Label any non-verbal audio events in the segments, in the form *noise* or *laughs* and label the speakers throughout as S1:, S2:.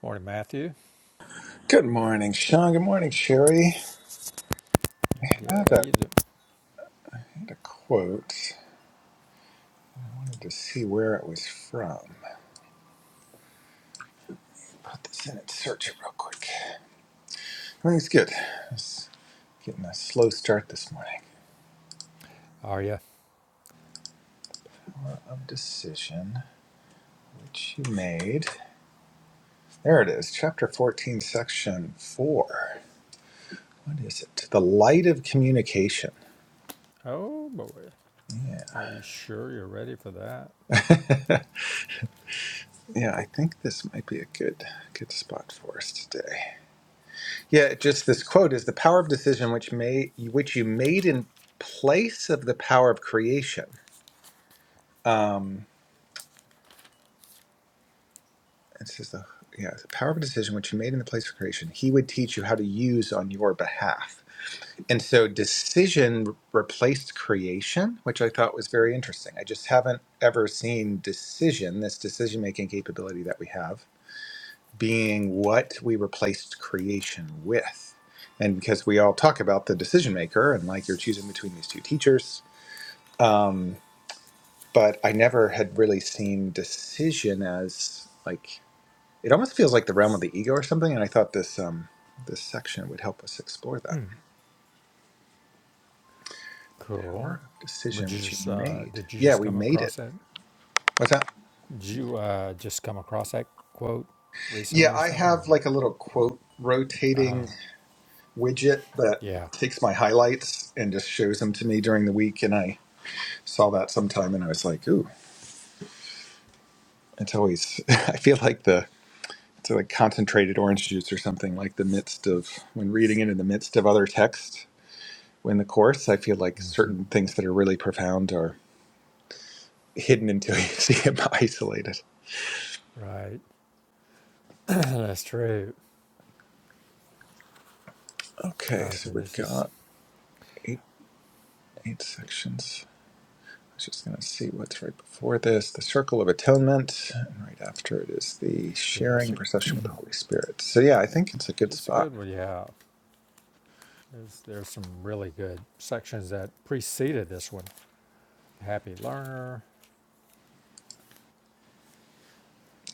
S1: Morning, Matthew.
S2: Good morning, Sean. Good morning, Sherry. I
S1: Good.
S2: had
S1: How
S2: a,
S1: you doing?
S2: I had a quote I had to see where it was from. Put this in and search it real quick. I think it's good. It's getting a slow start this morning.
S1: Are you?
S2: Of decision which you made. There it is, chapter 14, section 4. What is it? The light of communication.
S1: Oh boy,
S2: Yeah.
S1: are you sure you're ready for that?
S2: *laughs* yeah, I think this might be a good good spot for us today. Yeah, just this quote is the power of decision which may which you made in place of the power of creation. Um, it says the yeah the power of decision which you made in the place of creation. He would teach you how to use on your behalf. And so decision re- replaced creation, which I thought was very interesting. I just haven't ever seen decision, this decision making capability that we have, being what we replaced creation with. And because we all talk about the decision maker and like you're choosing between these two teachers, um, but I never had really seen decision as like it almost feels like the realm of the ego or something. And I thought this um, this section would help us explore that
S1: Cool.
S2: power of
S1: Would
S2: decision
S1: you
S2: which you
S1: just uh,
S2: made.
S1: did you
S2: Yeah,
S1: just
S2: we
S1: come
S2: made it.
S1: across that?
S2: What's that?
S1: Did you uh, just come across that quote
S2: Yeah,
S1: recently or
S2: I
S1: something? Or
S2: have like a little quote
S1: uh,
S2: rotating widget that
S1: yeah,
S2: takes my highlights and just shows them to me during the week, and I saw that sometime and I was like, ooh, it's always, *laughs* I feel like the, it's like concentrated orange juice or something, like the midst of, when reading it in the midst of other text in the Course, I feel like certain
S1: Mm-hmm.
S2: things that are really profound are hidden until you *laughs* see them isolated.
S1: Right. *clears throat* that's true.
S2: Okay, so
S1: Okay.
S2: we've
S1: This is
S2: got eight, eight sections. I was just going to see what's right before this the Circle of Atonement, and right after it is the
S1: yeah. It's
S2: Sharing
S1: a,
S2: procession with the Holy Spirit. So, yeah, I think it's a good
S1: it's a
S2: spot.
S1: good one. Yeah. There's there's some really good sections that preceded this one. Happy learner.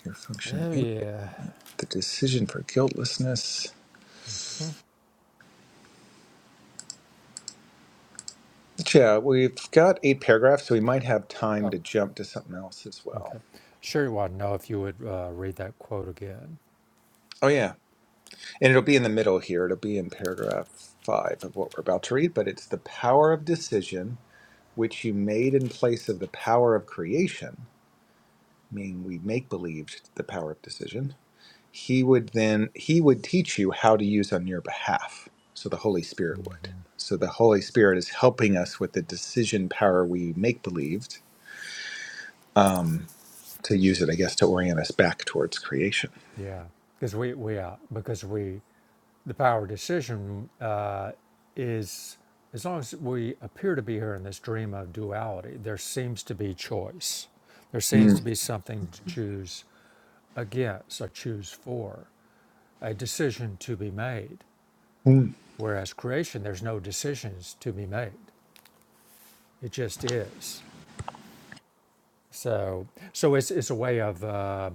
S2: Your function.
S1: Oh yeah.
S2: the decision for guiltlessness. Yeah, we've got eight paragraphs, so we might have time
S1: Oh,
S2: to jump to something else as well.
S1: Okay. Sure, you want to know if you would uh, read that quote again.
S2: Oh, yeah. And it'll be in the middle here. It'll be in paragraph five of what we're about to read, but it's the power of decision, which you made in place of the power of creation, meaning we make believed the power of decision. He would then, he would teach you how to use on your behalf. So the Holy
S1: hmm
S2: Spirit would. So the Holy Spirit is helping us with the decision power we make believed. Um, to use it, I guess, to orient us back towards creation.
S1: Yeah, because we we uh, because we the power of decision uh, is as long as we appear to be here in this dream of duality, there seems to be choice. There seems to
S2: Mm.
S1: be something to choose against or choose for, a decision to be made.
S2: Mm.
S1: Whereas creation, there's no decisions to be made; it just is. So so it's it's a way of. Uh,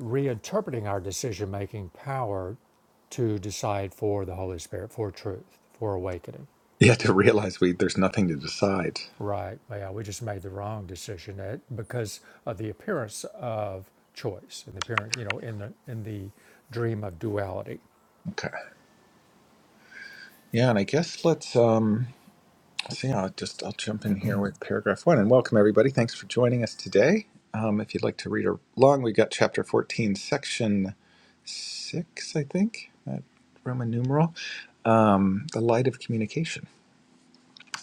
S1: reinterpreting our decision making power to decide for the Holy Spirit, for truth, for awakening.
S2: Yeah, to realize we there's nothing to decide.
S1: Right. Yeah, we just made the wrong decision at, because of the appearance of choice and the appearance, you know, in the in the dream of duality.
S2: Okay. Yeah, and I guess let's um let's see. I'll just I'll jump in here with paragraph one and welcome everybody. Thanks for joining us today. Um, if you'd like to read along, we've got chapter fourteen, section six, I think, that Roman numeral. Um, the light of communication,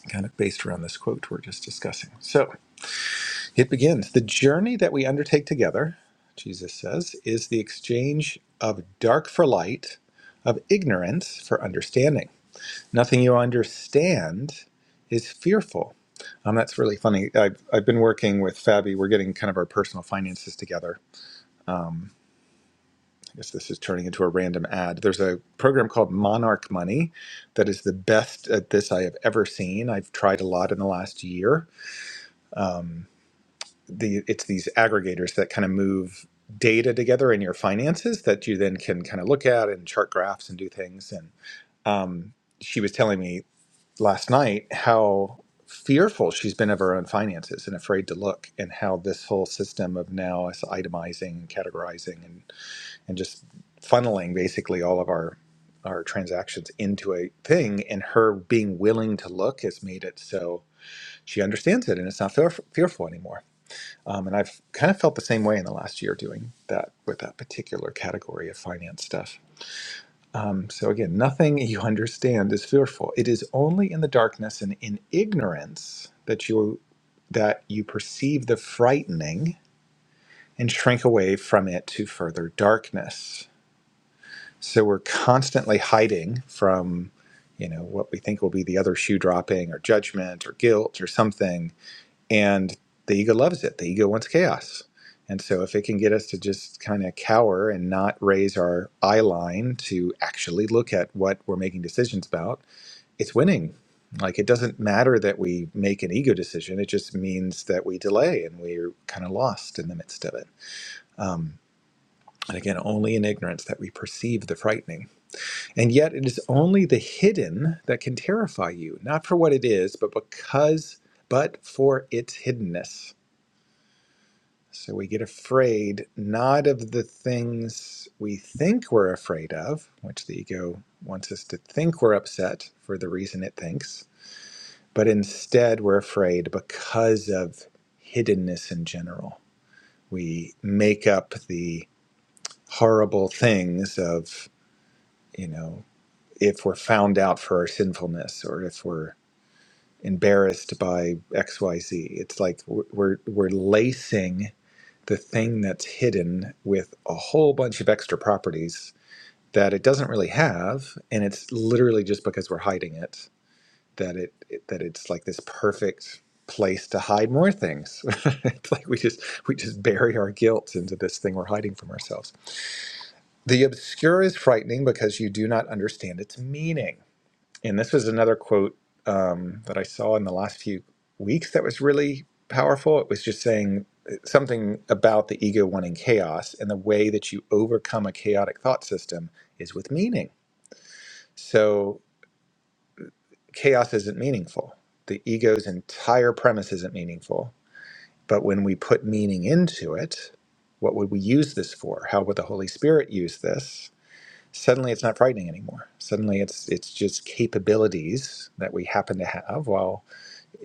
S2: kind of based around this quote we're just discussing. So. It begins. The journey that we undertake together, Jesus says, is the exchange of dark for light, of ignorance for understanding. Nothing you understand is fearful. Um, that's really funny. I've, I've been working with Fabi. We're getting kind of our personal finances together. I guess this is turning into a random ad. There's a program called Monarch Money that is the best at this I have ever seen. I've tried a lot in the last year. Um, the it's these aggregators that kind of move data together in your finances that you then can kind of look at and chart graphs and do things and um, she was telling me last night how fearful she's been of her own finances and afraid to look and how this whole system of now us itemizing categorizing and and just funneling basically all of our our transactions into a thing and her being willing to look has made it so she understands it and it's not fear- fearful anymore um, and I've kind of felt the same way in the last year doing that with that particular category of finance stuff. Um, so, again, nothing you understand is fearful. It is only in the darkness and in ignorance that you that you perceive the frightening and shrink away from it to further darkness. So we're constantly hiding from, you know, what we think will be the other shoe dropping or judgment or guilt or something and the ego loves it. The ego wants chaos. And so, if it can get us to just kind of cower and not raise our eye line to actually look at what we're making decisions about, it's winning. Like, it doesn't matter that we make an ego decision, it just means that we delay and we're kind of lost in the midst of it. Um, and again, only in ignorance that we perceive the frightening. And yet, it is only the hidden that can terrify you, not for what it is, but because, but for its hiddenness So we get afraid not of the things we think we're afraid of, which the ego wants us to think we're upset for the reason it thinks, but instead we're afraid because of hiddenness in general. We make up the horrible things of, you know, if we're found out for our sinfulness or if we're embarrassed by XYZ. It's like we're, we're lacing the thing that's hidden with a whole bunch of extra properties that it doesn't really have and it's literally just because we're hiding it that it, it- that it's like this perfect place to hide more things *laughs* it's like we just we just bury our guilt into this thing we're hiding from ourselves the obscure is frightening because you do not understand its meaning and this was another quote um, that I saw in the last few weeks that was really powerful. It was just saying uh, something about the ego wanting chaos, and the way that you overcome a chaotic thought system is with meaning. So, chaos isn't meaningful. The ego's entire premise isn't meaningful. But when we put meaning into it, what would we use this for? How would the Holy Spirit use this? Suddenly, it's not frightening anymore. Suddenly, it's it's just capabilities that we happen to have. While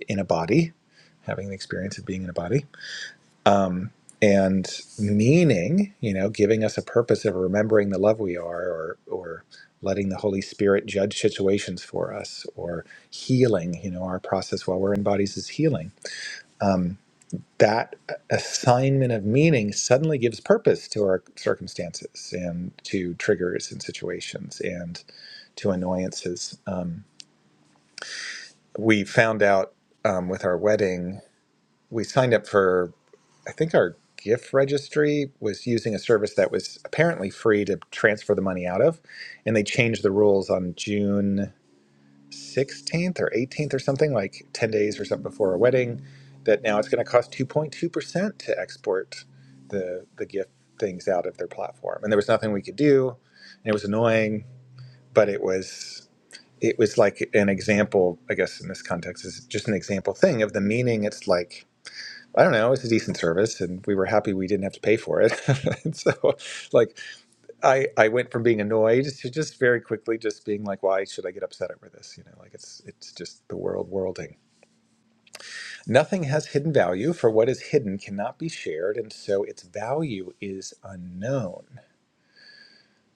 S2: in a body, having the experience of being in a body, um, and meaning, you know, giving us a purpose of remembering the love we are, or or letting the Holy Spirit judge situations for us, or healing. You know, our process while we're in bodies is healing. That assignment of meaning suddenly gives purpose to our circumstances and to triggers and situations and to annoyances. Um, we found out um, with our wedding we signed up for I think our gift registry was using a service that was apparently free to transfer the money out of, and they changed the rules on June 16th or 18th or something like 10 days or something before our wedding that now it's going to cost 2.2% to export the the gift things out of their platform. And there was nothing we could do, and it was annoying, but it was it was like an example, I guess in this context is just an example thing of the meaning it's like I don't know, it was a decent service and we were happy we didn't have to pay for it. *laughs* and so like I I went from being annoyed to just very quickly just being like, why should I get upset over this? You know, like it's it's just the world worlding. Nothing has hidden value, for what is hidden cannot be shared, and so its value is unknown.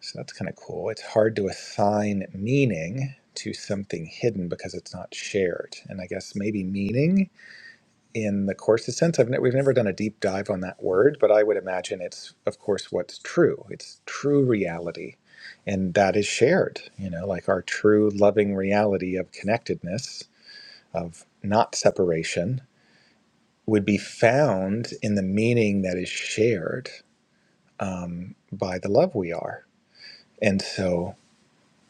S2: So that's kind of cool. It's hard to assign meaning to something hidden because it's not shared. And I guess maybe meaning in the course's sense. I've ne- we've never done a deep dive on that word, but I would imagine it's, of course, what's true. It's true reality, and that is shared. You know, like our true loving reality of connectedness, of not separation, would be found in the meaning that is shared um, by the love we are. And so,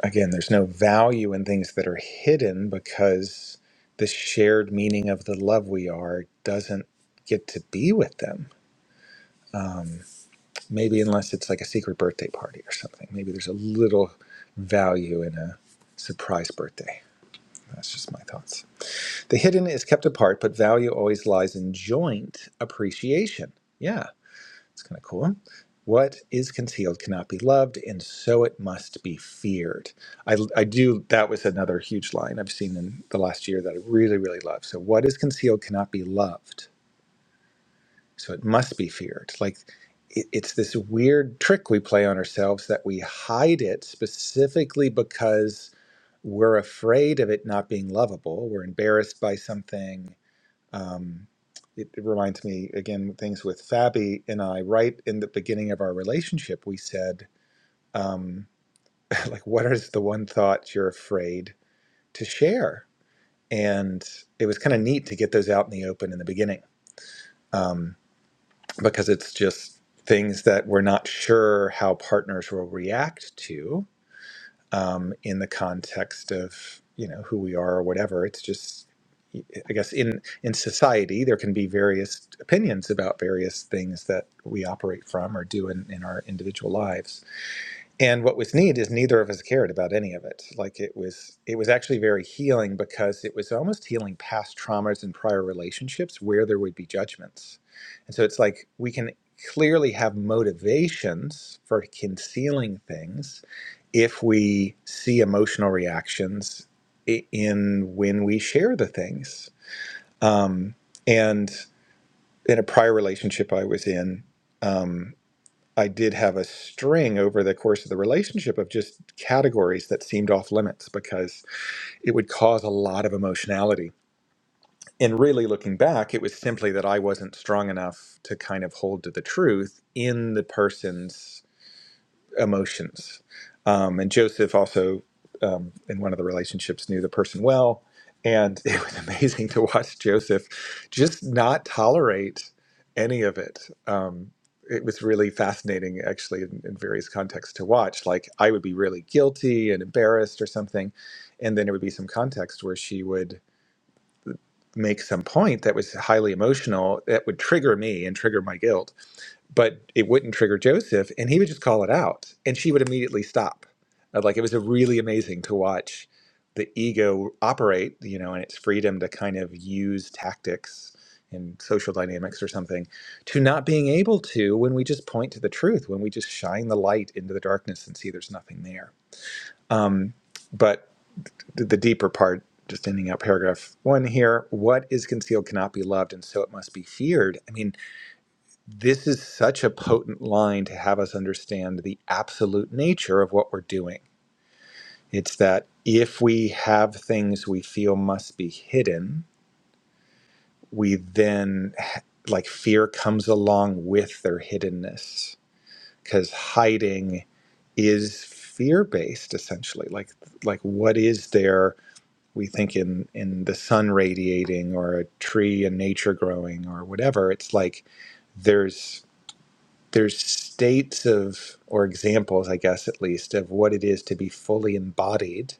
S2: again, there's no value in things that are hidden because the shared meaning of the love we are doesn't get to be with them Maybe unless it's like a secret birthday party or something. Maybe there's a little value in a surprise birthday. That's just my thoughts. The hidden is kept apart, but value always lies in joint appreciation. Yeah, it's kind of cool. What is concealed cannot be loved, and so it must be feared. I, I do, that was another huge line I've seen in the last year that I really, really love. So, what is concealed cannot be loved so it must be feared. Like it, it's this weird trick we play on ourselves that we hide it specifically because we're afraid of it not being lovable. We're embarrassed by something. Um, it, it reminds me again things with Fabi and I. Right in the beginning of our relationship, we said, um, *laughs* like, what is the one thought you're afraid to share? And it was kind of neat to get those out in the open in the beginning. Um, because it's just things that we're not sure how partners will react to um, in the context of you know who we are or whatever. It's just I guess in in society there can be various opinions about various things that we operate from or do in, in our individual lives. And what was neat is neither of us cared about any of it. Like it was, it was actually very healing because it was almost healing past traumas and prior relationships where there would be judgments. And so it's like we can clearly have motivations for concealing things if we see emotional reactions i- in when we share the things. Um, and in a prior relationship I was in, um, I did have a string over the course of the relationship of just categories that seemed off limits because it would cause a lot of emotionality. And really looking back, it was simply that I wasn't strong enough to kind of hold to the truth in the person's emotions. Um, and Joseph also, um, in one of the relationships, knew the person well. And *laughs* it was amazing to watch Joseph just not tolerate any of it. Um, it was really fascinating, actually, in, in various contexts to watch. Like, I would be really guilty and embarrassed or something. And then there would be some context where she would make some point that was highly emotional that would trigger me and trigger my guilt but it wouldn't trigger Joseph, and he would just call it out, and she would immediately stop. Uh, Like it was a really amazing to watch the ego operate, you know, and its freedom to kind of use tactics in social dynamics or something, to not being able to when we just point to the truth, when we just shine the light into the darkness and see there's nothing there. Um, but the the deeper part, just ending out paragraph one here, what is concealed cannot be loved, and so it must be feared. I mean, this is such a potent line to have us understand the absolute nature of what we're doing. It's that if we have things we feel must be hidden, we then, like, fear comes along with their hiddenness because hiding is fear based essentially like like what is there we think in in the sun radiating or a tree and nature growing or whatever it's like there's. there's states of or examples i guess at least of what it is to be fully embodied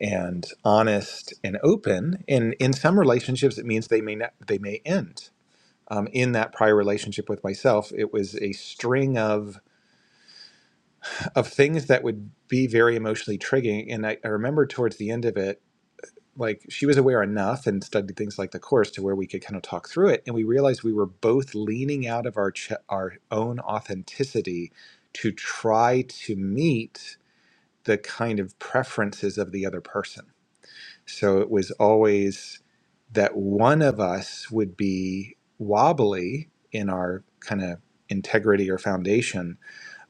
S2: and honest and open and in some relationships it means they may not they may end um, in that prior relationship with myself it was a string of of things that would be very emotionally triggering and I, I remember towards the end of it like she was aware enough and studied things like the course to where we could kind of talk through it and we realized we were both leaning out of our ch- our own authenticity to try to meet the kind of preferences of the other person so it was always that one of us would be wobbly in our kind of integrity or foundation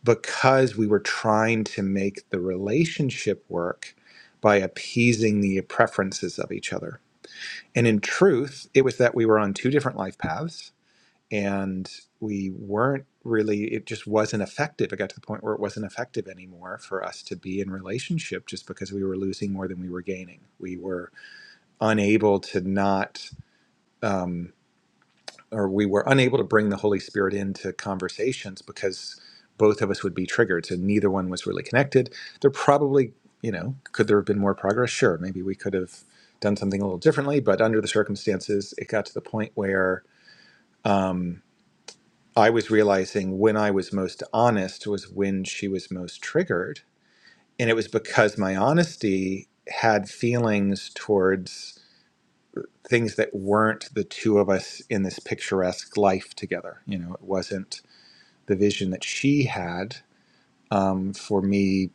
S2: because we were trying to make the relationship work by appeasing the preferences of each other and in truth, it was that we were on two different life paths and we weren't really, it just wasn't effective. It got to the point where it wasn't effective anymore for us to be in relationship just because we were losing more than we were gaining. We were unable to not. um, or we were unable to bring the Holy Spirit into conversations because both of us would be triggered. So neither one was really connected. There probably, you know, could there have been more progress? Sure, maybe we could have done something a little differently, but under the circumstances, it got to the point where um, I was realizing when I was most honest was when she was most triggered. And it was because my honesty had feelings towards things that weren't the two of us in this picturesque life together. You know, it wasn't the vision that she had um, for me,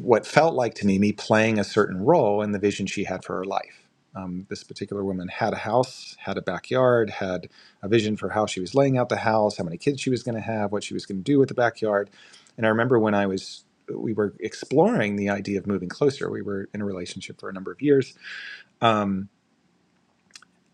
S2: what felt like to me, me playing a certain role in the vision she had for her life. Um, this particular woman had a house, had a backyard, had a vision for how she was laying out the house, how many kids she was going to have, what she was going to do with the backyard. And I remember when I was, we were exploring the idea of moving closer. We were in a relationship for a number of years. Um,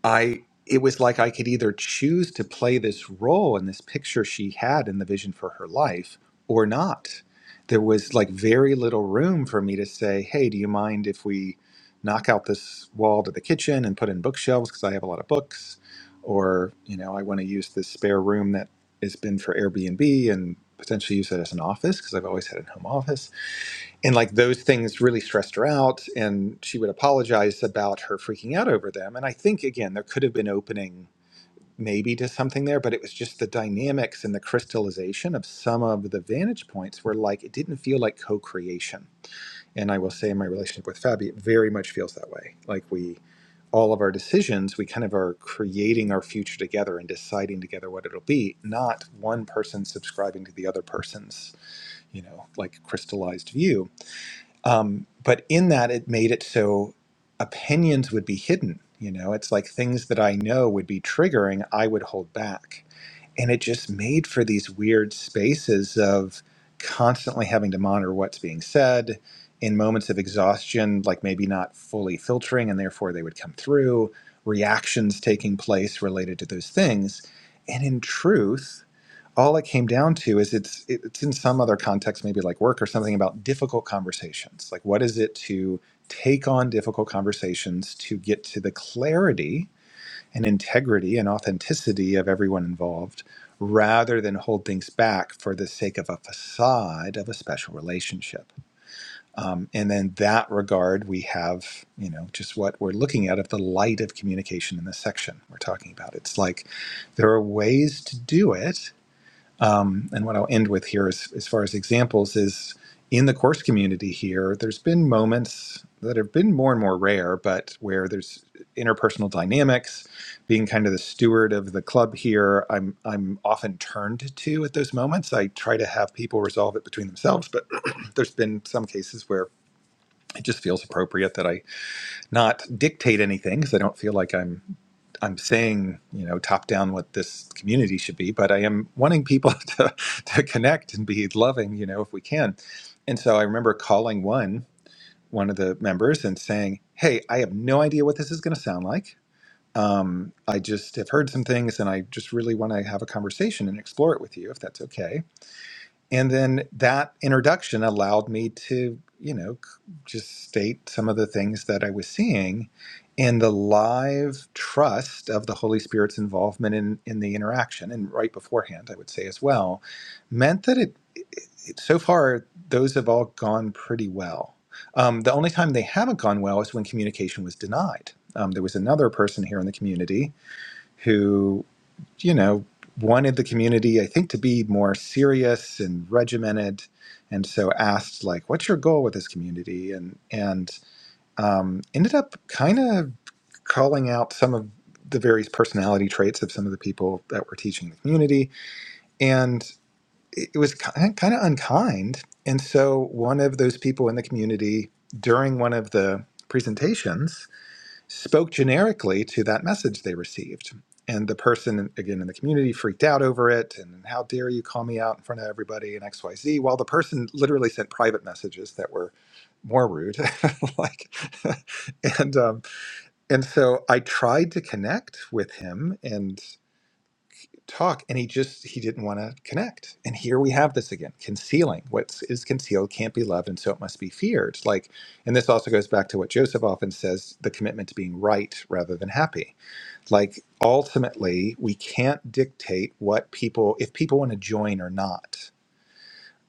S2: I it was like I could either choose to play this role in this picture she had in the vision for her life or not. There was like very little room for me to say, "Hey, do you mind if we knock out this wall to the kitchen and put in bookshelves because I have a lot of books?" Or, you know, I want to use this spare room that has been for Airbnb and potentially use it as an office because I've always had a home office and like those things really stressed her out and she would apologize about her freaking out over them and i think again there could have been opening maybe to something there but it was just the dynamics and the crystallization of some of the vantage points where like it didn't feel like co-creation and i will say in my relationship with fabi it very much feels that way like we all of our decisions we kind of are creating our future together and deciding together what it'll be not one person subscribing to the other person's you know like crystallized view um, but in that, it made it so opinions would be hidden. You know, it's like things that I know would be triggering, I would hold back. And it just made for these weird spaces of constantly having to monitor what's being said in moments of exhaustion, like maybe not fully filtering, and therefore they would come through, reactions taking place related to those things. And in truth, all it came down to is it's it's in some other context maybe like work or something about difficult conversations like what is it to take on difficult conversations to get to the clarity and integrity and authenticity of everyone involved rather than hold things back for the sake of a facade of a special relationship um, and then that regard we have you know just what we're looking at of the light of communication in this section we're talking about it's like there are ways to do it um, and what I'll end with here is, as far as examples is in the course community here, there's been moments that have been more and more rare, but where there's interpersonal dynamics, being kind of the steward of the club here, I'm I'm often turned to at those moments. I try to have people resolve it between themselves, but *clears throat* there's been some cases where it just feels appropriate that I not dictate anything because I don't feel like I'm I'm saying, you know, top down what this community should be, but I am wanting people *laughs* to, to connect and be loving, you know, if we can. And so I remember calling one, one of the members and saying, Hey, I have no idea what this is going to sound like. Um, I just have heard some things and I just really want to have a conversation and explore it with you if that's okay and then that introduction allowed me to you know c- just state some of the things that i was seeing in the live trust of the holy spirit's involvement in in the interaction and right beforehand i would say as well meant that it, it so far those have all gone pretty well um, the only time they haven't gone well is when communication was denied um, there was another person here in the community who you know, wanted the community, I think, to be more serious and regimented, and so asked like, "What's your goal with this community?" and and um, ended up kind of calling out some of the various personality traits of some of the people that were teaching the community, and it it was kind kind of unkind. And so one of those people in the community during one of the presentations spoke generically to that message they received. And the person, again, in the community freaked out over it. And how dare you call me out in front of everybody and XYZ? While the person literally sent private messages that were more rude. *laughs* like, *laughs* and, um, and so I tried to connect with him. and talk and he just he didn't want to connect and here we have this again concealing what is concealed can't be loved and so it must be feared like and this also goes back to what joseph often says the commitment to being right rather than happy like ultimately we can't dictate what people if people want to join or not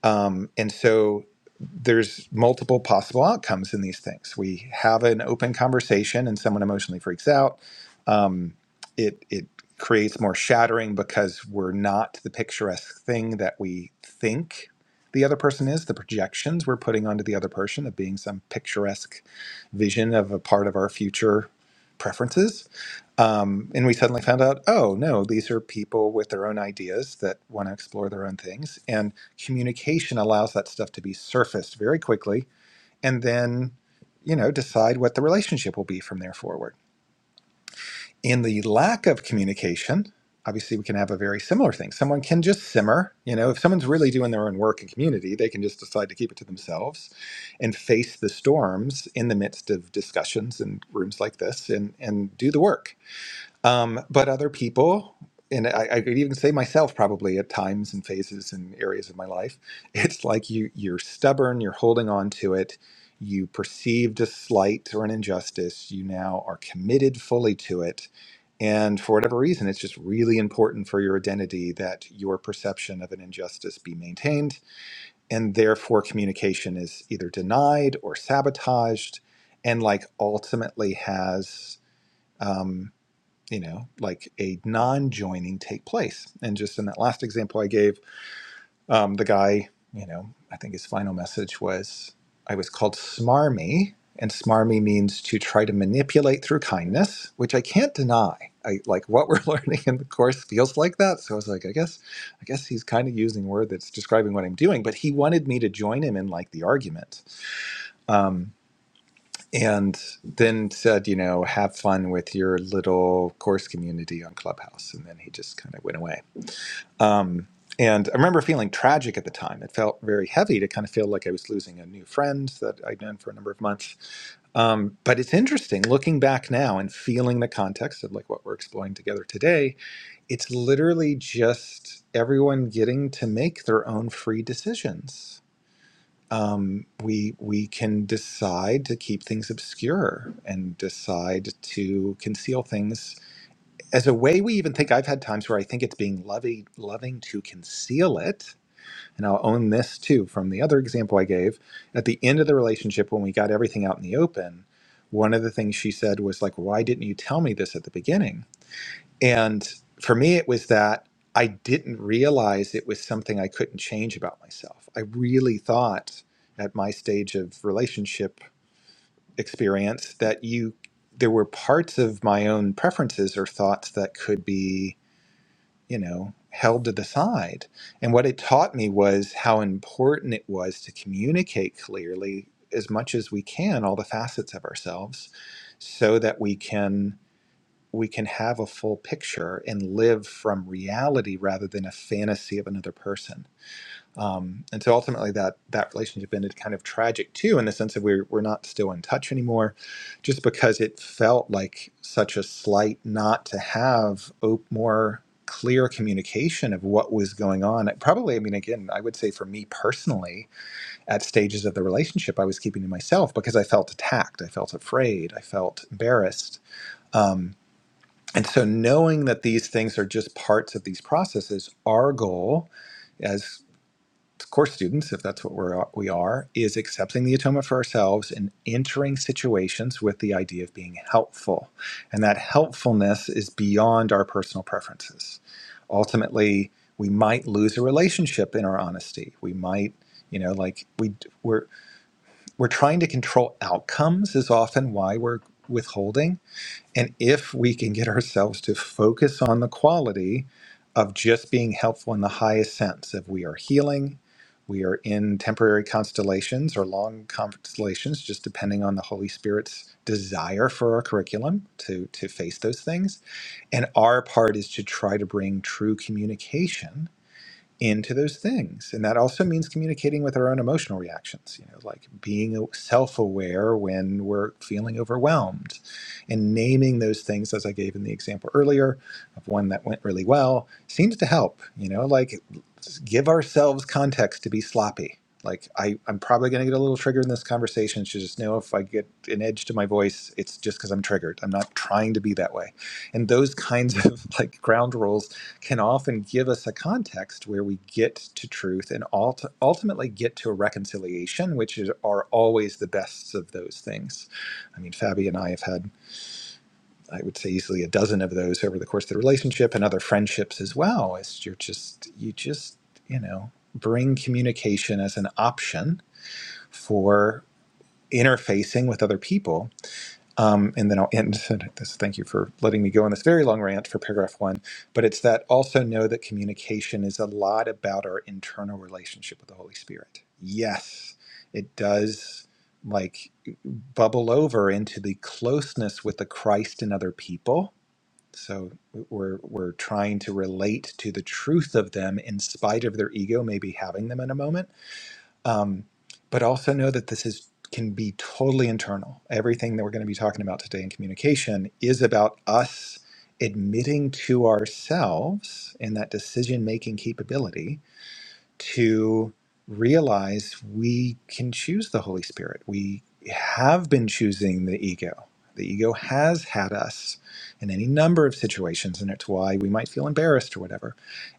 S2: um, and so there's multiple possible outcomes in these things. We have an open conversation and someone emotionally freaks out. Um, it, it creates more shattering because we're not the picturesque thing that we think the other person is, the projections we're putting onto the other person of being some picturesque vision of a part of our future preferences um, and we suddenly found out, oh no, these are people with their own ideas that want to explore their own things. And communication allows that stuff to be surfaced very quickly and then, you know, decide what the relationship will be from there forward. In the lack of communication, obviously we can have a very similar thing. Someone can just simmer, you know, if someone's really doing their own work in community, they can just decide to keep it to themselves and face the storms in the midst of discussions and rooms like this and and do the work um, but other people, and I, I could even say myself probably at times and phases and areas of my life, *laughs* it's like you you're stubborn, you're holding on to it, you perceived a slight or an injustice, you now are committed fully to it, and for whatever reason, it's just really important for your identity that your perception of an injustice be maintained, and therefore communication is either denied or sabotaged, and like ultimately has. um, you know, like a non-joining take place. And just in that last example I gave, um, the guy, you know, I think his final message was, "I was called smarmy." And smarmy means to try to manipulate through kindness, which I can't deny. I like what we're *laughs* learning in the course feels like that. So I was like, I guess, I guess he's kind of using a word that's describing what I'm doing. But he wanted me to join him in like the argument. Um, and then said, you know, have fun with your little course community on Clubhouse. And then he just kind of went away. Um, and I remember feeling tragic at the time. It felt very heavy to kind of feel like I was losing a new friend that I'd known for a number of months. Um, but it's interesting looking back now and feeling the context of like what we're exploring together today. It's literally just everyone getting to make their own free decisions um, we we can decide to keep things obscure and decide to conceal things as a way we even think I've had times where I think it's being loving loving to conceal it and I'll own this too from the other example I gave at the end of the relationship when we got everything out in the open one of the things she said was like why didn't you tell me this at the beginning and for me, it was that I didn't realize it was something I couldn't change about myself. I really thought at my stage of relationship experience that you there were parts of my own preferences or thoughts that could be, you know, held to the side. And what it taught me was how important it was to communicate clearly as much as we can all the facets of ourselves so that we can we can have a full picture and live from reality rather than a fantasy of another person. Um, and so ultimately, that that relationship ended kind of tragic too, in the sense that we're we're not still in touch anymore, just because it felt like such a slight not to have op- more clear communication of what was going on. It probably, I mean, again, I would say for me personally, at stages of the relationship, I was keeping to myself because I felt attacked, I felt afraid, I felt embarrassed. Um, and so, knowing that these things are just parts of these processes, our goal as course students, if that's what we're, we are, is accepting the atonement for ourselves and entering situations with the idea of being helpful. And that helpfulness is beyond our personal preferences. Ultimately, we might lose a relationship in our honesty. We might, you know, like we we're we're trying to control outcomes is often why we're withholding and if we can get ourselves to focus on the quality of just being helpful in the highest sense, if we are healing, we are in temporary constellations or long constellations, just depending on the Holy Spirit's desire for our curriculum to, to face those things. And our part is to try to bring true communication into those things and that also means communicating with our own emotional reactions you know like being self-aware when we're feeling overwhelmed and naming those things as i gave in the example earlier of one that went really well seems to help you know like just give ourselves context to be sloppy like I, i'm probably going to get a little triggered in this conversation so just know if i get an edge to my voice it's just because i'm triggered i'm not trying to be that way and those kinds of *laughs* like ground rules can often give us a context where we get to truth and ult- ultimately get to a reconciliation, which is, are always the best of those things. I mean, Fabi and I have had, I would say, easily a dozen of those over the course of the relationship and other friendships as well. It's you're just, you just, you know, bring communication as an option for interfacing with other people um, and then I'll end *laughs* this. Thank you for letting me go on this very long rant for paragraph one. But it's that also know that communication is a lot about our internal relationship with the Holy Spirit. Yes, it does like bubble over into the closeness with the Christ and other people. So we're we're trying to relate to the truth of them in spite of their ego maybe having them in a moment um, but also know that this is can be totally internal. Everything that we're going to be talking about today in communication is about us admitting to ourselves in that decision making capability to realize we can choose the Holy Spirit. We have been choosing the ego. The ego has had us in any number of situations, and it's why we might feel embarrassed or whatever.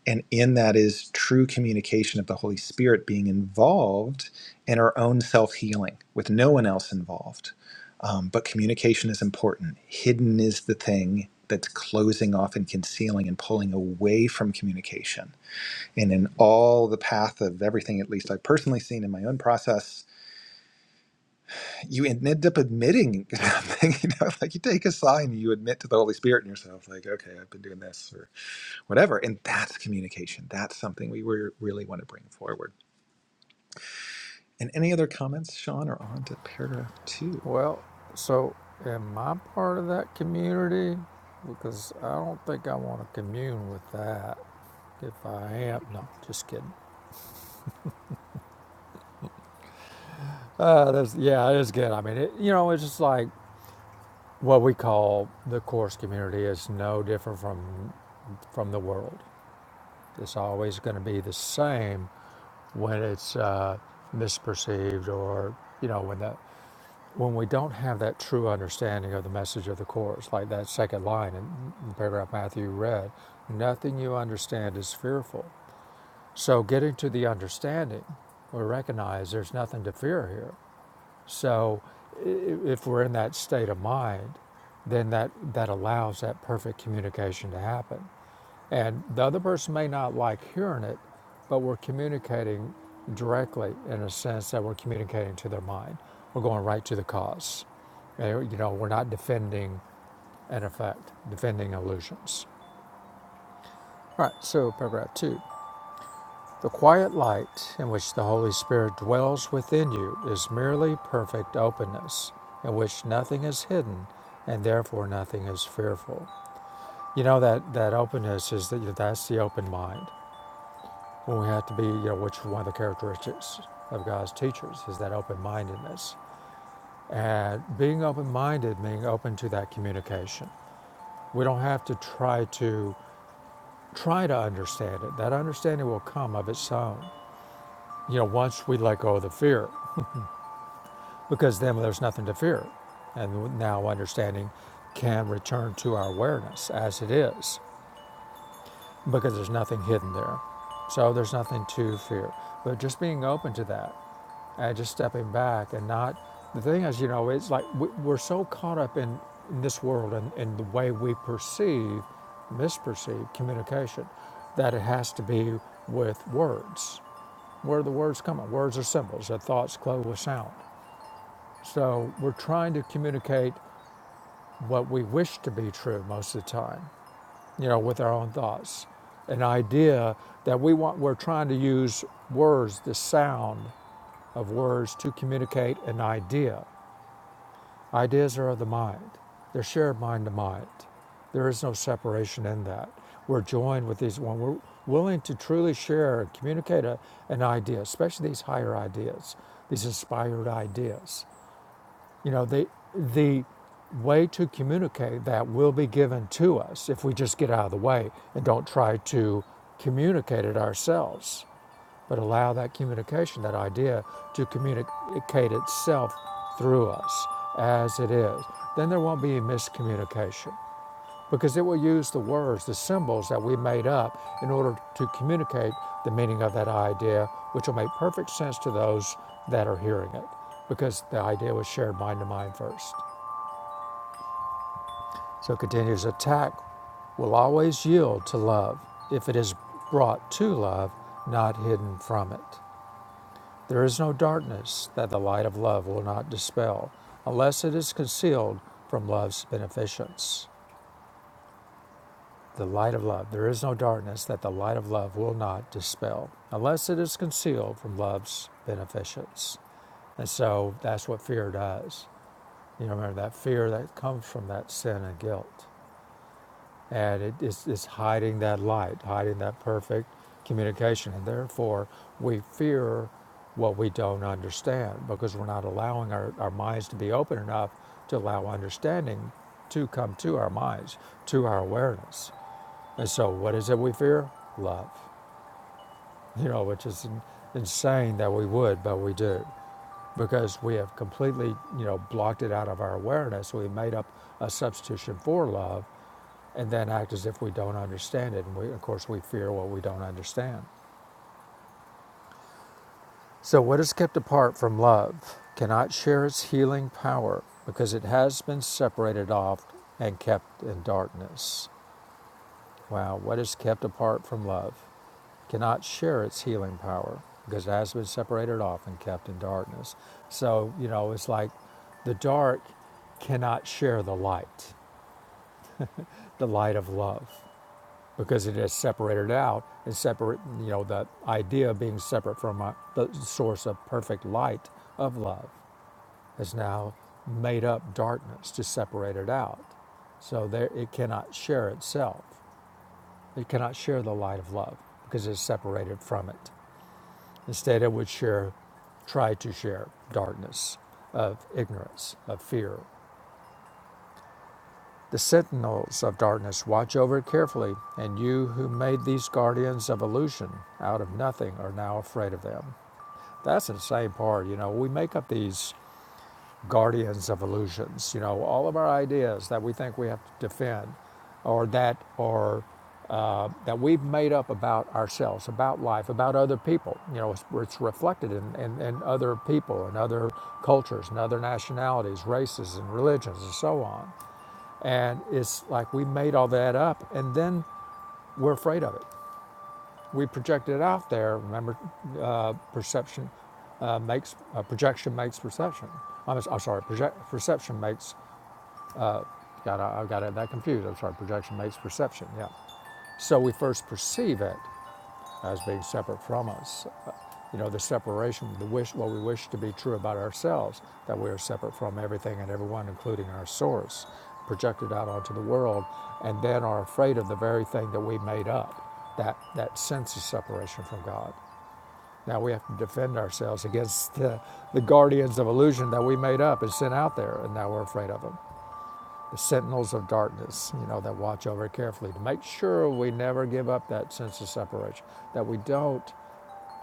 S2: And in that is true communication of the Holy Spirit being involved in our own self healing with no one else involved. Um, but communication is important. Hidden is the thing that's closing off and concealing and pulling away from communication and in all the path of everything, at least I've personally seen in my own process, you end up admitting *laughs* something, you know, like you take a sign, you admit to the Holy Spirit in yourself, like, okay, I've been doing this or whatever. And that's communication. That's something we were, really want to bring forward. And any other comments, Sean, or on to paragraph two?
S1: Well, so am I part of that community? Because I don't think I want to commune with that. If I am, no, just kidding. Uh, that's, yeah, it is good. I mean, it, you know, it's just like What we call the course community is no different from from the world. It's always going to be the same when it's uh, misperceived or you know when that when we don't have that true understanding of the message of the course, like that second line in, in paragraph Matthew read, nothing you understand is fearful. So getting to the understanding, we recognize there's nothing to fear here. So if we're in that state of mind, then that, that allows that perfect communication to happen. And the other person may not like hearing it, but we're communicating directly in a sense that we're communicating to their mind. We're going right to the cause. And, you know, we're not defending an effect, defending illusions. All right, so paragraph two. The quiet light in which the Holy Spirit dwells within you is merely perfect openness, in which nothing is hidden and therefore nothing is fearful. You know that that openness is that you know, that's the open mind. When we have to be, you know, which is one of the characteristics of God's teachers is that open-mindedness. And being open-minded meaning open to that communication. We don't have to try to try to understand it. That understanding will come of its own. You know, once we let go of the fear because then there's nothing to fear. And now understanding can return to our awareness as it is because there's nothing hidden there. So there's nothing to fear. But just being open to that and just stepping back and not, the thing is, you know, it's like we- are so caught up in, in this world and, in the way we perceive, misperceive communication that it has to be with words. Where do the words come from? Words are symbols, they thoughts clothed with sound. So we're trying to communicate what we wish to be true most of the time, you know, with our own thoughts. An idea that we want, we're trying to use words, the sound of words to communicate an idea. Ideas are of the mind, they're shared mind to mind. There is no separation in that. We're joined with these, when we're willing to truly share and communicate a, an idea, especially these higher ideas, these inspired ideas. You know, the the way to communicate that will be given to us if we just get out of the way and don't try to communicate it ourselves, but allow that communication, that idea, to communicate itself through us as it is. Then there won't be a miscommunication because it will use the words, the symbols that we made up in order to communicate the meaning of that idea, which will make perfect sense to those that are hearing it because the idea was shared mind to mind first. So it continues attack will always yield to love if it is brought to love, not hidden from it. There is no darkness that the light of love will not dispel unless it is concealed from love's beneficence. the light of love. There is no darkness that the light of love will not dispel, unless it is concealed from love's beneficence. And so that's what fear does. You remember that fear that comes from that sin and guilt. And it is it's hiding that light, hiding that perfect communication. And therefore, we fear what we don't understand because we're not allowing our, our minds to be open enough to allow understanding to come to our minds, to our awareness. And so, what is it we fear? Love. You know, which is insane that we would, but we do because we have completely, you know, blocked it out of our awareness. We made up a substitution for love and then act as if we don't understand it. And we, of course, we fear what we don't understand. So, what is kept apart from love cannot share its healing power because it has been separated off and kept in darkness. Wow, what is kept apart from love? cannot share its healing power because it has been separated off and kept in darkness. So, you know, it's like the dark cannot share the light, the light of love, because it is separated out and separate, you know, the idea of being separate from uh, the source of perfect light of love has now made up darkness to separate it out. So there, it cannot share itself. It cannot share the light of love because it's separated from it. Instead, I would share, try to share darkness of ignorance, of fear. The sentinels of darkness watch over it carefully, and you who made these guardians of illusion out of nothing are now afraid of them. That's the same part. You know, we make up these guardians of illusions. You know, all of our ideas that we think we have to defend, or that or uh, that we've made up about ourselves, about life, about other people. You know, it's, it's reflected in, in, in other people and other cultures and other nationalities, races and religions and so on. And it's like we made all that up, and then we're afraid of it. We project it out there. Remember, uh, perception uh, makes uh, projection makes perception. I'm, s- I'm sorry, project, perception makes. Got I I got that confused. I'm sorry. Projection makes perception. Yeah. So we first perceive it as being separate from us. Uh, You know, the separation, the wish, what we wish to be true about ourselves, that we are separate from everything and everyone, including our source, projected out onto the world, and then are afraid of the very thing that we made up, that that sense of separation from God. Now we have to defend ourselves against the, the guardians of illusion that we made up and sent out there, and now we're afraid of them. The sentinels of darkness, you know, that watch over carefully to make sure we never give up that sense of separation, that we don't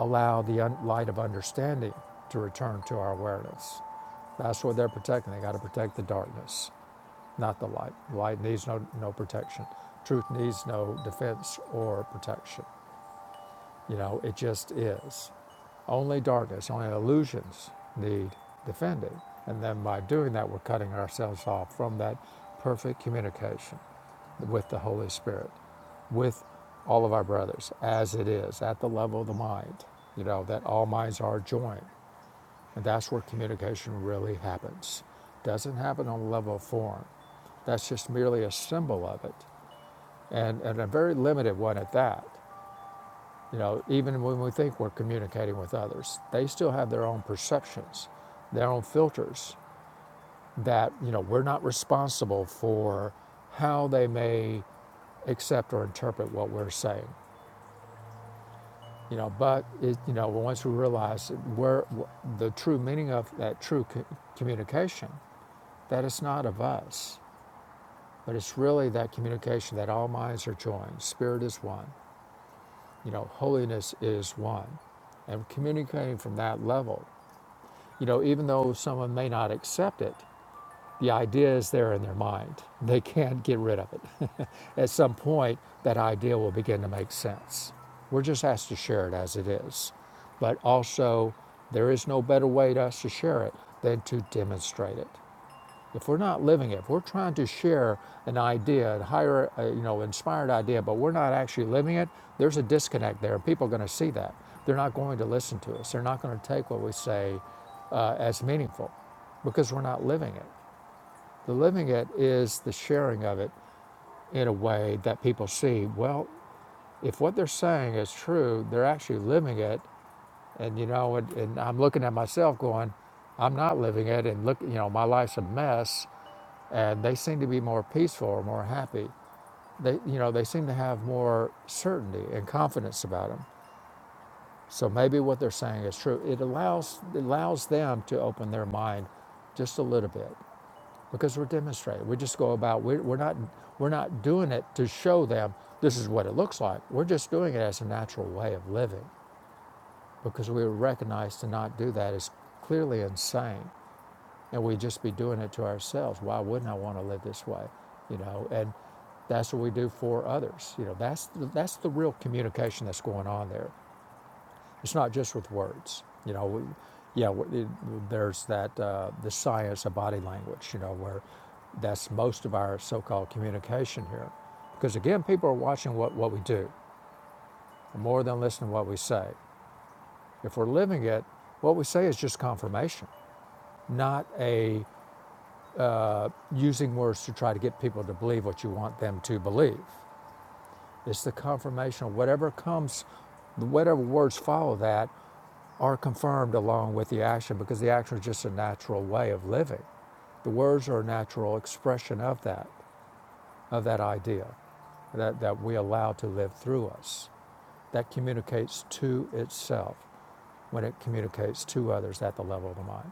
S1: allow the un- light of understanding to return to our awareness. That's what they're protecting. They got to protect the darkness, not the light. Light needs no, no protection. Truth needs no defense or protection. You know, it just is. Only darkness, only illusions need defending. And then by doing that, we're cutting ourselves off from that perfect communication with the Holy Spirit, with all of our brothers, as it is at the level of the mind, you know, that all minds are joined. And that's where communication really happens. Doesn't happen on the level of form. That's just merely a symbol of it, and, and a very limited one at that. You know, even when we think we're communicating with others, they still have their own perceptions, their own filters that, you know, we're not responsible for how they may accept or interpret what we're saying. You know, but it, you know, once we realize that where the true meaning of that true co- communication, that it's not of us, but it's really that communication that all minds are joined. Spirit is one. You know, holiness is one, and communicating from that level You know, even though someone may not accept it, the idea is there in their mind. They can't get rid of it. *laughs* At some point, that idea will begin to make sense. We're just asked to share it as it is. But also, there is no better way to us to share it than to demonstrate it. If we're not living it, if we're trying to share an idea, a higher, uh, you know, inspired idea, but we're not actually living it, there's a disconnect there. People are going to see that. They're not going to listen to us. They're not going to take what we say uh, as meaningful because we're not living it. The living it is the sharing of it in a way that people see, well, if what they're saying is true, they're actually living it. And, you know, and, and I'm looking at myself going, I'm not living it. And look, you know, my life's a mess and they seem to be more peaceful, more happy. They, you know, they seem to have more certainty and confidence about them. So maybe what they're saying is true. It allows it allows them to open their mind just a little bit because we're demonstrating. We just go about. We're, we're not we're not doing it to show them this is what it looks like. We're just doing it as a natural way of living because we recognize to not do that is clearly insane. and we'd just be doing it to ourselves. Why wouldn't I want to live this way? You know, and that's what we do for others. You know, that's that's the real communication that's going on there. It's not just with words. You know, we, yeah, it- there's that uh, the science of body language. You know, where that's most of our so-called communication here, because again, people are watching what what we do more than listening to what we say. If we're living it, what we say is just confirmation, not a using words to try to get people to believe what you want them to believe. It's the confirmation of whatever comes, whatever words follow that are confirmed along with the action because the action is just a natural way of living. The words are a natural expression of that, of that idea that, that we allow to live through us. That communicates to itself when it communicates to others at the level of the mind.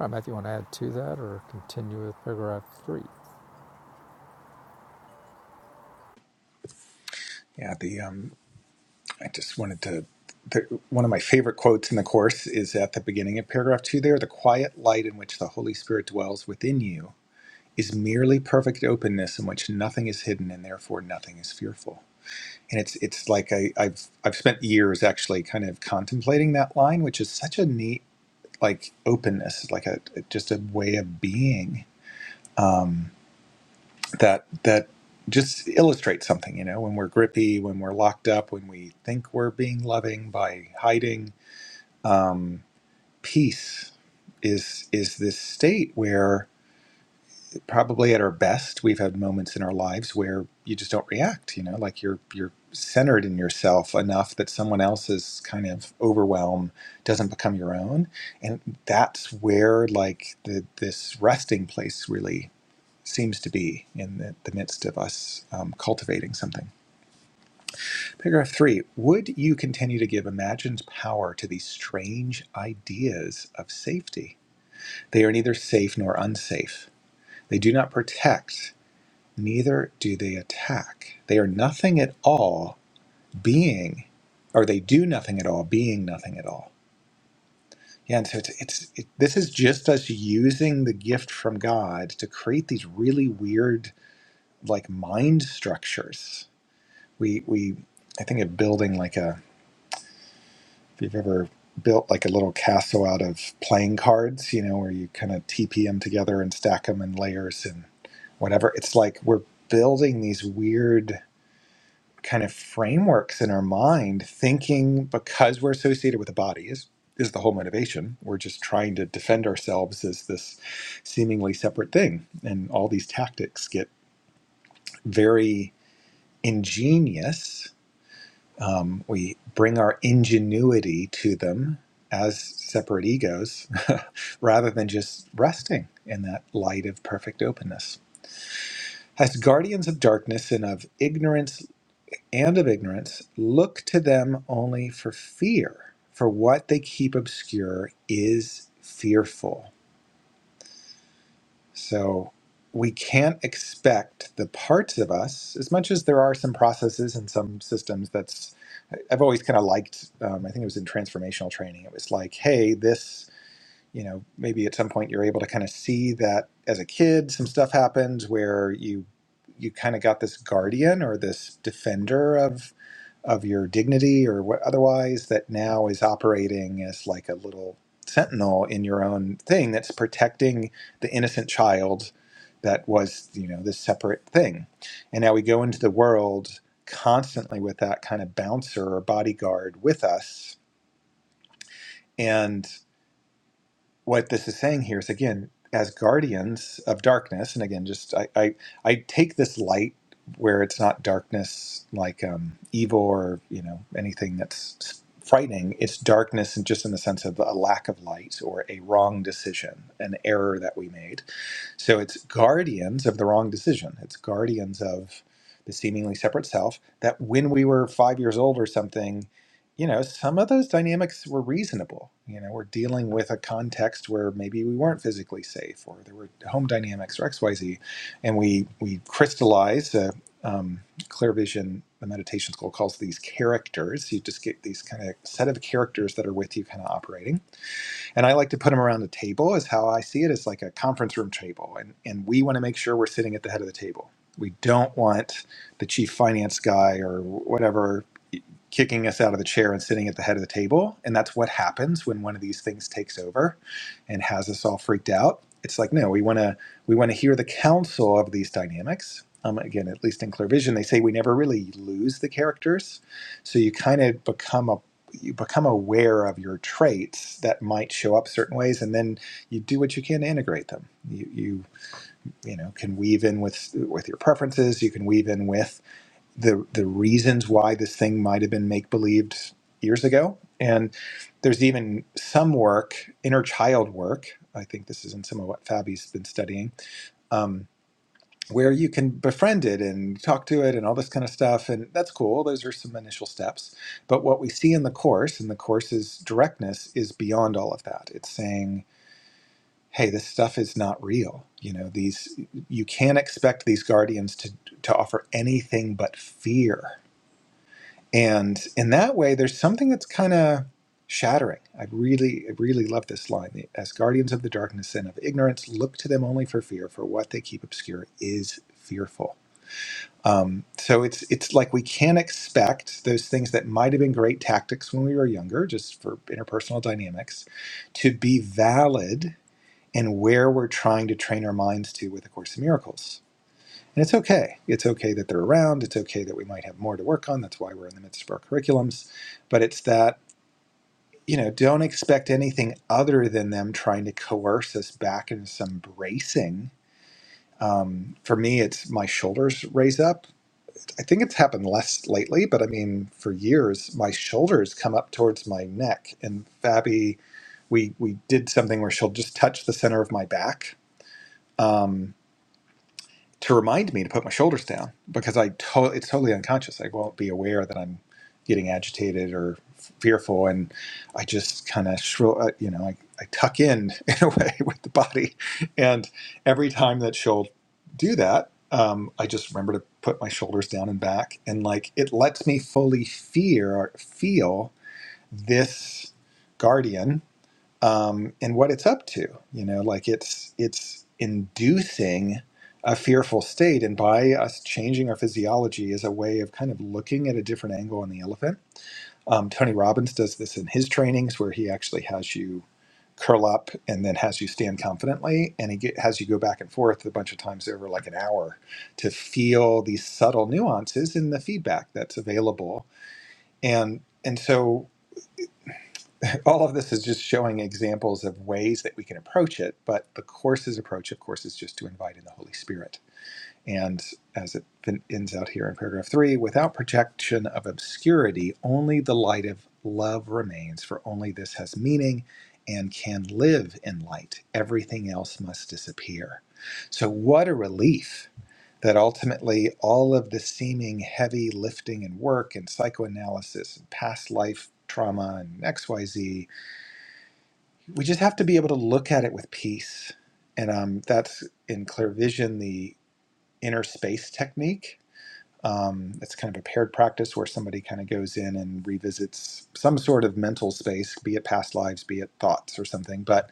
S1: All right, Matthew, you want to add to that or continue with paragraph three?
S2: Yeah, the um, I just wanted to. The, one of my favorite quotes in the course is at the beginning of paragraph two. There, the quiet light in which the Holy Spirit dwells within you is merely perfect openness in which nothing is hidden and therefore nothing is fearful. And it's it's like I, I've I've spent years actually kind of contemplating that line, which is such a neat like openness, like a just a way of being um, that that just illustrates something. You know, when we're grippy, when we're locked up, when we think we're being loving by hiding, um, peace is is this state where probably at our best we've had moments in our lives where you just don't react you know like you're you're centered in yourself enough that someone else's kind of overwhelm doesn't become your own and that's where like the, this resting place really seems to be in the, the midst of us um, cultivating something paragraph three would you continue to give imagined power to these strange ideas of safety they are neither safe nor unsafe they do not protect neither do they attack. They are nothing at all being, or they do nothing at all being nothing at all. Yeah, and so it's, it's it, this is just us using the gift from God to create these really weird like mind structures. We we I think of building like a if you've ever built like a little castle out of playing cards, you know, where you kind of TP them together and stack them in layers and whatever. It's like we're building these weird kind of frameworks in our mind thinking because we're associated with a body is is the whole motivation we're just trying to defend ourselves as this seemingly separate thing and all these tactics get very ingenious um, we bring our ingenuity to them as separate egos *laughs* rather than just resting in that light of perfect openness as guardians of darkness and of ignorance and of ignorance, look to them only for fear, for what they keep obscure is fearful. So we can't expect the parts of us, as much as there are some processes and some systems that's, I've always kind of liked, um, I think it was in transformational training, it was like, hey, this, you know, maybe at some point you're able to kind of see that as a kid, some stuff happens where you you kind of got this guardian or this defender of of your dignity or what otherwise that now is operating as like a little sentinel in your own thing that's protecting the innocent child that was you know this separate thing and now we go into the world constantly with that kind of bouncer or bodyguard with us and what this is saying here is again as guardians of darkness and again just i i, I take this light where it's not darkness like um, evil or you know anything that's frightening it's darkness and just in the sense of a lack of light or a wrong decision an error that we made so it's guardians of the wrong decision. It's guardians of the seemingly separate self that when we were five years old or something, you know, some of those dynamics were reasonable. You know, we're dealing with a context where maybe we weren't physically safe or there were home dynamics or XYZ. And we, we crystallize, uh, um, clear vision, the meditation school calls these characters. You just get these kind of set of characters that are with you kind of operating and I like to put them around the table is how I see it as like a conference room table and and we want to make sure we're sitting at the head of the table. We don't want the chief finance guy or whatever kicking us out of the chair and sitting at the head of the table. And that's what happens when one of these things takes over and has us all freaked out. It's like, no, we want to we want to hear the counsel of these dynamics. Um, again, at least in clear vision, they say we never really lose the characters. So you kind of become a you become aware of your traits that might show up certain ways, and then you do what you can to integrate them. You you you know can weave in with with your preferences. You can weave in with the the reasons why this thing might have been make believed years ago. And there's even some work, inner child work. I think this is in some of what Fabi's been studying, um, where you can befriend it and talk to it and all this kind of stuff. And that's cool. Those are some initial steps. But what we see in the course, and the course's directness, is beyond all of that. It's saying, hey, this stuff is not real. You know, these you can't expect these guardians to to offer anything but fear and in that way, there's something that's kind of shattering. I really, I really love this line. As guardians of the darkness and of ignorance, look to them only for fear, for what they keep obscure is fearful. Um, so it's it's like we can expect those things that might have been great tactics when we were younger, just for interpersonal dynamics, to be valid in where we're trying to train our minds to with A Course in Miracles and it's okay. It's okay that they're around. It's okay that we might have more to work on. That's why we're in the midst of our curriculums. But it's that, you know, don't expect anything other than them trying to coerce us back into some bracing. Um, for me, it's my shoulders raise up. I think it's happened less lately, but I mean, for years, my shoulders come up towards my neck. And Fabi, we, we did something where she'll just touch the center of my back. Um, to remind me to put my shoulders down because I to- it's totally unconscious. I won't be aware that I'm getting agitated or fearful, and I just kind of shrill, uh, you know, I, I tuck in *laughs* in a way with the body. And every time that she'll do that, um, I just remember to put my shoulders down and back, and like it lets me fully fear feel this guardian um, and what it's up to. You know, like it's it's inducing a fearful state, and by us changing our physiology is a way of kind of looking at a different angle on the elephant. Um, Tony Robbins does this in his trainings, where he actually has you curl up and then has you stand confidently, and he get, has you go back and forth a bunch of times over like an hour to feel these subtle nuances in the feedback that's available. And and so all of this is just showing examples of ways that we can approach it but the course's approach of course is just to invite in the holy spirit and as it fin- ends out here in paragraph three without projection of obscurity only the light of love remains for only this has meaning and can live in light everything else must disappear so what a relief that ultimately all of the seeming heavy lifting and work and psychoanalysis and past life trauma and xyz we just have to be able to look at it with peace. And um, that's in clear vision, the inner space technique. Um, it's kind of a paired practice where somebody kind of goes in and revisits some sort of mental space, be it past lives, be it thoughts or something. But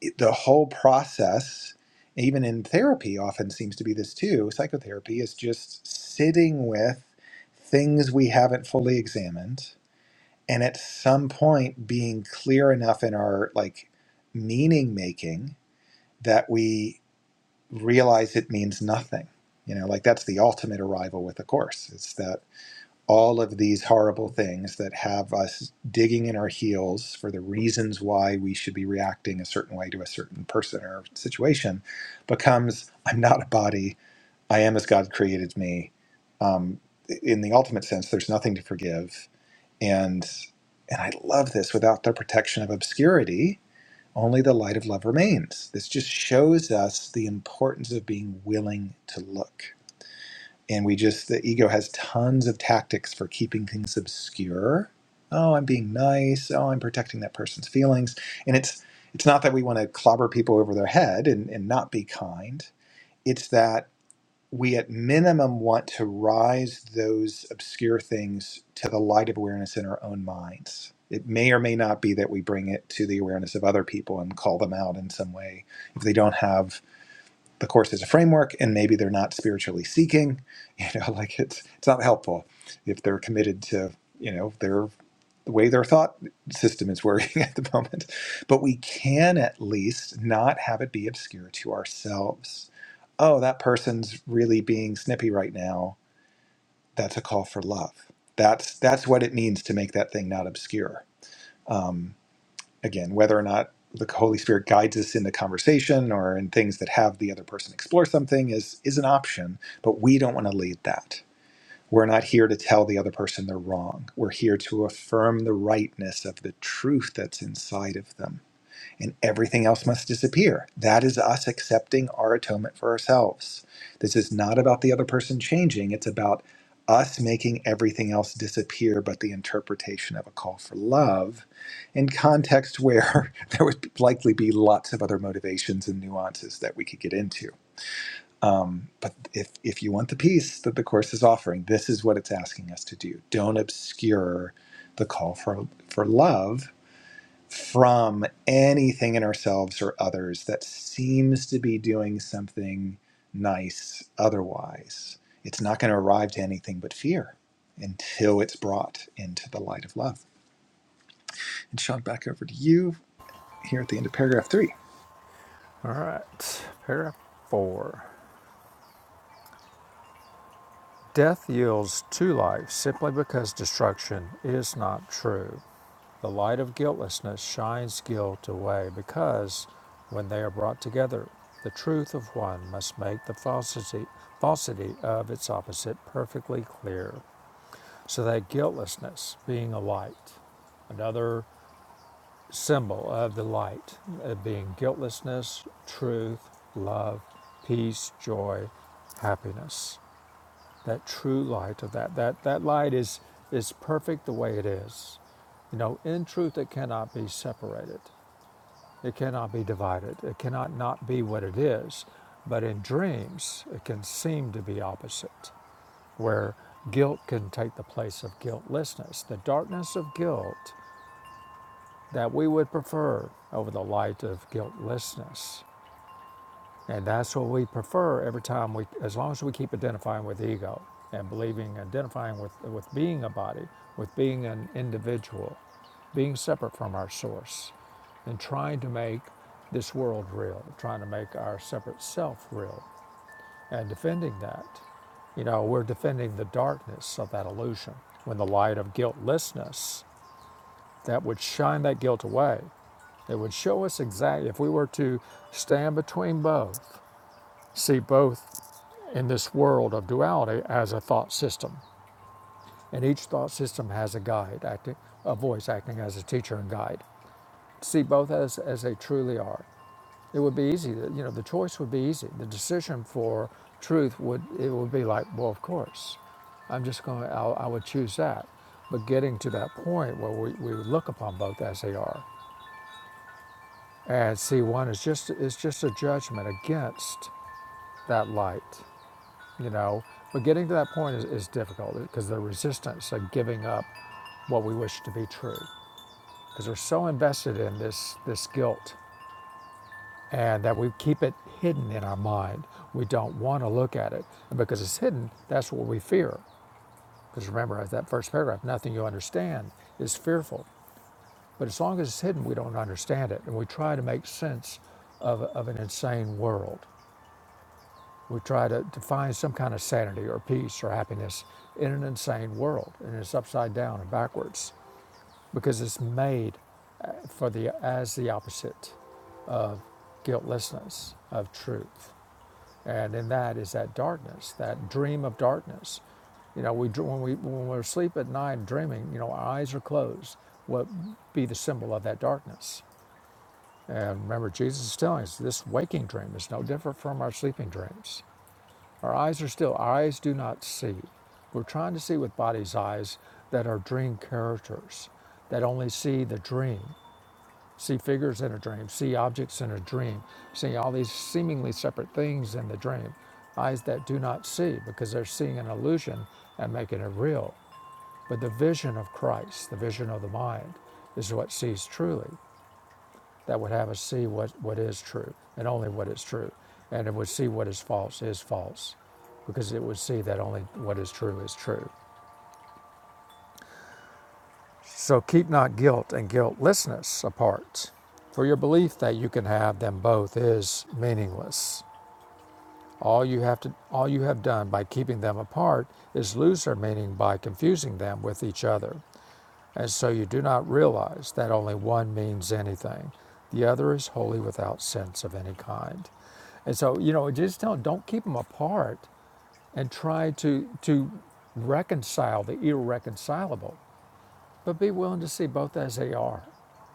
S2: it, the whole process, even in therapy, often seems to be this too. Psychotherapy is just sitting with things we haven't fully examined and at some point being clear enough in our like meaning making that we realize it means nothing you know like that's the ultimate arrival with the course it's that all of these horrible things that have us digging in our heels for the reasons why we should be reacting a certain way to a certain person or situation becomes i'm not a body i am as god created me um, in the ultimate sense there's nothing to forgive and and I love this without the protection of obscurity, only the light of love remains. This just shows us the importance of being willing to look. And we just the ego has tons of tactics for keeping things obscure. Oh, I'm being nice. Oh, I'm protecting that person's feelings. And it's it's not that we want to clobber people over their head and, and not be kind. It's that we at minimum want to rise those obscure things to the light of awareness in our own minds. It may or may not be that we bring it to the awareness of other people and call them out in some way if they don't have the course as a framework and maybe they're not spiritually seeking. You know, *laughs* like it's it's not helpful if they're committed to you know their the way their thought system is working *laughs* at the moment. But we can at least not have it be obscure to ourselves. Oh, that person's really being snippy right now. That's a call for love. That's that's what it means to make that thing not obscure. Um, again, whether or not the Holy Spirit guides us in the conversation or in things that have the other person explore something is is an option, but we don't want to lead that we're not here to tell the other person they're wrong. We're here to affirm the rightness of the truth that's inside of them. And everything else must disappear. That is us accepting our atonement for ourselves. This is not about the other person changing, it's about us making everything else disappear but the interpretation of a call for love in context where *laughs* there would likely be lots of other motivations and nuances that we could get into um, but if, if you want the peace that the Course is offering, this is what it's asking us to do. Don't obscure the call for, for love from anything in ourselves or others that seems to be doing something nice otherwise. It's not going to arrive to anything but fear until it's brought into the light of love. And Sean, back over to you here at the end of paragraph three.
S1: All right, paragraph four. Death yields to life simply because destruction is not true. The light of guiltlessness shines guilt away because, when they are brought together, the truth of one must make the falsity, falsity of its opposite perfectly clear, so that guiltlessness, being a light, another symbol of the light, of being guiltlessness, truth, love, peace, joy, happiness. That true light of that. That that light is is perfect the way it is. You know, in truth it cannot be separated. It cannot be divided. It cannot not be what it is. But in dreams it can seem to be opposite, where guilt can take the place of guiltlessness. The darkness of guilt that we would prefer over the light of guiltlessness. And that's what we prefer every time we, as long as we keep identifying with ego and believing, identifying with, with being a body, with being an individual, being separate from our source, and trying to make this world real, trying to make our separate self real, and defending that. You know, we're defending the darkness of that illusion when the light of guiltlessness that would shine that guilt away it would show us exactly if we were to stand between both, see both in this world of duality as a thought system. And each thought system has a guide, acting, a voice acting as a teacher and guide. See both as, as they truly are. It would be easy. You know, the choice would be easy. The decision for truth would it would be like, well, of course, I'm just going. to I would choose that. But getting to that point where we, we would look upon both as they are And see, one is just it's just a judgment against that light, you know. But getting to that point is, is difficult because the resistance of giving up what we wish to be true, because we're so invested in this this guilt, and that we keep it hidden in our mind. We don't want to look at it, and because it's hidden, that's what we fear. Because remember, as that first paragraph, nothing you understand is fearful. But as long as it's hidden, we don't understand it, and we try to make sense of, of an insane world We try to, to find some kind of sanity or peace or happiness in an insane world, and it's upside down and backwards because it's made for the as the opposite guiltlessness of truth, and in that is that darkness, that dream of darkness. You know, we when we when we're asleep at night dreaming, you know, our eyes are closed. What be the symbol of that darkness? And remember, Jesus is telling us this waking dream is no different from our sleeping dreams. Our eyes are still, our eyes do not see. We're trying to see with body's eyes that are dream characters, that only see the dream, see figures in a dream, see objects in a dream, see all these seemingly separate things in the dream. Eyes that do not see because they're seeing an illusion and making it real. But the vision of Christ, the vision of the mind, is what sees truly that would have us see what, what is true and only what is true. And it would see what is false is false because it would see that only what is true is true. So keep not guilt and guiltlessness apart. For your belief that you can have them both is meaningless. All you have to all you have done by keeping them apart is lose their meaning by confusing them with each other. And so you do not realize that only one means anything. The other is wholly without sense of any kind. And so, you know, just don't, don't keep them apart and try to, to reconcile the irreconcilable, but be willing to see both as they are.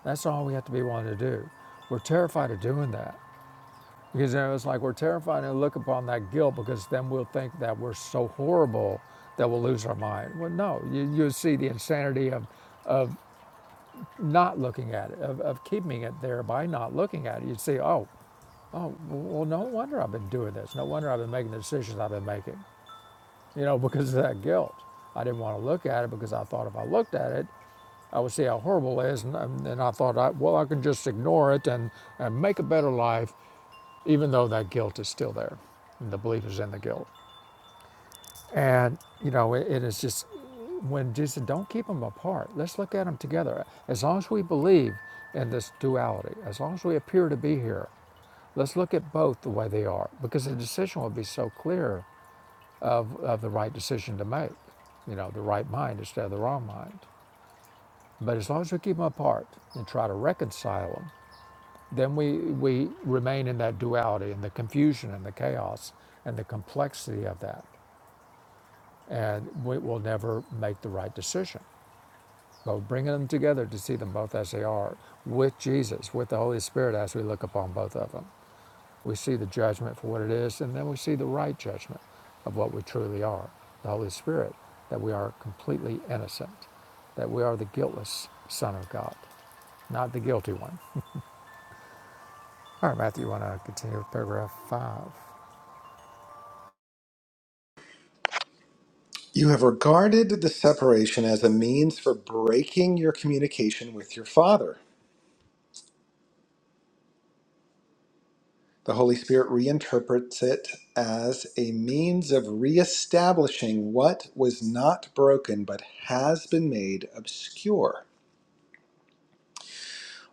S1: That's all we have to be willing to do. We're terrified of doing that because you know, it's like we're terrified to look upon that guilt because then we'll think that we're so horrible that we'll lose our mind. Well, no, you, you'll see the insanity of not looking at it, of, of keeping it there by not looking at it, you'd say, oh, oh, well, no wonder I've been doing this. No wonder I've been making the decisions I've been making, you know, because of that guilt. I didn't want to look at it because I thought if I looked at it, I would see how horrible it is. And, and and I thought, I, well, I can just ignore it and, and make a better life, even though that guilt is still there. And the belief is in the guilt. And, you know, it, it is just when Jesus said, don't keep them apart, let's look at them together. As long as we believe in this duality, as long as we appear to be here, let's look at both the way they are because the decision will be so clear of, of the right decision to make, you know, the right mind instead of the wrong mind. But as long as we keep them apart and try to reconcile them, then we, we remain in that duality and the confusion and the chaos and the complexity of that. And we will never make the right decision So bringing them together to see them both as they are, with Jesus, with the Holy Spirit, as we look upon both of them, we see the judgment for what it is, and then we see the right judgment of what we truly are. The Holy Spirit, that we are completely innocent, that we are the guiltless Son of God, not the guilty one. All right, Matthew, you want to continue with paragraph five?
S2: You have regarded the separation as a means for breaking your communication with your Father. The Holy Spirit reinterprets it as a means of reestablishing what was not broken but has been made obscure.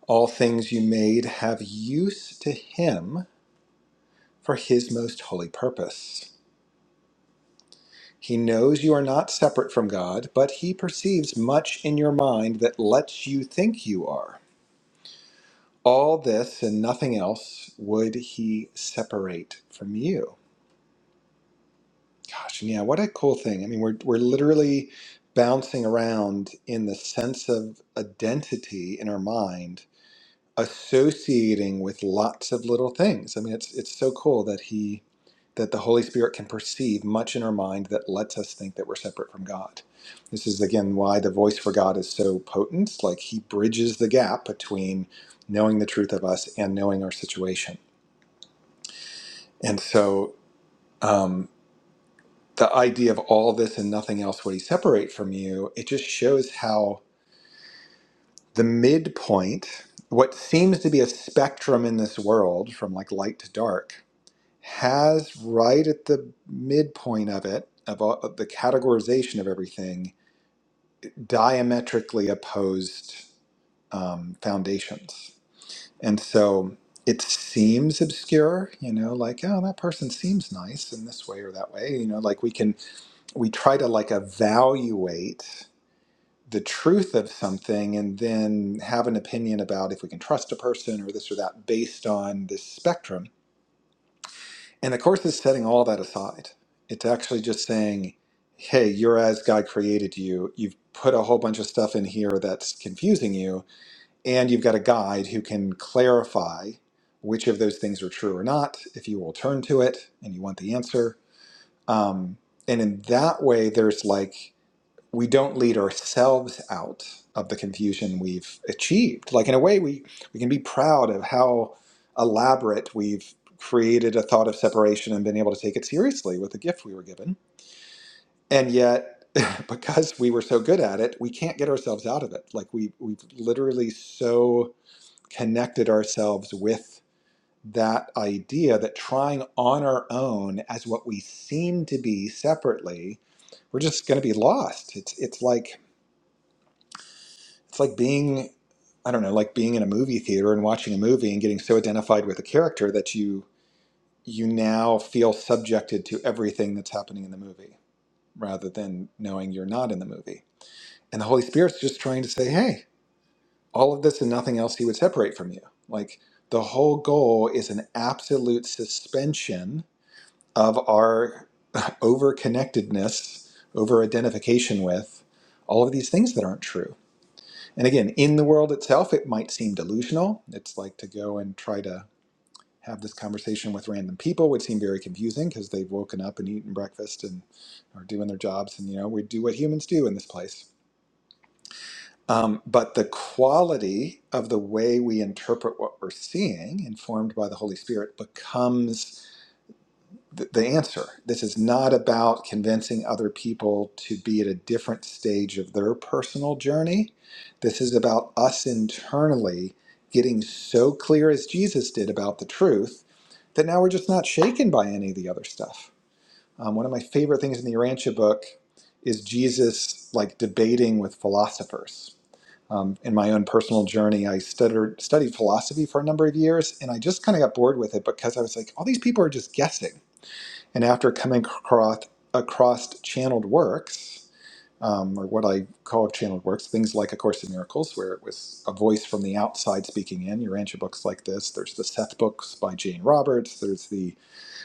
S2: All things you made have use to Him for His most holy purpose. He knows you are not separate from God, but He perceives much in your mind that lets you think you are. All this and nothing else would he separate from you. Gosh, yeah, what a cool thing. I mean, we're, we're literally bouncing around in the sense of identity in our mind, associating with lots of little things. I mean, it's, it's so cool that he, that the Holy Spirit can perceive much in our mind that lets us think that we're separate from God. This is again why the voice for God is so potent. Like he bridges the gap between knowing the truth of us and knowing our situation And so um, the idea of all this and nothing else would he separate from you, it just shows how the midpoint, what seems to be a spectrum in this world from like light to dark, has right at the midpoint of it, of, all, of the categorization of everything, diametrically opposed um, foundations. And so it seems obscure, you know, like, oh, that person seems nice in this way or that way. You know, like we can we try to like evaluate the truth of something and then have an opinion about if we can trust a person or this or that based on this spectrum. And the course is setting all that aside. It's actually just saying, hey, you're as God created you. You've put a whole bunch of stuff in here that's confusing you, and you've got a guide who can clarify which of those things are true or not if you will turn to it and you want the answer. Um, and in that way, there's like we don't lead ourselves out of the confusion we've achieved. Like in a way, we we can be proud of how elaborate we've created a thought of separation and been able to take it seriously with the gift we were given. And yet, *laughs* because we were so good at it, we can't get ourselves out of it. Like we we've literally so connected ourselves with that idea that trying on our own as what we seem to be separately, we're just going to be lost. It's it's like It's like being, I don't know, like being in a movie theater and watching a movie and getting so identified with a character that you you now feel subjected to everything that's happening in the movie rather than knowing you're not in the movie. And the Holy Spirit's just trying to say, "Hey, all of this and nothing else he would separate from you." Like the whole goal is an absolute suspension of our *laughs* over connectedness, over identification with all of these things that aren't true And again, in the world itself, it might seem delusional. It's like to go and try to have this conversation with random people would seem very confusing because they've woken up and eaten breakfast and are doing their jobs. And, you know, we do what humans do in this place. Um, but the quality of the way we interpret what we're seeing, informed by the Holy Spirit, becomes th- the answer. This is not about convincing other people to be at a different stage of their personal journey. This is about us internally getting so clear as Jesus did about the truth that now we're just not shaken by any of the other stuff. Um, one of my favorite things in the Urantia book is Jesus like debating with philosophers. Um, in my own personal journey, I stuttered, studied philosophy for a number of years, and I just kind of got bored with it because I was like, all these people are just guessing and after coming across, across channeled works, um, or what I call channeled works, things like A Course in Miracles, where it was a voice from the outside speaking in, your Urantia books like this. There's the Seth books by Jane Roberts. There's the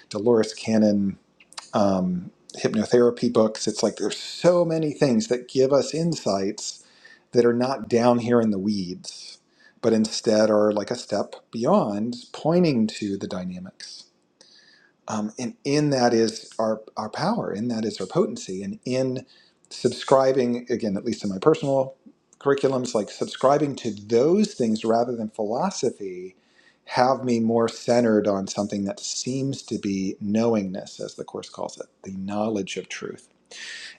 S2: Dolores Cannon um, hypnotherapy books. It's like there's so many things that give us insights that are not down here in the weeds, but instead are like a step beyond, pointing to the dynamics. Um, and in that is our, our power, in that is our potency. And in subscribing, again, at least in my personal curriculums, like subscribing to those things rather than philosophy have me more centered on something that seems to be knowingness, as the Course calls it, the knowledge of truth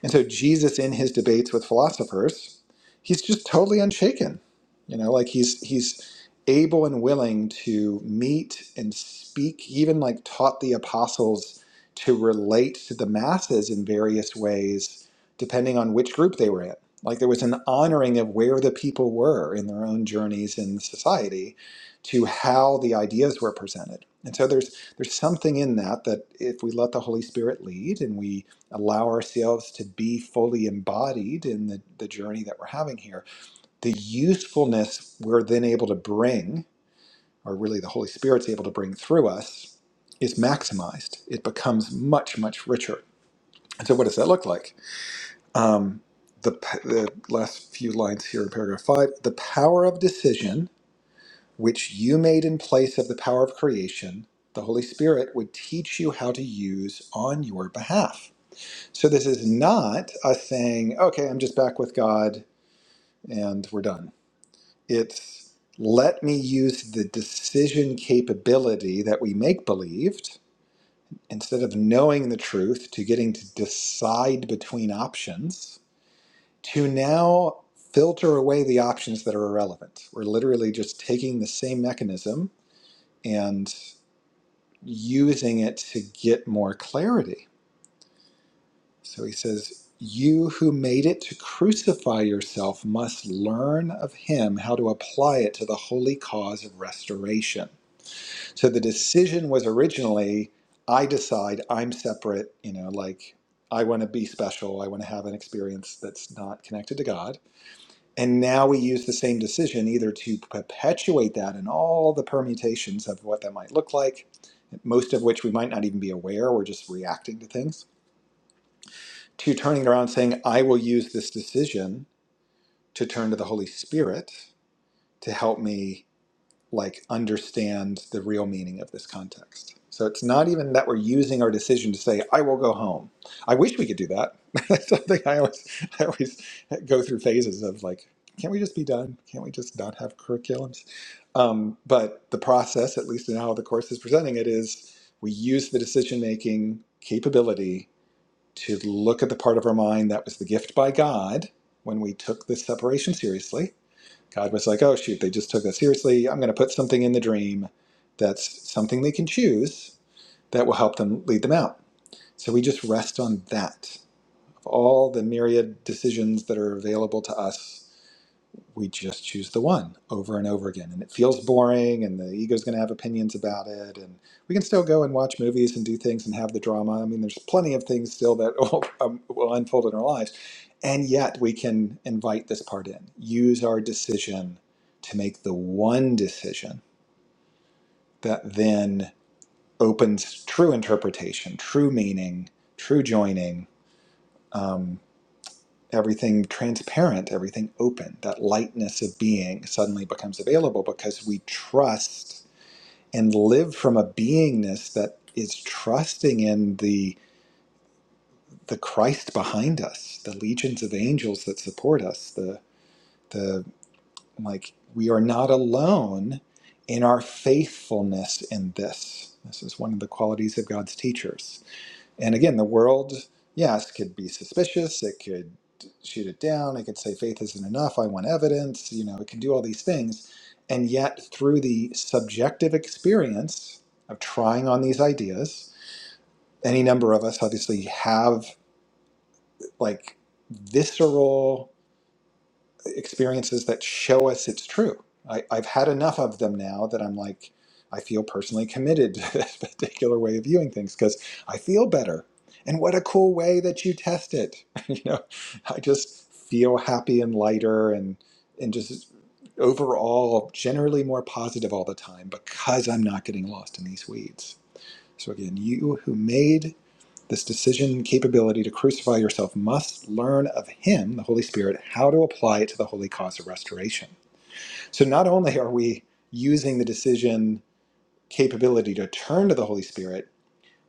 S2: and so Jesus in his debates with philosophers, he's just totally unshaken. You know, like he's he's able and willing to meet and speak, he even like taught the apostles to relate to the masses in various ways, depending on which group they were in. Like there was an honoring of where the people were in their own journeys in society to how the ideas were presented. And so there's there's something in that that if we let the Holy Spirit lead and we allow ourselves to be fully embodied in the, the journey that we're having here. The usefulness we're then able to bring, or really the Holy Spirit's able to bring through us, is maximized. It becomes much, much richer. And so, what does that look like? Um, the, p- the last few lines here in paragraph five the power of decision, which you made in place of the power of creation, the Holy Spirit would teach you how to use on your behalf So this is not a saying, okay, I'm just back with God and we're done. It's let me use the decision capability that we make believed instead of knowing the truth to getting to decide between options to now filter away the options that are irrelevant. We're literally just taking the same mechanism and using it to get more clarity So he says, You who made it to crucify yourself must learn of him how to apply it to the holy cause of restoration. So the decision was originally, I decide I'm separate, you know, like I want to be special, I want to have an experience that's not connected to God. And now we use the same decision either to perpetuate that in all the permutations of what that might look like, most of which we might not even be aware, we're just reacting to things to turning around and saying, I will use this decision to turn to the Holy Spirit to help me like understand the real meaning of this context. So it's not even that we're using our decision to say, I will go home. I wish we could do that. *laughs* That's something I always I always go through phases of like, can't we just be done? Can't we just not have curriculums? Um, but the process, at least in how the course is presenting it, is we use the decision making capability to look at the part of our mind that was the gift by God when we took this separation seriously. God was like, oh, shoot, they just took that seriously. I'm going to put something in the dream that's something they can choose that will help them lead them out. So we just rest on that. Of all the myriad decisions that are available to us we just choose the one over and over again. And it feels boring, and the ego's going to have opinions about it. And we can still go and watch movies and do things and have the drama. I mean, there's plenty of things still that *laughs* will, um, will unfold in our lives. And yet we can invite this part in, use our decision to make the one decision that then opens true interpretation, true meaning, true joining. Um, everything transparent, everything open. That lightness of being suddenly becomes available because we trust and live from a beingness that is trusting in the the Christ behind us, the legions of angels that support us, the the like we are not alone in our faithfulness in this. This is one of the qualities of God's teachers And again, the world, yes, could be suspicious. It could shoot it down. It could say faith isn't enough. I want evidence. You know, it can do all these things. And yet, through the subjective experience of trying on these ideas, any number of us obviously have like visceral experiences that show us it's true. I, I've had enough of them now that I'm like, I feel personally committed to *laughs* this particular way of viewing things because I feel better. And what a cool way that you test it. *laughs* you know, I just feel happy and lighter and and just overall generally more positive all the time because I'm not getting lost in these weeds. So again, you who made this decision capability to crucify yourself must learn of Him, the Holy Spirit, how to apply it to the holy cause of restoration. So not only are we using the decision capability to turn to the Holy Spirit,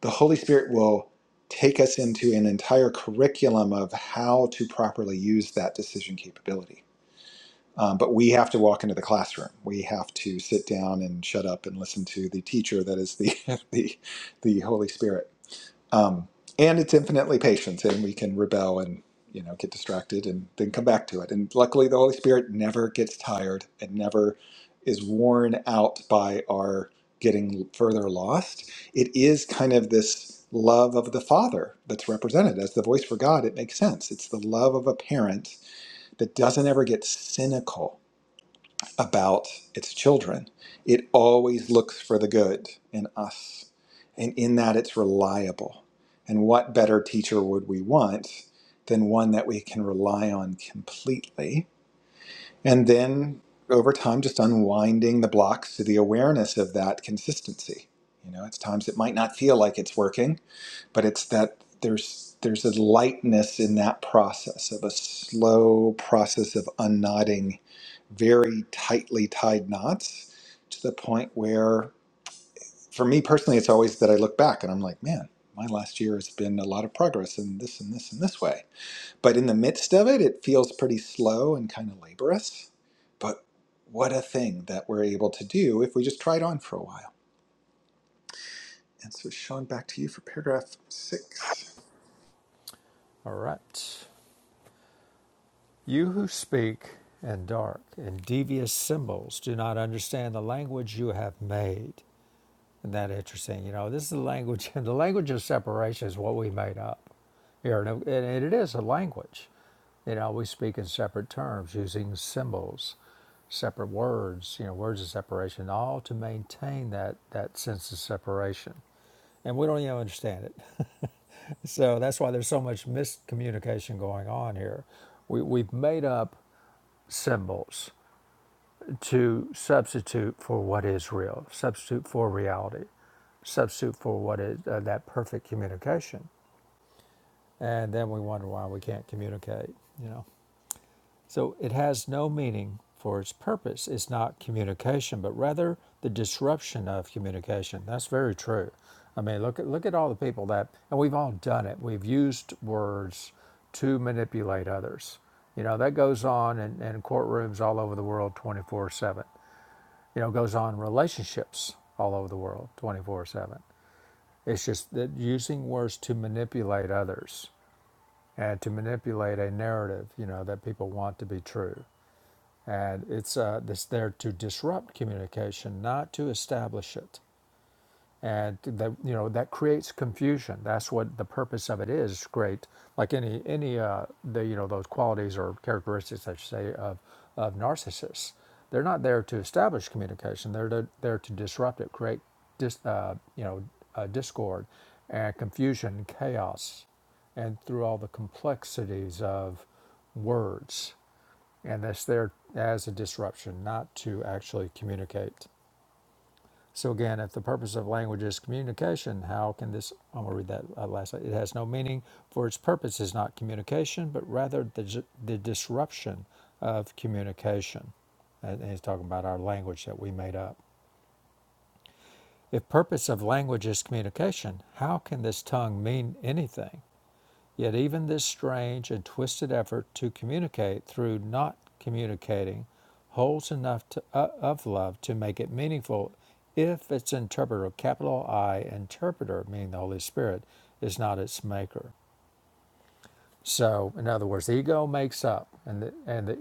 S2: the Holy Spirit will take us into an entire curriculum of how to properly use that decision capability. Um, but we have to walk into the classroom. We have to sit down and shut up and listen to the teacher that is the, *laughs* the, the Holy Spirit um, and it's infinitely patient and we can rebel and you know get distracted and then come back to it and luckily the holy spirit never gets tired and never is worn out by our getting further lost it is kind of this love of the father that's represented as the voice for god it makes sense it's the love of a parent that doesn't ever get cynical about its children. It always looks for the good in us, and in that it's reliable. And what better teacher would we want than one that we can rely on completely? And then over time, just unwinding the blocks to the awareness of that consistency. You know, it's times it might not feel like it's working, but it's that there's there's a lightness in that process of a slow process of unknotting very tightly tied knots to the point where, for me personally, it's always that I look back and I'm like, man, my last year has been a lot of progress in this and this and this way. But in the midst of it, it feels pretty slow and kind of laborious. But what a thing that we're able to do if we just try it on for a while. And so, Sean, back to you for paragraph six.
S1: All right. You who speak in dark and devious symbols do not understand the language you have made. Isn't that interesting? You know, this is the language, *laughs* and the language of separation is what we made up here. and it is a language. You know, we speak in separate terms using symbols, separate words, you know, words of separation, all to maintain that, that sense of separation. And we don't even understand it. *laughs* So that's why there's so much miscommunication going on here. We, we've made up symbols to substitute for what is real, substitute for reality, substitute for what is uh, that perfect communication. And then we wonder why we can't communicate, you know. So it has no meaning for its purpose. It's not communication, but rather the disruption of communication. That's very true. I mean, look at look at all the people that and we've all done it. We've used words to manipulate others. You know, that goes on in, in courtrooms all over the world 24 7 you know, goes on relationships all over the world 24 7. It's just that using words to manipulate others and to manipulate a narrative, you know, that people want to be true. And it's, uh, it's there to disrupt communication, not to establish it and that you know that creates confusion that's what the purpose of it is great like any any uh the you know those qualities or characteristics i should say of of narcissists they're not there to establish communication they're to, there to disrupt it create dis, uh, you know uh, discord and confusion chaos and through all the complexities of words and that's there as a disruption not to actually communicate so again, if the purpose of language is communication, how can this? I'm gonna read that uh, last. It has no meaning, for its purpose is not communication, but rather the dis- the disruption of communication. And and he's talking about our language that we made up. If purpose of language is communication, how can this tongue mean anything? Yet even this strange and twisted effort to communicate through not communicating holds enough to, uh, of love to make it meaningful if its interpreter, capital I interpreter, meaning the Holy Spirit, is not its maker. So, in other words, the ego makes up, and the, and the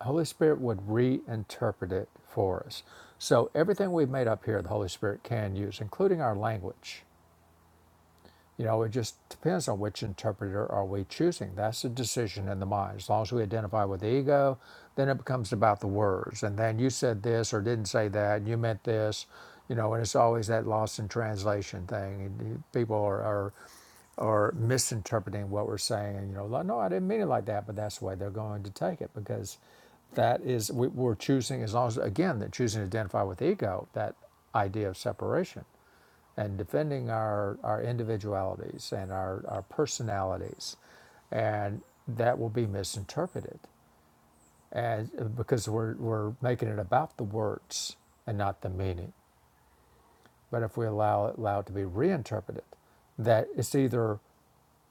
S1: Holy Spirit would reinterpret it for us. So, everything we've made up here, the Holy Spirit can use, including our language you know, it just depends on which interpreter are we choosing. That's the decision in the mind. As long as we identify with the ego, then it becomes about the words. And then you said this or didn't say that. and You meant this, you know. And it's always that lost in translation thing. People are, are are misinterpreting what we're saying. And you know, like, no, I didn't mean it like that. But that's the way they're going to take it because that is we, we're choosing as long as again they're choosing to identify with ego that idea of separation and defending our, our individualities and our, our personalities. And that will be misinterpreted and because we're, we're making it about the words and not the meaning. But if we allow it, allow it to be reinterpreted, that it's either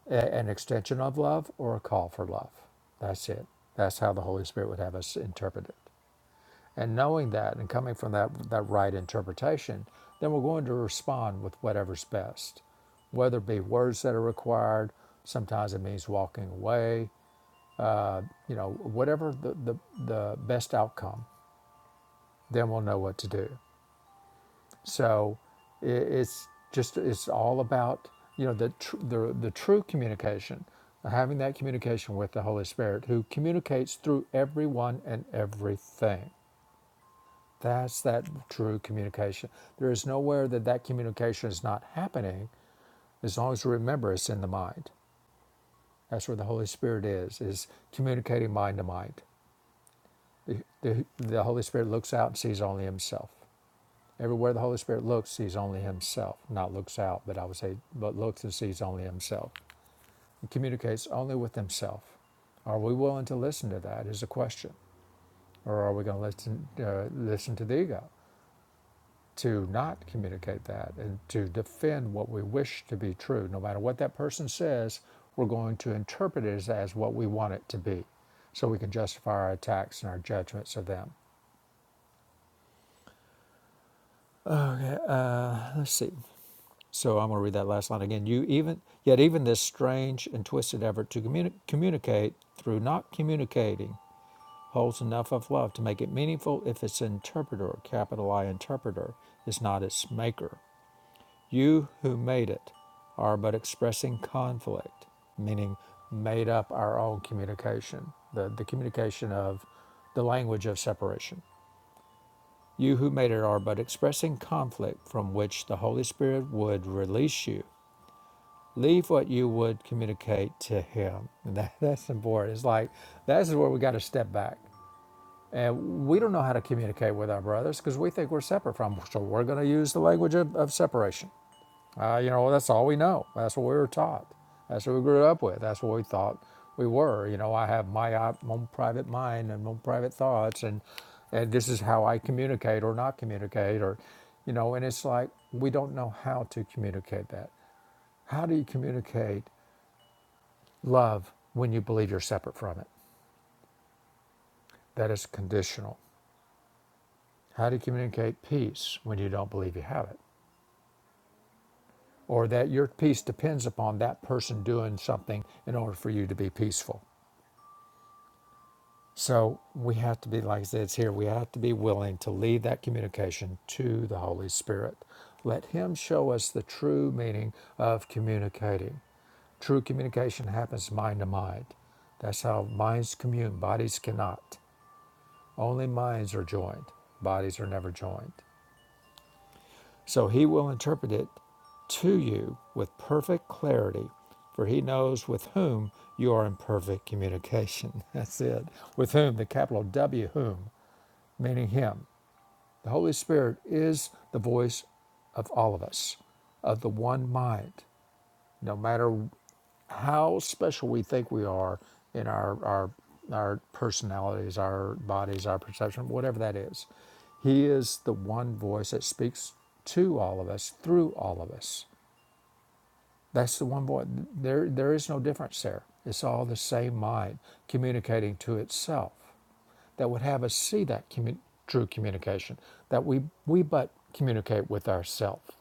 S1: a, an extension of love or a call for love. That's it. That's how the Holy Spirit would have us interpret it. And knowing that and coming from that, that right interpretation, then we're going to respond with whatever's best, whether it be words that are required, sometimes it means walking away, you know, whatever the, the, the best outcome, then we'll know what to do. So i- it's just, it's all about, you know, the, tr- the, the true communication, having that communication with the Holy Spirit who communicates through everyone and everything That's that true communication. There is nowhere that that communication is not happening as long as we remember it's in the mind. That's where the Holy Spirit is, is communicating mind to mind. The, the, the Holy Spirit looks out and sees only himself. Everywhere the Holy Spirit looks, sees only himself. Not looks out, but I would say, but looks and sees only himself. He communicates only with himself. Are we willing to listen to that is a question. Or are we going to listen, uh, listen to the ego? to not communicate that and to defend what we wish to be true. No matter what that person says, we're going to interpret it as, as what we want it to be so we can justify our attacks and our judgments of them. Okay, uh, let's see. So I'm going to read that last line again. You even yet even this strange and twisted effort to communi- communicate through not communicating holds enough of love to make it meaningful if its interpreter, capital I interpreter, is not its maker. You who made it are but expressing conflict, meaning made up our own communication, the, the communication of the language of separation. You who made it are but expressing conflict from which the Holy Spirit would release you. Leave what you would communicate to Him. *laughs* And that, that's important. It's like, this is where we got to step back. And we don't know how to communicate with our brothers because we think we're separate from them. So we're going to use the language of, of separation. Uh, you know, well, that's all we know. That's what we were taught. That's what we grew up with. That's what we thought we were. You know, I have my uh, own private mind and my own private thoughts, and and this is how I communicate or not communicate, or you know, and it's like we don't know how to communicate that. How do you communicate love when you believe you're separate from it? That is conditional. How do you communicate peace when you don't believe you have it? Or that your peace depends upon that person doing something in order for you to be peaceful? So we have to be, like I said, it's here. We have to be willing to leave that communication to the Holy Spirit. Let Him show us the true meaning of communicating. True communication happens mind to mind. That's how minds commune, bodies cannot. Only minds are joined, bodies are never joined. So He will interpret it to you with perfect clarity, for He knows with whom you are in perfect communication. *laughs* That's it. With whom, the capital W, whom meaning Him. The Holy Spirit is the voice of all of us, of the one mind, no matter how special we think we are in our, our, our personalities, our bodies, our perception, whatever that is. He is the one voice that speaks to all of us, through all of us. That's the one voice. There, there is no difference there. It's all the same mind communicating to itself that would have us see that commu- true communication, that we, we but communicate with ourselves.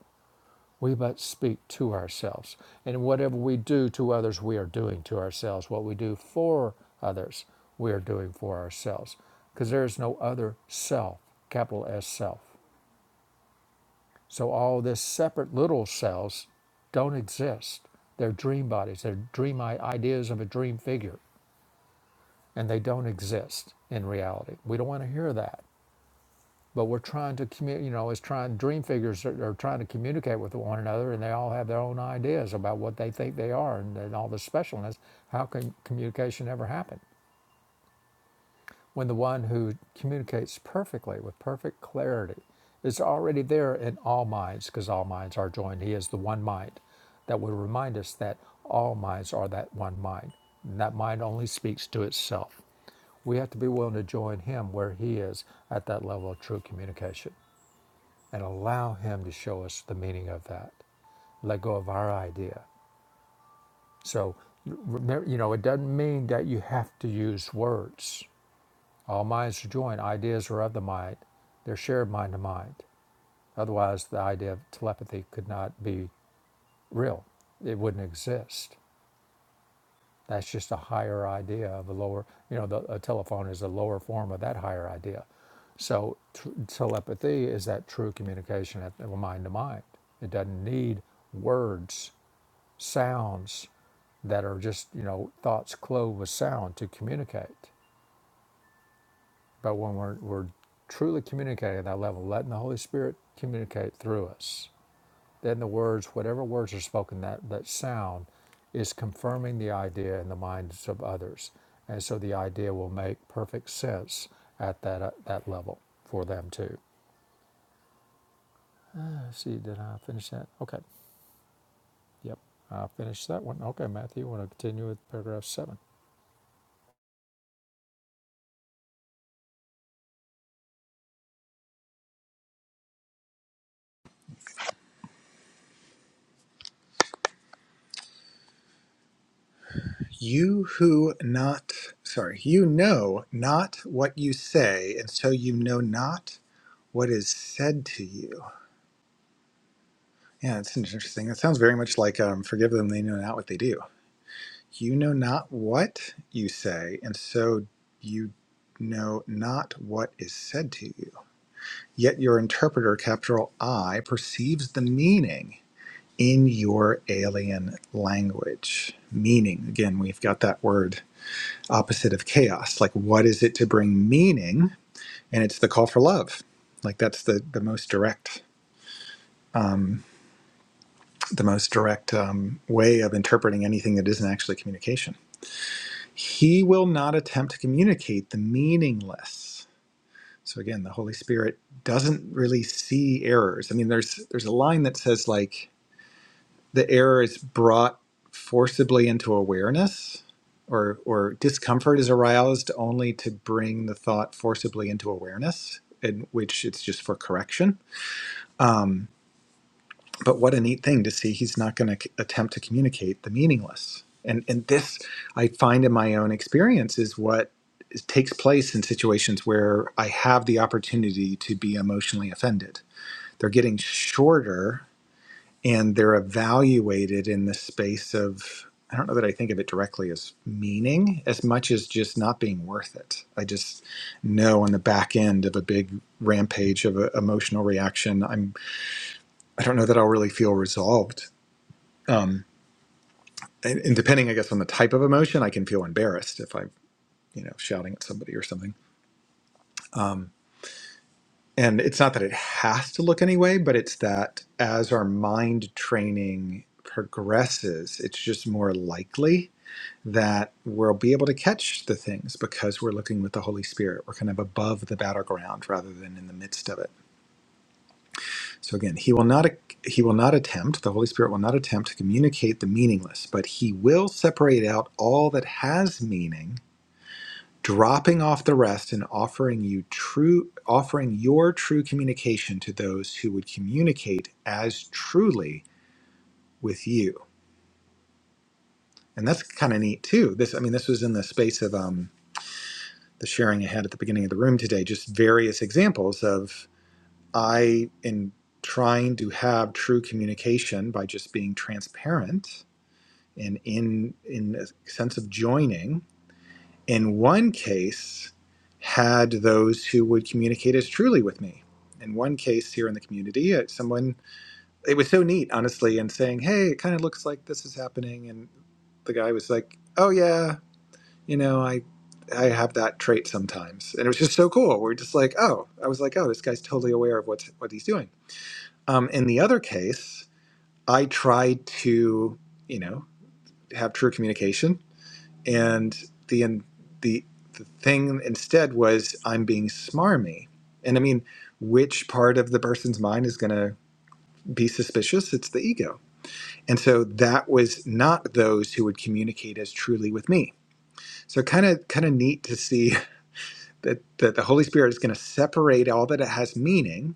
S1: We but speak to ourselves. And whatever we do to others, we are doing to ourselves. What we do for others, we are doing for ourselves. Because there is no other self, capital S self. So all this separate little selves don't exist. They're dream bodies, they're dream ideas of a dream figure, and they don't exist in reality. We don't want to hear that. but we're trying to commu- you know it's trying dream figures are, are trying to communicate with one another and they all have their own ideas about what they think they are and, and all the specialness how can communication ever happen when the one who communicates perfectly with perfect clarity is already there in all minds because all minds are joined he is the one mind that will remind us that all minds are that one mind and that mind only speaks to itself we have to be willing to join him where he is at that level of true communication and allow Him to show us the meaning of that. Let go of our idea. So, remember, you know, it doesn't mean that you have to use words. All minds are joined, ideas are of the mind, they're shared mind to mind. Otherwise, the idea of telepathy could not be real, it wouldn't exist. That's just a higher idea of a lower, you know, the, a telephone is a lower form of that higher idea. So tr- telepathy is that true communication at mind to mind. It doesn't need words, sounds that are just, you know, thoughts clothed with sound to communicate. But when we're, we're truly communicating at that level, letting the Holy Spirit communicate through us, then the words, whatever words are spoken, that, that sound is confirming the idea in the minds of others. And so the idea will make perfect sense at that, uh, that level for them too. Let's see, did I finish that? Okay, yep, I finished that one. Okay, Matthew, you want to continue with paragraph seven?
S2: You who not, sorry, you know not what you say, and so you know not what is said to you. Yeah, it's interesting. It sounds very much like um, forgive them, they know not what they do. You know not what you say, and so you know not what is said to you. Yet your interpreter, capital I, perceives the meaning in your alien language. Meaning, again, we've got that word opposite of chaos. Like, what is it to bring meaning? And it's the call for love. Like, that's the, the most direct. Um, the most direct um, way of interpreting anything that isn't actually communication. He will not attempt to communicate the meaningless. So again, the Holy Spirit doesn't really see errors. I mean, there's there's a line that says like the error is brought forcibly into awareness, or or discomfort is aroused only to bring the thought forcibly into awareness, in which it's just for correction. Um, but what a neat thing to see he's not going to c- attempt to communicate the meaningless and and this i find in my own experience is what is- takes place in situations where i have the opportunity to be emotionally offended they're getting shorter and they're evaluated in the space of i don't know that i think of it directly as meaning as much as just not being worth it i just know on the back end of a big rampage of a emotional reaction i'm I don't know that I'll really feel resolved um, and, and depending, I guess, on the type of emotion, I can feel embarrassed if I'm, you know, shouting at somebody or something. Um, and it's not that it has to look anyway, but it's that as our mind training progresses, it's just more likely that we'll be able to catch the things because we're looking with the Holy Spirit. We're kind of above the battleground rather than in the midst of it. So again, he will not he will not attempt, the Holy Spirit will not attempt to communicate the meaningless, but he will separate out all that has meaning dropping off the rest and offering you true offering your true communication to those who would communicate as truly with you and that's kind of neat too this i mean this was in the space of um, the sharing I had at the beginning of the room today just various examples of i in trying to have true communication by just being transparent and in in a sense of joining in one case had those who would communicate as truly with me in one case here in the community uh, someone it was so neat honestly and saying hey it kind of looks like this is happening and the guy was like oh yeah you know i i have that trait sometimes and it was just so cool we're just like oh i was like oh this guy's totally aware of what's what he's doing um, in the other case i tried to you know have true communication and the the the thing instead was I'm being smarmy. And I mean, which part of the person's mind is going to be suspicious? It's the ego. And so that was not those who would communicate as truly with me. So kind of kind of neat to see *laughs* that that the Holy Spirit is going to separate all that it has meaning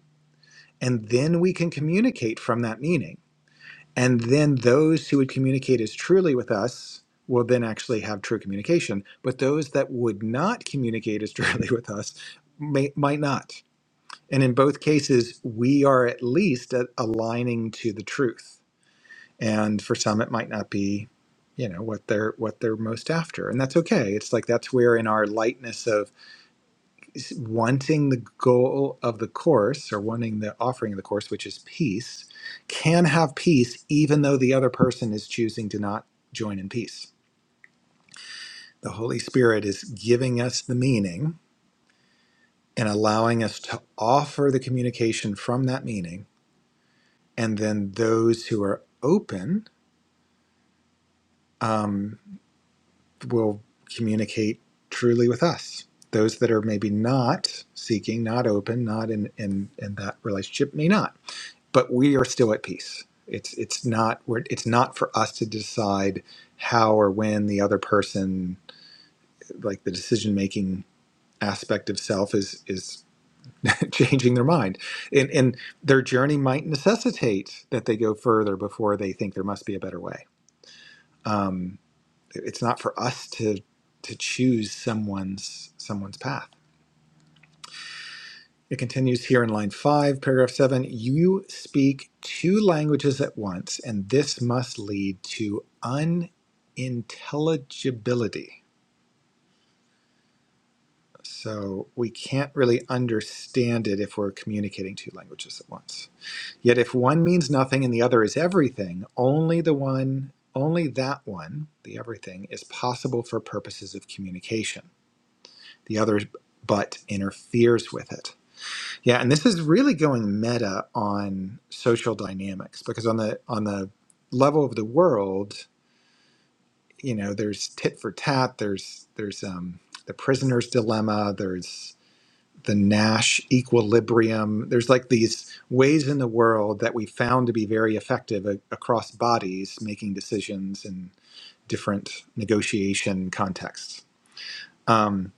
S2: and then we can communicate from that meaning And then those who would communicate as truly with us will then actually have true communication. But those that would not communicate as *laughs* truly with us may, might not. And in both cases, we are at least at aligning to the truth. And for some, it might not be, you know, what they're what they're most after, and that's okay. It's like that's where in our lightness wanting the goal of the course or wanting the offering of the course, which is peace, can have peace even though the other person is choosing to not join in peace. The Holy Spirit is giving us the meaning and allowing us to offer the communication from that meaning. And then those who are open um, will communicate truly with us. Those that are maybe not seeking, not open, not in, in, in that relationship may not. but we are still at peace. It's it's not we're, it's not for us to decide how or when the other person like the decision making aspect of self is is *laughs* changing their mind and and their journey might necessitate that they go further before they think there must be a better way um it- it's not for us to to choose someone's someone's path It continues here in line five, paragraph seven. You speak two languages at once, and this must lead to unintelligibility. So we can't really understand it if we're communicating two languages at once. Yet if one means nothing and the other is everything, only the one, only that one, the everything, is possible for purposes of communication. The other but interferes with it. Yeah, and this is really going meta on social dynamics because on the on the level of the world, you know, there's tit for tat, there's there's um the prisoner's dilemma, there's the Nash equilibrium. There's like these ways in the world that we found to be very effective a- across bodies making decisions in different negotiation contexts. Um,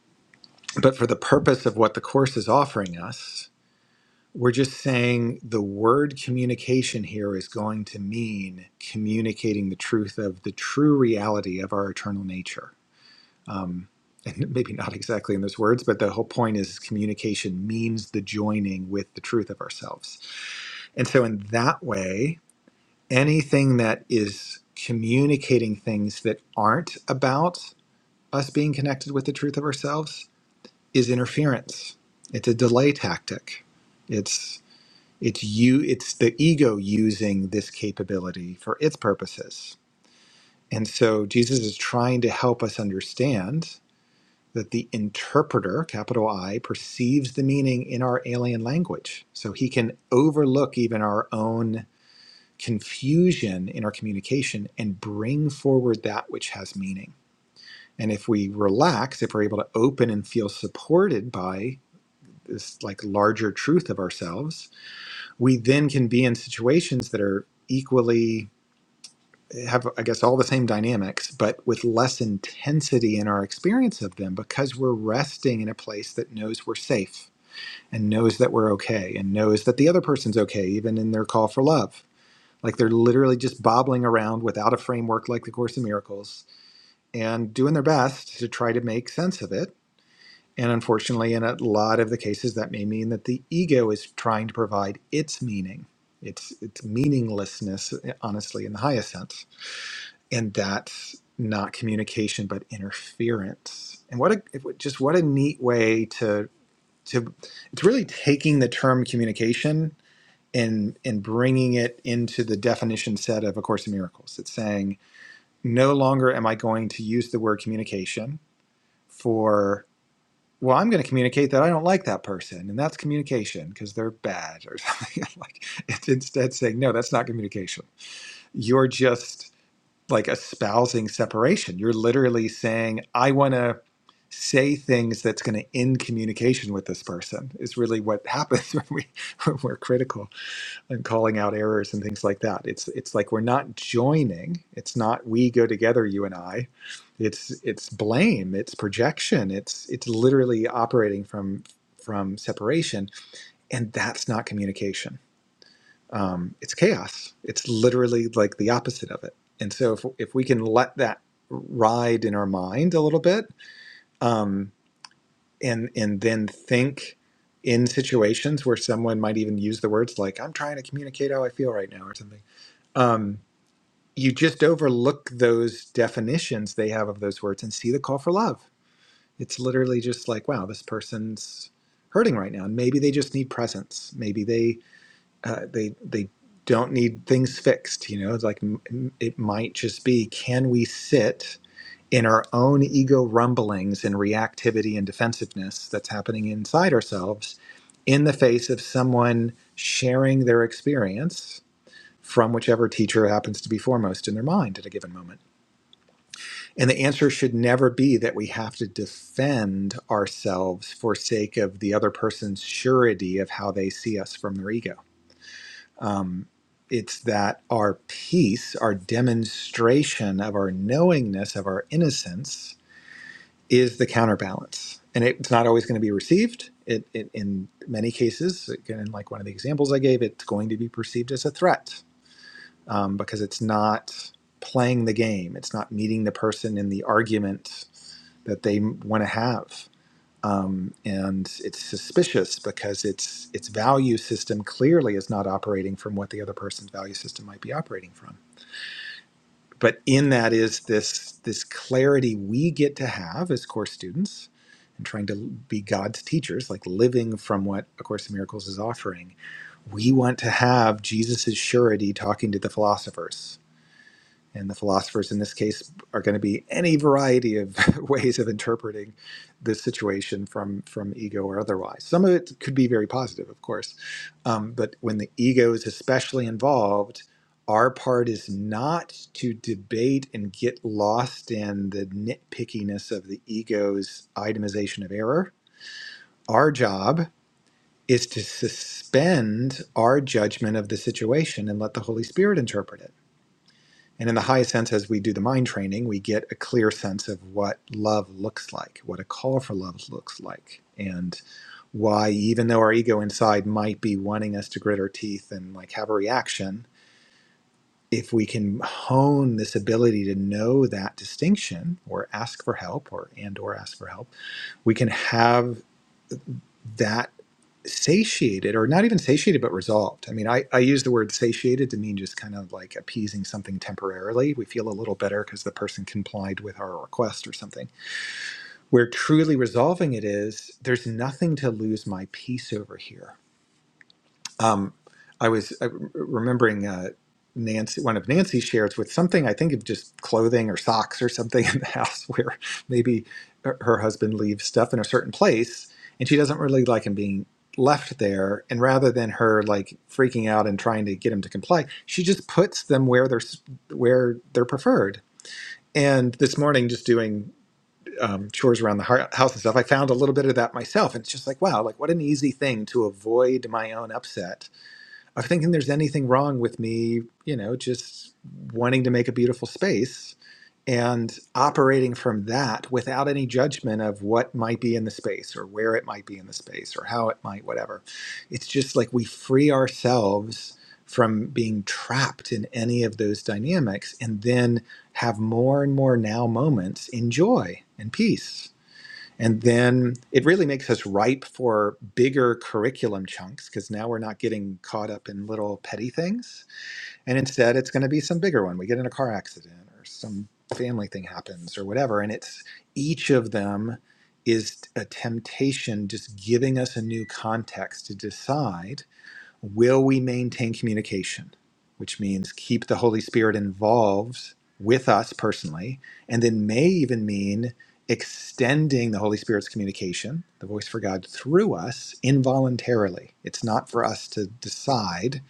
S2: but for the purpose of what the course is offering us, We're just saying the word communication here is going to mean communicating the truth of the true reality of our eternal nature. Um, *laughs* and maybe not exactly in those words, but the whole point is communication means the joining with the truth of ourselves. And so, in that way, anything that is communicating things that aren't about us being connected with the truth of ourselves is interference, it's a delay tactic. It's you it's the ego using this capability for its purposes. And so Jesus is trying to help us understand that the interpreter, capital I, perceives the meaning in our alien language. So he can overlook even our own confusion in our communication and bring forward that which has meaning. And if we relax, if we're able to open and feel supported by this like larger truth of ourselves, we then can be in situations that are equally have i guess all the same dynamics but with less intensity in our experience of them because we're resting in a place that knows we're safe and knows that we're okay and knows that the other person's okay even in their call for love like they're literally just bobbling around without a framework like the course in miracles and doing their best to try to make sense of it and unfortunately, in a lot of the cases, that may mean that the ego is trying to provide its meaning, its, its meaninglessness, eh, honestly, in the highest sense. And that's not communication, but interference. And what a it would- just what a neat way to to it's really taking the term communication and and bringing it into the definition set of A Course in Miracles. It's saying no longer am I going to use the word communication for well, I'm going to communicate that I don't like that person, and that's communication because they're bad or *laughs* something. like it's instead saying, no, that's not communication. You're just like espousing separation. You're literally saying, I want to say things that's going to end communication with this person. Is really what happens *laughs* when we when we're critical and calling out errors and things like that. It's it's like we're not joining. It's not we go together, you and I. It's it's blame. It's projection. It's it's literally operating from from separation, and that's not communication. Um, it's chaos. It's literally like the opposite of it. And so if if we can let that ride in our mind a little bit, um, and and then think in situations where someone might even use the words like "I'm trying to communicate how I feel right now" or something um, you just overlook those definitions they have of those words and see the call for love. It's literally just like, wow, this person's hurting right now, and maybe they just need presence. Maybe they uh, they they don't need things fixed. You know, it's like m- m- it might just be, can we sit in our own ego rumblings and reactivity and defensiveness that's happening inside ourselves, in the face of someone sharing their experience? from whichever teacher happens to be foremost in their mind at a given moment. And the answer should never be that we have to defend ourselves for sake of the other person's surety of how they see us from their ego. Um, it's that our peace, our demonstration of our knowingness, of our innocence, is the counterbalance. And it, it's not always going to be received. It, it, in many cases, again, like one of the examples I gave, it's going to be perceived as a threat um, because it's not playing the game. It's not meeting the person in the argument that they want to have. Um, and it's suspicious because its its value system clearly is not operating from what the other person's value system might be operating from. But in that is this this clarity we get to have as course students and trying to be God's teachers, like living from what A Course in Miracles is offering. We want to have Jesus's surety talking to the philosophers and the philosophers in this case are going to be any variety of *laughs* ways of interpreting the situation from, from ego or otherwise. Some of it could be very positive, of course. Um, but when the ego is especially involved, our part is not to debate and get lost in the nitpickiness of the ego's itemization of error. Our job is to suspend our judgment of the situation and let the Holy Spirit interpret it and in the highest sense, as we do the mind training, we get a clear sense of what love looks like, what a call for love looks like, and why, even though our ego inside might be wanting us to grit our teeth and like have a reaction, if we can hone this ability to know that distinction or ask for help or and or ask for help, we can have that satiated or not even satiated but resolved i mean I, I use the word satiated to mean just kind of like appeasing something temporarily we feel a little better because the person complied with our request or something where truly resolving it is there's nothing to lose my peace over here um, I was uh, remembering uh, Nancy, one of Nancy's shares with something I think of just clothing or socks or something in the *laughs* house where maybe her her husband leaves stuff in a certain place and she doesn't really like him being left there. And rather than her like freaking out and trying to get him to comply, she just puts them where they're s- where they're preferred. And this morning, just doing um, chores around the hou- house and stuff, I found a little bit of that myself. And it's just like, wow, like what an easy thing to avoid my own upset of thinking there's anything wrong with me, you know, just wanting to make a beautiful space and operating from that without any judgment of what might be in the space or where it might be in the space or how it might, whatever. It's just like we free ourselves from being trapped in any of those dynamics and then have more and more now moments in joy and peace and then it really makes us ripe for bigger curriculum chunks because now we're not getting caught up in little petty things. And instead, it's going to be some bigger one. We get in a car accident or some family thing happens or whatever. And it's each of them is a temptation just giving us a new context to decide will we maintain communication, which means keep the Holy Spirit involved with us personally, and then may even mean extending the Holy Spirit's communication, the voice for God through us involuntarily. It's not for us to decide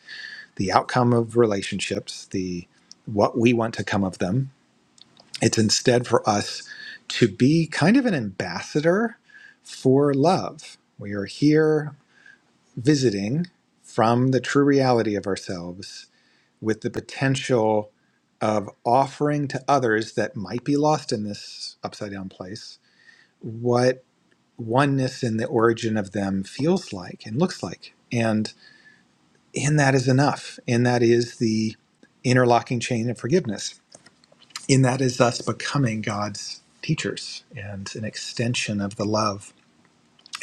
S2: the outcome of relationships, the what we want to come of them. It's instead for us to be kind of an ambassador for love. We are here visiting from the true reality of ourselves with the potential of offering to others that might be lost in this upside down place what oneness in the origin of them feels like and looks like. And in that is enough. In that is the interlocking chain of forgiveness. In that is us becoming God's teachers and an extension of the love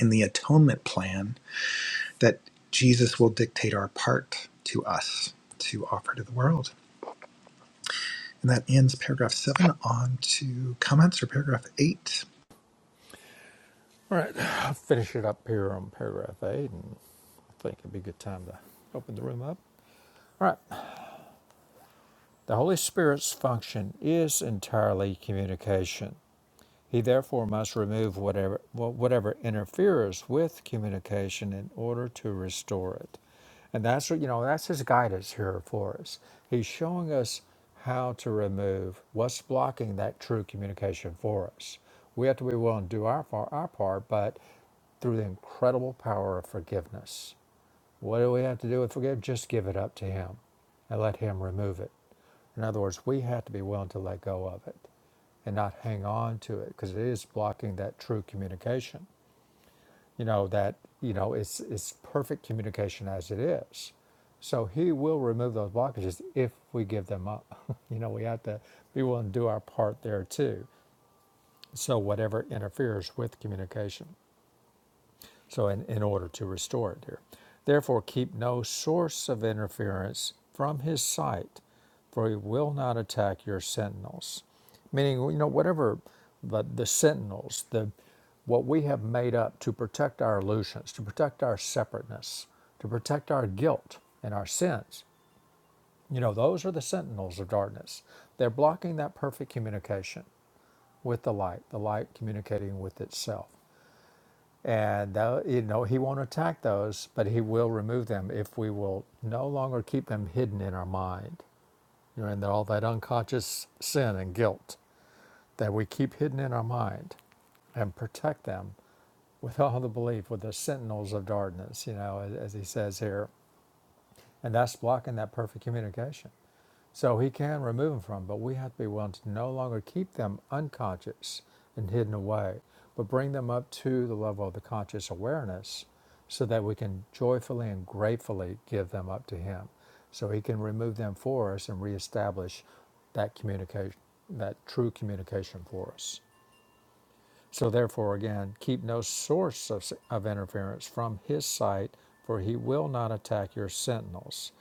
S2: and the atonement plan that Jesus will dictate our part to us to offer to the world. And that ends paragraph seven. On to comments for paragraph eight.
S1: All right, I'll finish it up here on paragraph eight, and I think it'd be a good time to open the room up. All right, the Holy Spirit's function is entirely communication. He therefore must remove whatever, whatever interferes with communication in order to restore it. And that's you know, that's his guidance here for us. He's showing us how to remove what's blocking that true communication for us. We have to be willing to do our, far, our part, but through the incredible power of forgiveness. What do we have to do with forgive? Just give it up to him and let him remove it. In other words, we have to be willing to let go of it and not hang on to it because it is blocking that true communication. You know that you know it's it's perfect communication as it is. So he will remove those blockages if we give them up. *laughs* you know we have to be willing to do our part there too. So whatever interferes with communication. So, in, in order to restore it here. Therefore, keep no source of interference from his sight, for he will not attack your sentinels. Meaning, you know, whatever the, the sentinels, the what we have made up to protect our illusions, to protect our separateness, to protect our guilt and our sins, you know, those are the sentinels of darkness. They're blocking that perfect communication with the light, the light communicating with itself. And tho- you know, he won't attack those, but he will remove them if we will no longer keep them hidden in our mind. You know, and all that unconscious sin and guilt that we keep hidden in our mind and protect them with all the belief, with the sentinels of darkness, you know, as, as he says here. And that's blocking that perfect communication. So he can remove them from, but we have to be willing to no longer keep them unconscious and hidden away, but bring them up to the level of the conscious awareness so that we can joyfully and gratefully give them up to him. So he can remove them for us and reestablish that communication, that true communication for us. So therefore, again, keep no source of, of interference from his sight, for he will not attack your sentinels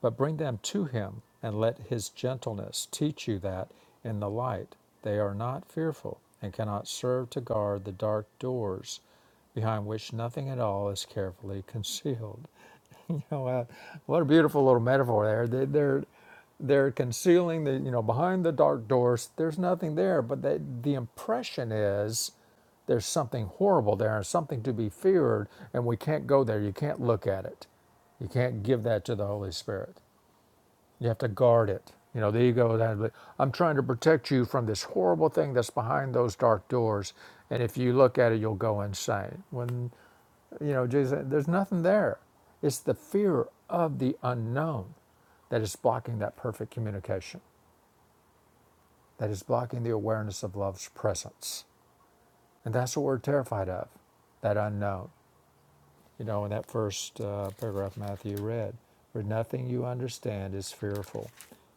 S1: but bring them to Him, and let His gentleness teach you that, in the light, they are not fearful, and cannot serve to guard the dark doors behind which nothing at all is carefully concealed. *laughs* You know, uh, what a beautiful little metaphor there. They, they're they're concealing the you know behind the dark doors. There's nothing there, but they, the impression is there's something horrible there and something to be feared, and we can't go there. You can't look at it. You can't give that to the Holy Spirit. You have to guard it. You know, the ego. that- I'm trying to protect you from this horrible thing that's behind those dark doors, and if you look at it, you'll go insane. When you know, Jesus, said, there's nothing there. It's the fear of the unknown that is blocking that perfect communication. That is blocking the awareness of love's presence, and that's what we're terrified of, that unknown. you know, in that first uh, paragraph Matthew read, where nothing you understand is fearful.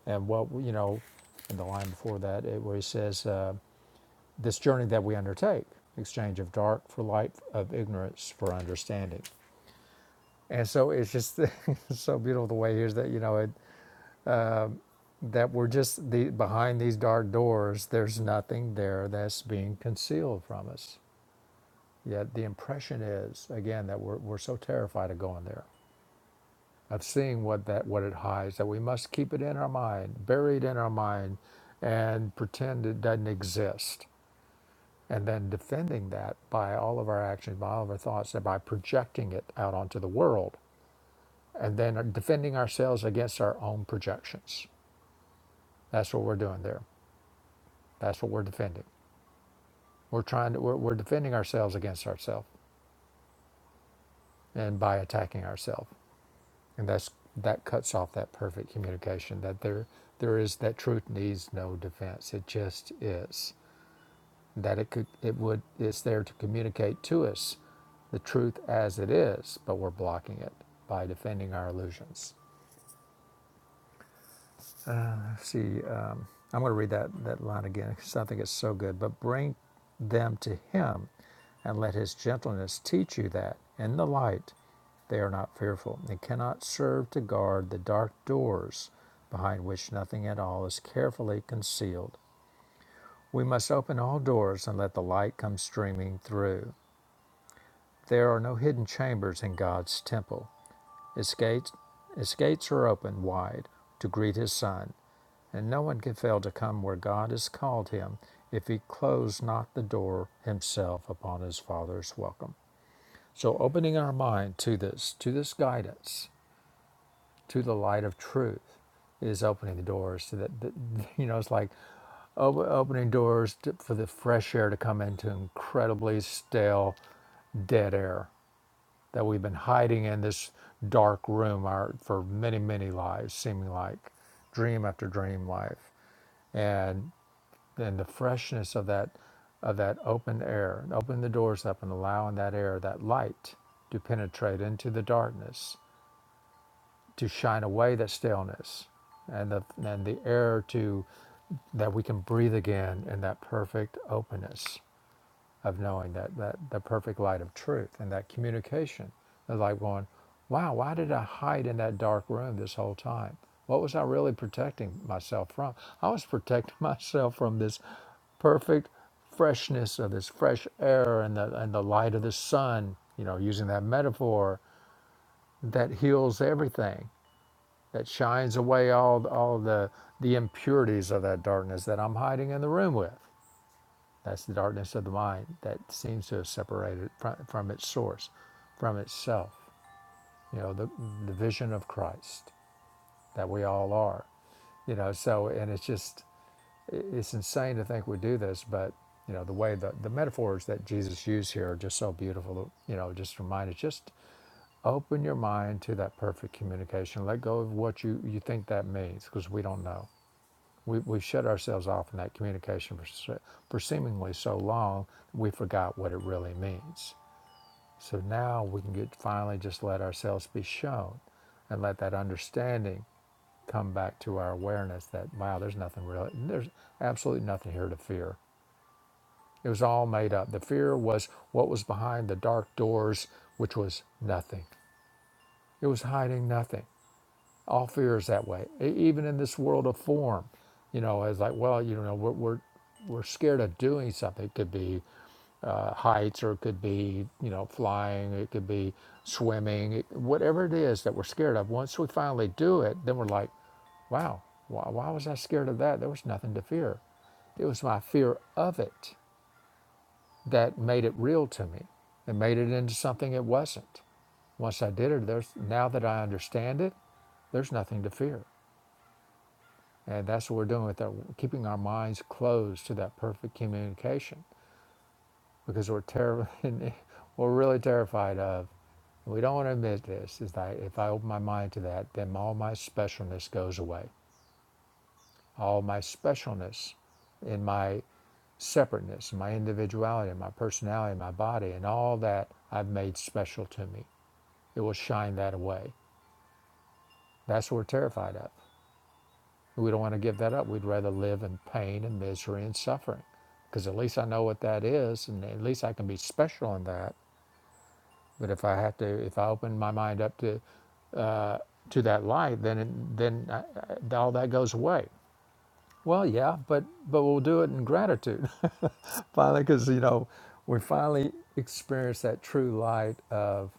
S1: And what, you know, in the line before that, it, where he says, uh, this journey that we undertake, exchange of dark for light, of ignorance for understanding. And so it's just *laughs* so beautiful the way here's that, you know, it, that we're just the, behind these dark doors, there's nothing there that's being concealed from us. Yet the impression is, again, that we're, we're so terrified of going there of seeing what that what it hides that we must keep it in our mind buried in our mind and pretend it doesn't exist and then defending that by all of our actions by all of our thoughts and by projecting it out onto the world and then uh, defending ourselves against our own projections that's what we're doing there that's what we're defending we're trying to we're, we're defending ourselves against ourselves and by attacking ourselves and that's that cuts off that perfect communication that there there is that truth needs no defense it just is that it could it would it's there to communicate to us the truth as it is but we're blocking it by defending our illusions Uh, Let's See, um, I'm going to read that, that line again because I think it's so good. But bring them to him and let his gentleness teach you that in the light they are not fearful and cannot serve to guard the dark doors behind which nothing at all is carefully concealed. We must open all doors and let the light come streaming through. There are no hidden chambers in God's temple. His gates, His gates are open wide to greet his son, and no one can fail to come where God has called him if he close not the door himself upon his Father's welcome. So opening our mind to this, to this guidance, to the light of truth, is opening the doors to that, *laughs* you know, it's like opening doors to, for the fresh air to come into incredibly stale, dead air that we've been hiding in this dark room our, for many, many lives, seeming like dream after dream life. and. and the freshness of that of that open air and open the doors up and allowing that air that light to penetrate into the darkness to shine away that stillness and the and the air to that we can breathe again in that perfect openness of knowing that, that the perfect light of truth and that communication of like going, wow, why did I hide in that dark room this whole time? What was I really protecting myself from? I was protecting *laughs* myself from this perfect freshness of this fresh air and the, and the light of the sun, you know, using that metaphor that heals everything, that shines away all, all the, the impurities of that darkness that I'm hiding in the room with. That's the darkness of the mind that seems to have separated from, from its source, from itself. You know, the, the vision of Christ that we all are. You know, so, and it's just, it's insane to think we do this, but, you know, the way the, the metaphors that Jesus used here are just so beautiful. You know, just remind us just open your mind to that perfect communication. Let go of what you, you think that means because we don't know we, we shut ourselves off in that communication for, for seemingly so long, we forgot what it really means. So now we can get finally just let ourselves be shown and let that understanding come back to our awareness that, wow, there's nothing really, there's absolutely nothing here to fear. It was all made up. The fear was what was behind the dark doors, which was nothing. It was hiding nothing. all fear is that way E- even in this world of form you know it's like well you know we're we're, we're scared of doing something it could be uh, heights or it could be you know flying it could be swimming it- whatever it is that we're scared of once we finally do it then we're like wow why, why was i scared of that there was nothing to fear it was my fear of it that made it real to me and made it into something it wasn't once i did it there's now that i understand it there's nothing to fear and that's what we're doing with that, keeping our minds closed to that perfect communication because we're terrible, *laughs* we're really terrified of. We don't want to admit this. Is that if I open my mind to that, then all my specialness goes away. All my specialness in my separateness, in my individuality, in my personality, in my body, and all that I've made special to me, it will shine that away. That's what we're terrified of. We don't want to give that up. We'd rather live in pain and misery and suffering because at least I know what that is and at least I can be special in that. But if I have to, if I open my mind up to, uh, to that light, then, it, then I, I, all that goes away. Well, yeah, but, but we'll do it in gratitude *laughs* finally, because, you know, we finally experience that true light of.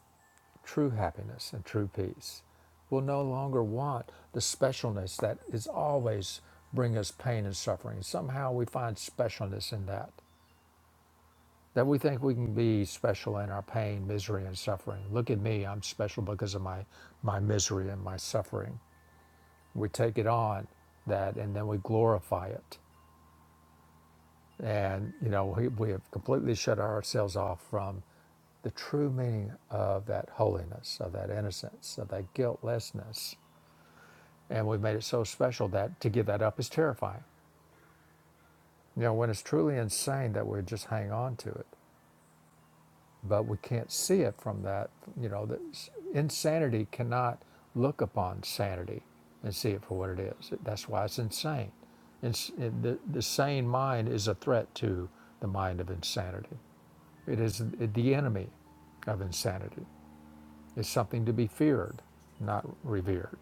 S1: True happiness and true peace will no longer want the specialness that is always bring us pain and suffering. Somehow we find specialness in that. That we think we can be special in our pain, misery, and suffering. Look at me, I'm special because of my, my misery and my suffering. We take it on that and then we glorify it. And, you know, we, we have completely shut ourselves off from the true meaning of that holiness, of that innocence, of that guiltlessness And we've made it so special that to give that up is terrifying. You know, when it's truly insane that we just hang on to it, but we can't see it from that, you know, that insanity cannot look upon sanity and see it for what it is. That's why it's insane. It's, it, the, the sane mind is a threat to the mind of insanity. It is the enemy of insanity. It's something to be feared, not revered.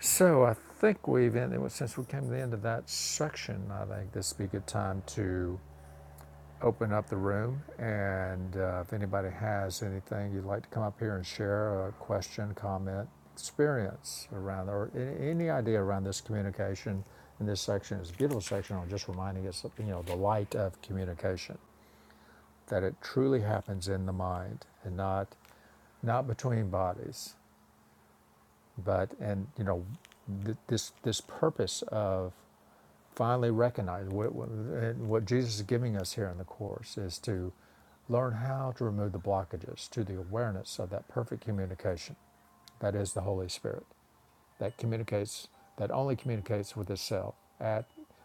S1: So I think we've ended, since we came to the end of that section, I think this would be a good time to open up the room. And uh, if anybody has anything you'd like to come up here and share a question, comment, experience around, or any, idea around this communication in this section, it's a beautiful section on just reminding us, of, you know, the light of communication, that it truly happens in the mind and not not between bodies, but and you know, th- this this purpose of finally recognize what, what, Jesus is giving us here in the Course is to learn how to remove the blockages to the awareness of that perfect communication that is the Holy Spirit that communicates, that only communicates with itself at,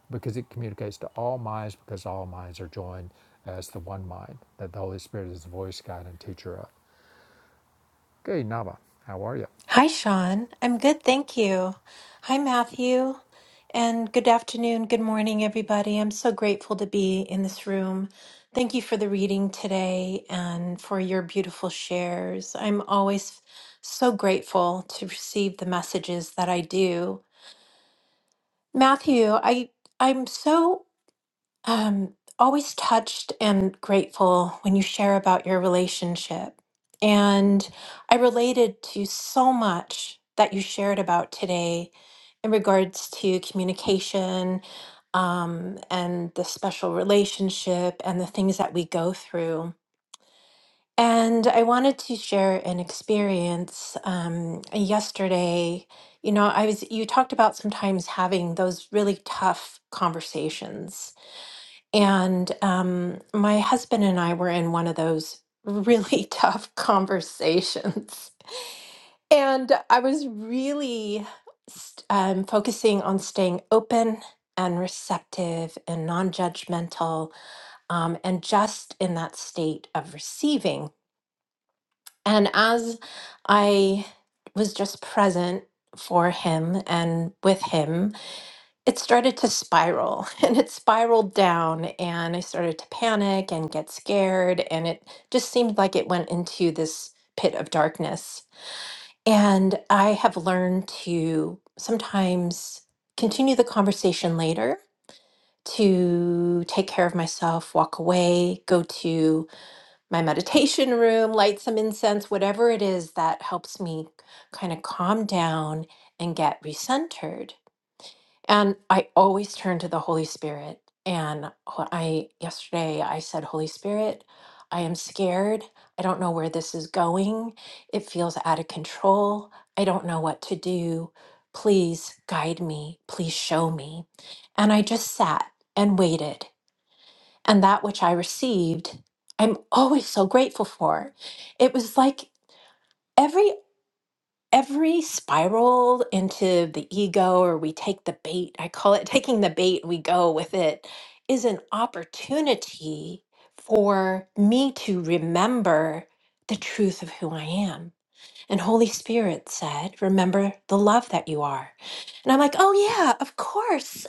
S1: because it communicates to all minds because all minds are joined as the one mind that the Holy Spirit is the voice, guide, and teacher of. Okay, Nava, how are you?
S3: Hi, Sean. I'm good, thank you. Hi, Matthew. And good afternoon, good morning, everybody. I'm so grateful to be in this room. Thank you for the reading today and for your beautiful shares. I'm always so grateful to receive the messages that I do. Matthew, I I'm so um, always touched and grateful when you share about your relationship. And I related to so much that you shared about today in regards to communication um, and the special relationship and the things that we go through. And I wanted to share an experience um, yesterday. You know, I was, you talked about sometimes having those really tough conversations and um, my husband and I were in one of those really *laughs* tough conversations. And I was really st- um, focusing on staying open and receptive and non judgmental um, and just in that state of receiving. And as I was just present for him and with him, it started to spiral *laughs* and it spiraled down and i started to panic and get scared and it just seemed like it went into this pit of darkness and i have learned to sometimes continue the conversation later to take care of myself walk away go to my meditation room light some incense whatever it is that helps me kind of calm down and get recentered and I always turn to the Holy Spirit. And ho- I yesterday I said, Holy Spirit, I am scared. I don't know where this is going. It feels out of control. I don't know what to do. Please guide me. Please show me. And I just sat and waited. And that which I received, I'm always so grateful for. It was like every every spiral into the ego or we take the bait i call it *laughs* taking the bait we go with it is an opportunity for me to remember the truth of who i am and holy spirit said remember the love that you are and i'm like oh yeah of course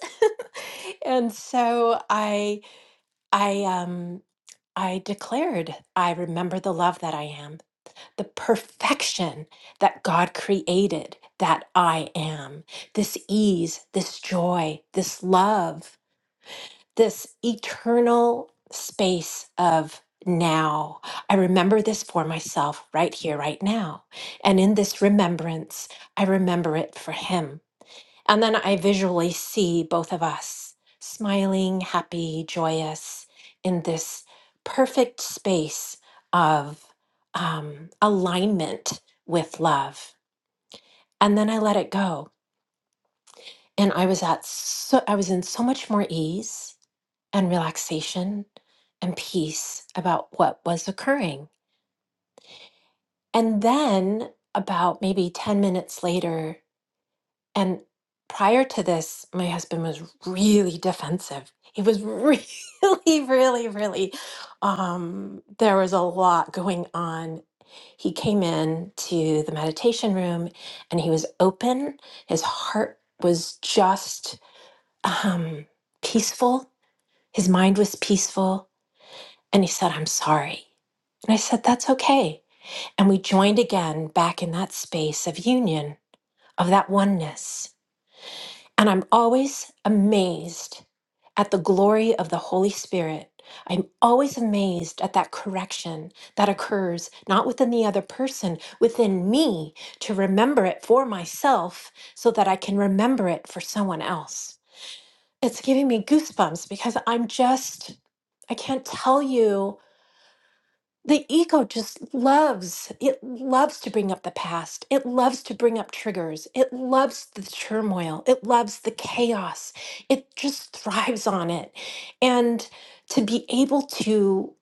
S3: *laughs* and so i i um i declared i remember the love that i am the perfection that God created that I am. This ease, this joy, this love, this eternal space of now. I remember this for myself right here, right now. And in this remembrance, I remember it for Him. And then I visually see both of us smiling, happy, joyous in this perfect space of um, alignment with love. And then I let it go. And I was at so I was in so much more ease and relaxation and peace about what was occurring. And then about maybe 10 minutes later, And prior to this, my husband was really defensive. He was *laughs* really, really, really, um, there was a lot going on. He came in to the meditation room and he was open. His heart was just um, peaceful. His mind was peaceful. And he said, I'm sorry. And I said, That's okay. And we joined again back in that space of union, of that oneness. And I'm always amazed at the glory of the Holy Spirit. I'm always amazed at that correction that occurs not within the other person, within me, to remember it for myself so that I can remember it for someone else. It's giving me goosebumps because I'm just, I can't tell you the ego just loves it loves to bring up the past it loves to bring up triggers it loves the turmoil it loves the chaos it just thrives on it and to be able to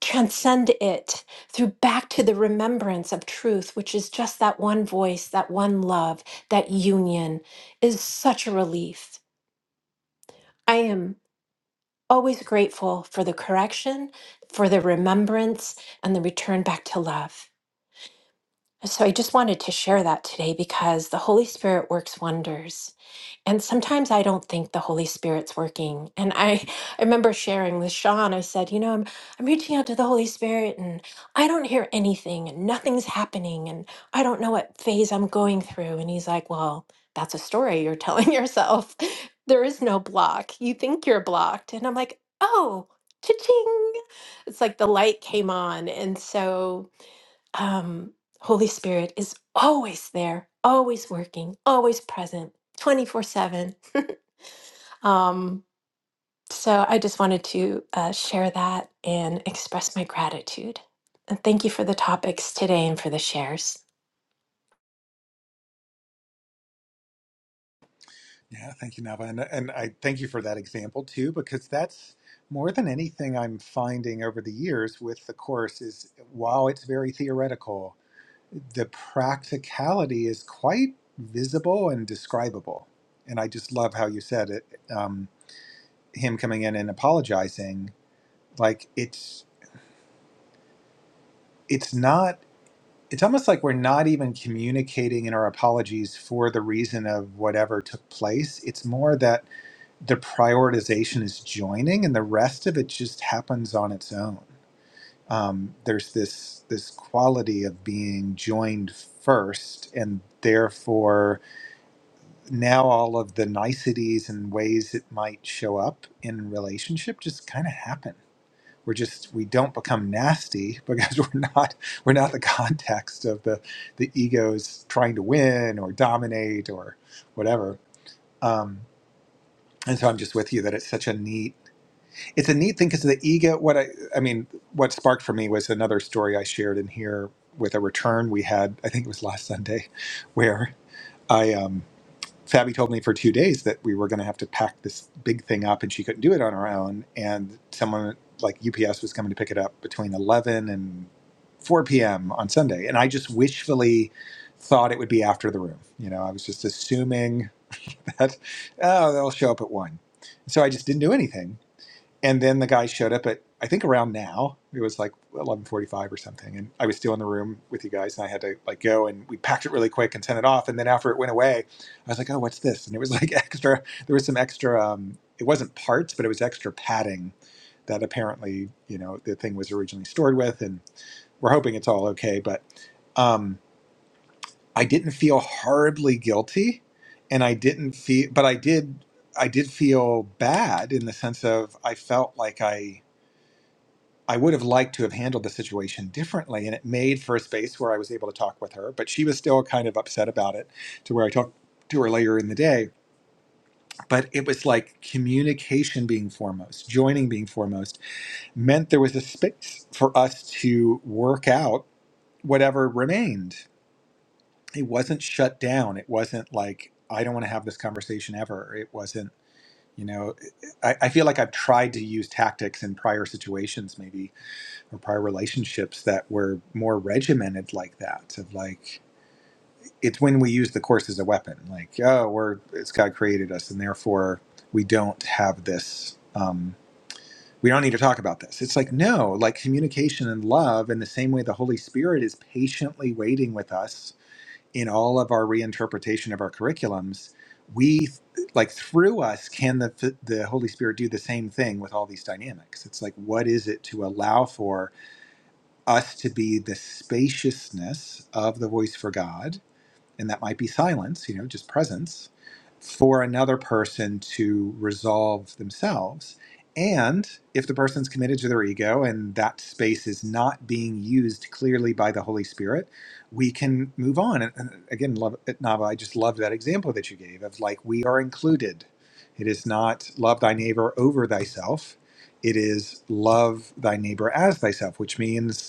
S3: transcend it through back to the remembrance of truth which is just that one voice that one love that union is such a relief i am always grateful for the correction for the remembrance and the return back to love So I just wanted to share that today because the Holy Spirit works wonders. And sometimes I don't think the Holy Spirit's working. And I, I remember sharing with Sean, I said, you know, I'm I'm reaching out to the Holy Spirit and I don't hear anything and nothing's happening and I don't know what phase I'm going through. And he's like, Well, that's a story you're telling *laughs* yourself. There is no block. You think you're blocked. And I'm like, oh, cha-ching. It's like the light came on. And so um, Holy Spirit is always there, always working, always present, 24 7. Um, so I just wanted to uh, share that and express my gratitude. And thank you for the topics today and for the shares.
S2: Yeah, thank you, Nava. And, and I thank you for that example too, because that's more than anything I'm finding over the years with the course is while it's very theoretical, the practicality is quite visible and describable. And I just love how you said it, um, him coming in and apologizing. Like it's it's not it's almost like we're not even communicating in our apologies for the reason of whatever took place. It's more that the prioritization is joining, and the rest of it just happens on its own. Um, there's this this quality of being joined first, and therefore now all of the niceties and ways it might show up in relationship just kind of happen we're just we don't become nasty *laughs* because we're not we're not the context of the the egos trying to win or dominate or whatever um and so i'm just with you that it's such a neat it's a neat thing because the ego what i i mean what sparked for me was another story i shared in here with a return we had i think it was last sunday *laughs* where i um Fabi told me for two days that we were going to have to pack this big thing up and she couldn't do it on her own. And someone like UPS was coming to pick it up between 11 and 4 p.m. on Sunday. And I just wishfully thought it would be after the room. You know, I was just assuming *laughs* that, oh, they'll show up at 1. So I just didn't do anything and then the guy showed up at I think around now. It was like eleven forty five or something, and I was still in the room with you guys, and I had to like go and we packed it really quick and sent it off. And then after it went away, I was like, "Oh, what's this?" And it was like *laughs* extra. There was some extra. Um, it wasn't parts, but it was extra padding that apparently you know the thing was originally stored with, and we're hoping it's all okay. But um, I didn't feel horribly guilty, and I didn't feel, but I did. I did feel bad in the sense of I felt like I I would have liked to have handled the situation differently. And it made for a space where I was able to talk with her, but she was still kind of upset about it to where I talked to her later in the day. But it was like communication being foremost, joining being foremost, meant there was a space for us to work out whatever remained. It wasn't shut down. It wasn't like, I don't want to have this conversation ever. It wasn't, you know, I, I feel like I've tried to use tactics in prior situations, maybe or prior relationships that were more regimented like that of like it's when we use the course as a weapon like oh we're it's god created us and therefore we don't have this um we don't need to talk about this it's like no like communication and love in the same way the holy spirit is patiently waiting with us in all of our reinterpretation of our curriculums we like through us can the the holy spirit do the same thing with all these dynamics it's like what is it to allow for us to be the spaciousness of the voice for God, and that might be silence, you know, just presence, for another person to resolve themselves. And if the person's committed to their ego and that space is not being used clearly by the Holy Spirit, we can move on. And and again, love, Nava, I just love that example that you gave of like, we are included. It is not love thy neighbor over thyself. It is love thy neighbor as thyself, which means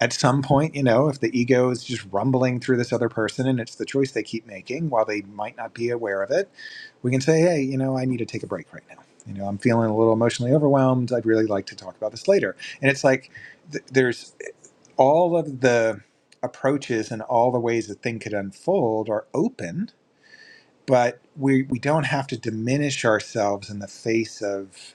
S2: at some point, you know, if the ego is just rumbling through this other person and it's the choice they keep making while they might not be aware of it, we can say, hey, you know, I need to take a break right now. You know, I'm feeling a little emotionally overwhelmed. I'd really like to talk about this later. And it's like th- there's all of the approaches and all the ways a thing could unfold are open, but we, we don't have to diminish ourselves in the face of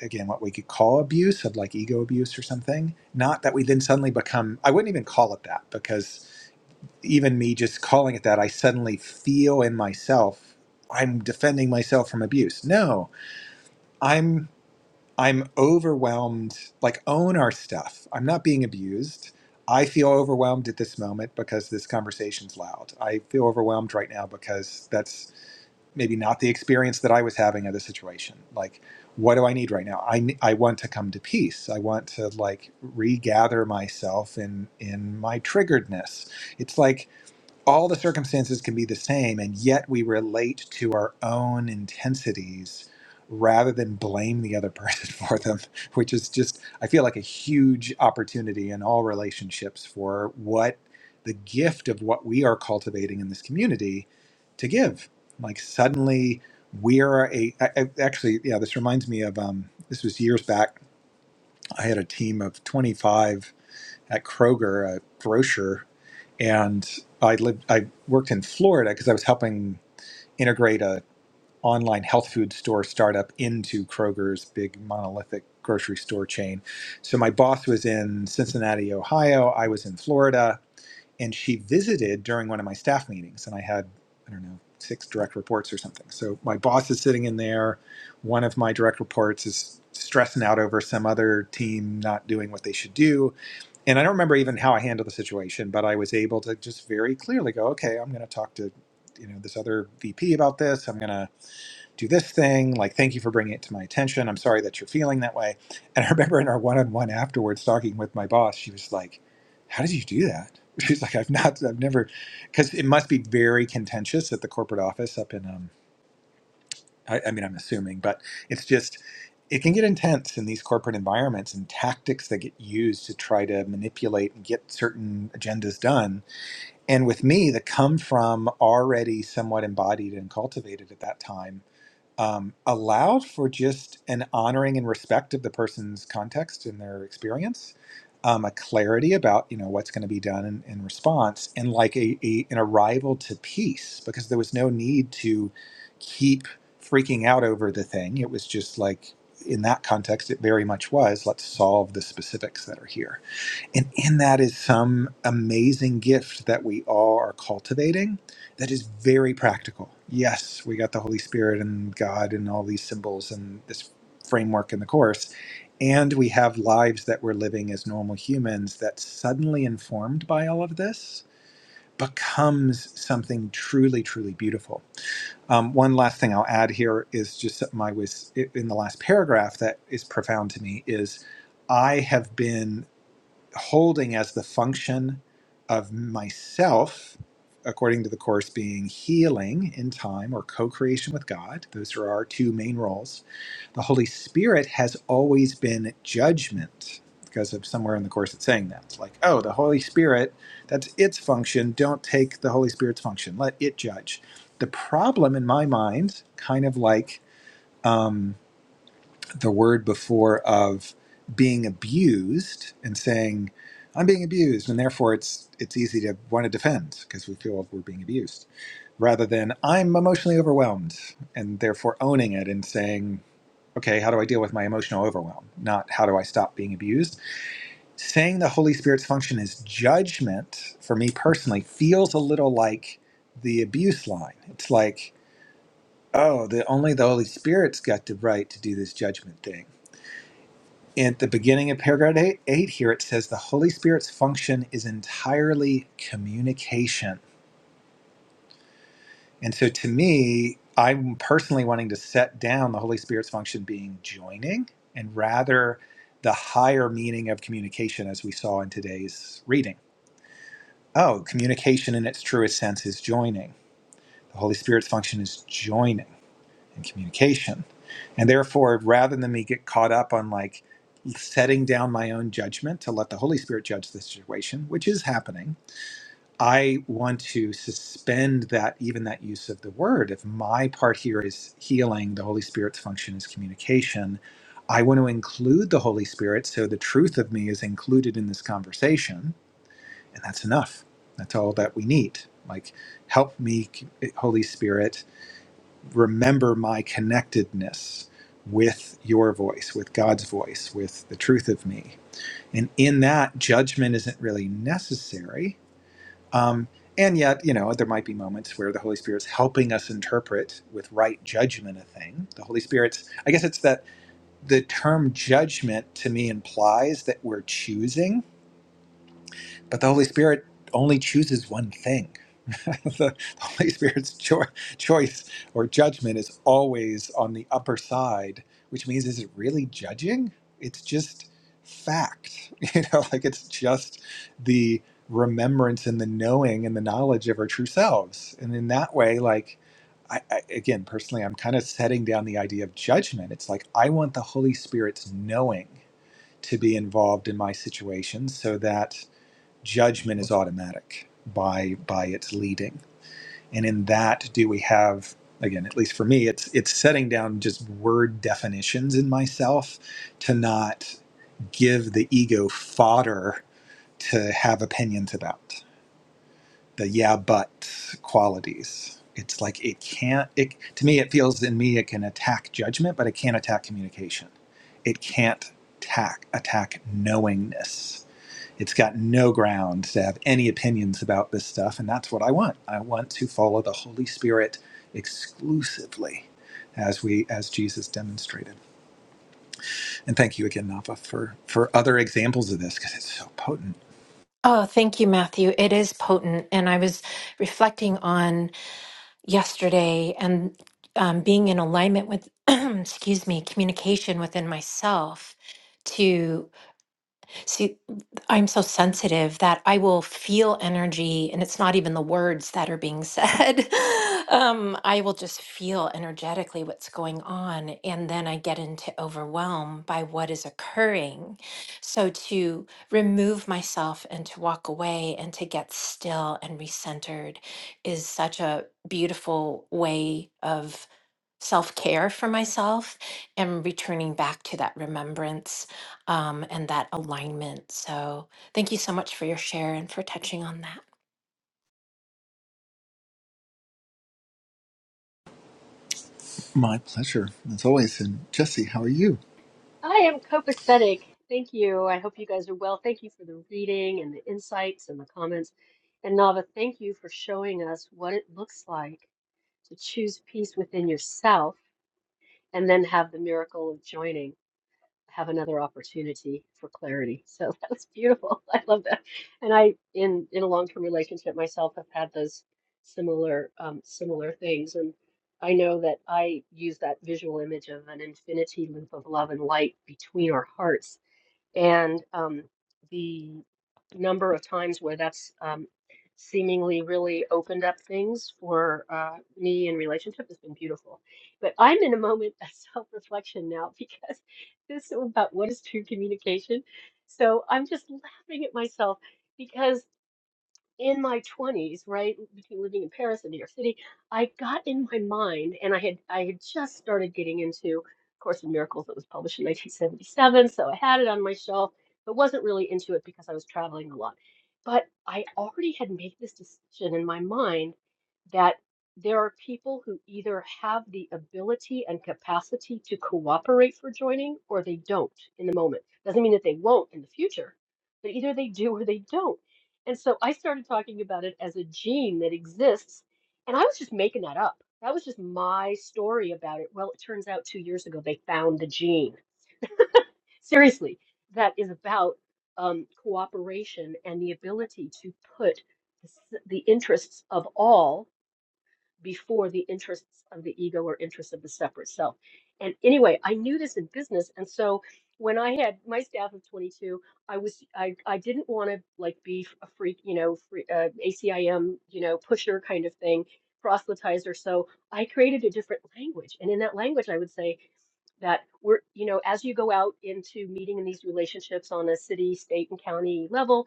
S2: again what we could call abuse of like ego abuse or something not that we then suddenly become i wouldn't even call it that because even me just calling it that i suddenly feel in myself i'm defending myself from abuse no i'm i'm overwhelmed like own our stuff i'm not being abused i feel overwhelmed at this moment because this conversation's loud i feel overwhelmed right now because that's maybe not the experience that I was having of the situation. Like, what do I need right now? I, I want to come to peace. I want to like regather myself in in my triggeredness. It's like all the circumstances can be the same and yet we relate to our own intensities rather than blame the other person *laughs* for them which is just i feel like a huge opportunity in all relationships for what the gift of what we are cultivating in this community to give like suddenly we are a I, I, actually yeah this reminds me of um, this was years back i had a team of 25 at Kroger, a grocer, and I lived I worked in Florida because I was helping integrate a online health food store startup into Kroger's big monolithic grocery store chain. So my boss was in Cincinnati, Ohio, I was in Florida, and she visited during one of my staff meetings and I had I don't know six direct reports or something. So my boss is sitting in there, one of my direct reports is stressing out over some other team not doing what they should do and I don't remember even how I handled the situation, but I was able to just very clearly go, okay, I'm going to talk to you know this other VP about this. I'm going to do this thing. Like, thank you for bringing it to my attention. I'm sorry that you're feeling that way. And I remember in our one-on-one afterwards, talking with my boss, she was like, "How did you do that?" *laughs* She's like, "I've not, I've never, because it must be very contentious at the corporate office up in um, I, I mean, I'm assuming, but it's just, it can get intense in these corporate environments and tactics that get used to try to manipulate and get certain agendas done. And with me, that come from already somewhat embodied and cultivated at that time um, allowed for just an honoring and respect of the person's context and their experience, um, a clarity about you know what's going to be done in, in response, and like a, a an arrival to peace because there was no need to keep freaking out over the thing. It was just like in that context, it very much was let's solve the specifics that are here and in that is some amazing gift that we all are cultivating that is very practical. Yes, we got the Holy Spirit and God and all these symbols and this framework in the Course. And we have lives that we're living as normal humans that suddenly informed by all of this becomes something truly, truly beautiful. Um, one last thing I'll add here is just something I was in the last paragraph that is profound to me is I have been holding as the function of myself, according to the Course, being healing in time or co creation with God. Those are our two main roles. The Holy Spirit has always been judgment because of somewhere in the Course it's saying that. It's like, oh, the Holy Spirit, that's its function. Don't take the Holy Spirit's function, let it judge. The problem in my mind, kind of like, um, the word before of being abused and saying i'm being abused and therefore it's it's easy to want to defend because we feel like we're being abused rather than i'm emotionally overwhelmed and therefore owning it and saying okay how do i deal with my emotional overwhelm not how do i stop being abused saying the holy spirit's function is judgment for me personally feels a little like the abuse line it's like oh the only the holy spirit's got the right to do this judgment thing at the beginning of paragraph eight, eight here it says the holy spirit's function is entirely communication and so to me i'm personally wanting to set down the holy spirit's function being joining and rather the higher meaning of communication as we saw in today's reading oh communication in its truest sense is joining the holy spirit's function is joining and communication. And therefore, rather than me get caught up on like setting down my own judgment to let the Holy Spirit judge the situation, which is happening, I want to suspend that even that use of the word. If my part here is healing, the Holy Spirit's function is communication. I want to include the Holy Spirit so the truth of me is included in this conversation, and that's enough. That's all that we need. Like, help me, Holy Spirit, remember my connectedness with your voice, with God's voice, with the truth of me. And in that, judgment isn't really necessary. Um, and yet, you know, there might be moments where the Holy Spirit's helping us interpret with right judgment a thing. The Holy Spirit's, I guess it's that the term judgment to me implies that we're choosing but the Holy Spirit only chooses one thing. *laughs* the Holy Spirit's cho- choice or judgment is always on the upper side, which means is it really judging? It's just fact. *laughs* You know, like it's just the remembrance and the knowing and the knowledge of our true selves. And in that way, like, I, I, again, personally, I'm kind of setting down the idea of judgment. It's like I want the Holy Spirit's knowing to be involved in my situations so that judgment is automatic by by its leading and in that do we have again at least for me it's it's setting down just word definitions in myself to not give the ego fodder to have opinions about the yeah but qualities it's like it can't it to me it feels in me it can attack judgment but it can't attack communication it can't attack attack knowingness it's got no ground to have any opinions about this stuff, and that's what I want. I want to follow the Holy Spirit exclusively as we as Jesus demonstrated. And thank you again, Nava, for for other examples of this because it's so potent.
S3: Oh, thank you, Matthew. It is potent. And I was reflecting on yesterday and um, being in alignment with, *clears throat* excuse me, communication within myself See, I'm so sensitive that I will feel energy, and it's not even the words that are being said. *laughs* um, I will just feel energetically what's going on, and then I get into overwhelm by what is occurring. So to remove myself and to walk away and to get still and recentered is such a beautiful way of self care for myself and returning back to that remembrance um, and that alignment. So, thank you so much for your share and for touching on that.
S2: My pleasure, as always. And Jesse, how are you?
S4: I am copacetic. Thank you. I hope you guys are well. Thank you for the reading and the insights and the comments. And Nava, thank you for showing us what it looks like to choose peace within yourself and then have the miracle of joining, have another opportunity for clarity. So *laughs* that was beautiful. *laughs* I love that. And I, in in a long-term relationship myself, have had those similar um, similar things. And I know that I use that visual image of an infinity loop of love and light between our hearts and um, the number of times where that's um, seemingly really opened up things for uh, me in relationship has been beautiful. But I'm in a moment of *laughs* self-reflection now because this is about what is true communication. So I'm just laughing at myself because in my 20s, right, between living in Paris and New York City, I got in my mind, and I had I had just started getting into Course in Miracles that was published in 1977, so I had it on my shelf, but wasn't really into it because I was traveling a lot. But I already had made this decision in my mind that there are people who either have the ability and capacity to cooperate for joining or they don't in the moment. Doesn't mean that they won't in the future, but either they do or they don't. And so I started talking about it as a gene that exists, and I was just making that up. That was just my story about it. Well, it turns out two years ago they found the gene. Seriously, that is about um, cooperation and the ability to put the, s- the interests of all before the interests of the ego or interests of the separate self. And anyway, I knew this in business, and so when I had my staff of 22, I was I I didn't want to like be a freak, you know, free, uh, ACIM, you know, pusher kind of thing, proselytizer. So I created a different language, and in that language, I would say that we're you know as you go out into meeting in these relationships on a city state and county level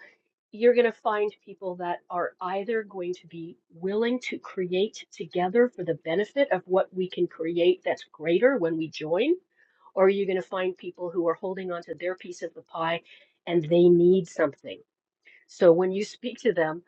S4: you're going to find people that are either going to be willing to create together for the benefit of what we can create that's greater when we join or you're going to find people who are holding on to their piece of the pie and they need something so when you speak to them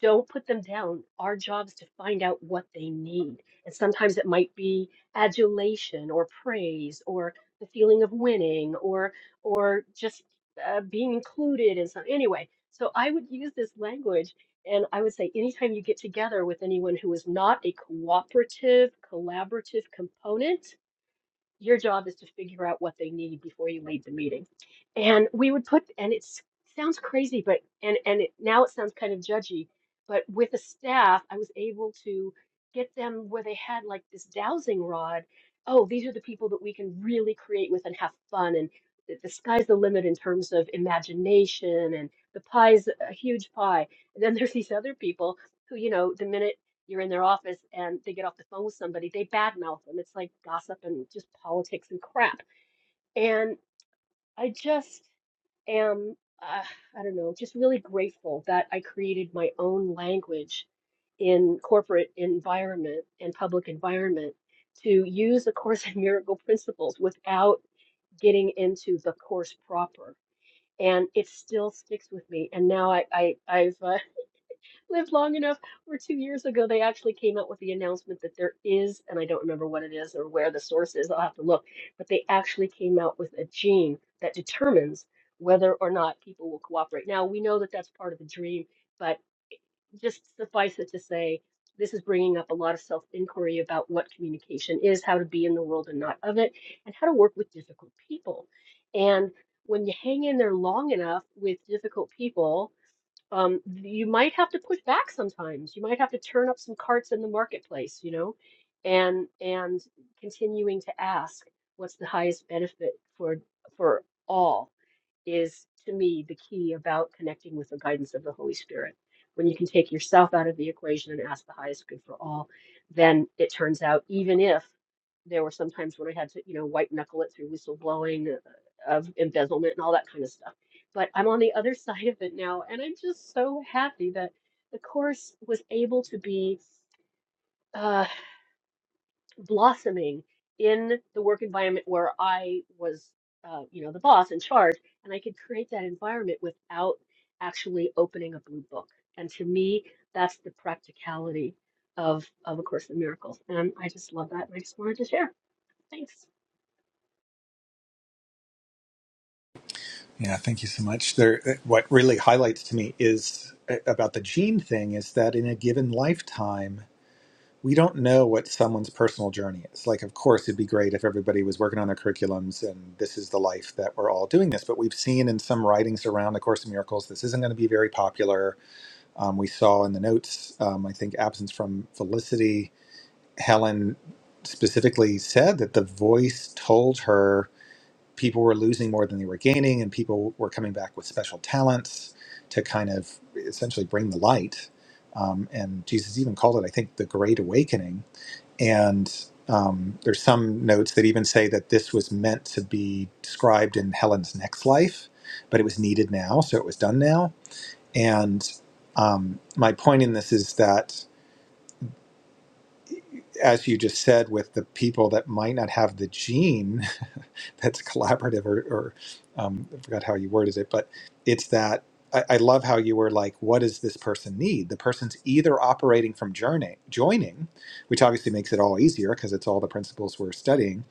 S4: don't put them down. Our job is to find out what they need. And sometimes it might be adulation or praise or the feeling of winning or or just uh, being included in some anyway. So I would use this language and I would say anytime you get together with anyone who is not a cooperative, collaborative component, your job is to figure out what they need before you leave the meeting. And we would put, and it sounds crazy, but and and it, now it sounds kind of judgy, but with a staff, I was able to get them where they had like this dowsing rod. Oh, these are the people that we can really create with and have fun, and the, the sky's the limit in terms of imagination, and the pie's a huge pie. And then there's these other people who, you know, the minute you're in their office and they get off the phone with somebody, they badmouth them. It's like gossip and just politics and crap. And I just am, uh, I don't know, just really grateful that I created my own language in corporate environment and public environment to use the Course in Miracle principles without getting into the course proper. And it still sticks with me. And now I, I, I've uh, live long enough Or two years ago they actually came out with the announcement that there is, and I don't remember what it is or where the source is, I'll have to look, but they actually came out with a gene that determines whether or not people will cooperate. Now, we know that that's part of the dream, but just suffice it to say, this is bringing up a lot of self inquiry about what communication is, how to be in the world and not of it, and how to work with difficult people. And when you hang in there long enough with difficult people, um, you might have to push back sometimes. You might have to turn up some carts in the marketplace, you know, and and continuing to ask what's the highest benefit for for all is to me the key about connecting with the guidance of the Holy Spirit. When you can take yourself out of the equation and ask the highest good for all, then it turns out even if there were some times when I had to, you know, white knuckle it through whistleblowing uh, of embezzlement and all that kind of stuff. But I'm on the other *laughs* side of it now, and I'm just so happy that the course was able to be. uh, blossoming in the work environment where I was, uh, you know, the boss in charge, and I could create that environment without actually opening a blue book. And to me, that's the practicality of of A Course in Miracles, and I just love that. And I just wanted to share. Thanks.
S2: Yeah, thank you so much. There, what really highlights to me is uh, about the gene thing is that in a given lifetime. we don't know what someone's personal journey is. Like, of course, it'd be great if everybody was working on their curriculums and this is the life that we're all doing this. But we've seen in some writings around the Course in Miracles, this isn't going to be very popular. Um, we saw in the notes, um, I think, absence from Felicity. Helen specifically said that the voice told her people were losing more than they were gaining, and people were coming back with special talents to kind of essentially bring the light. Um, and Jesus even called it, I think, the Great Awakening and um, there's some notes that even say that this was meant to be described in Helen's next life, but it was needed now, so it was done now. And um, my point in this is that, as you just said, with the people that might not have the gene *laughs* that's collaborative, or, or um, I forgot how you worded it, but it's that I, I love how you were like, what does this person need? The person's either operating from journey, joining, which obviously makes it all easier because it's all the principles we're studying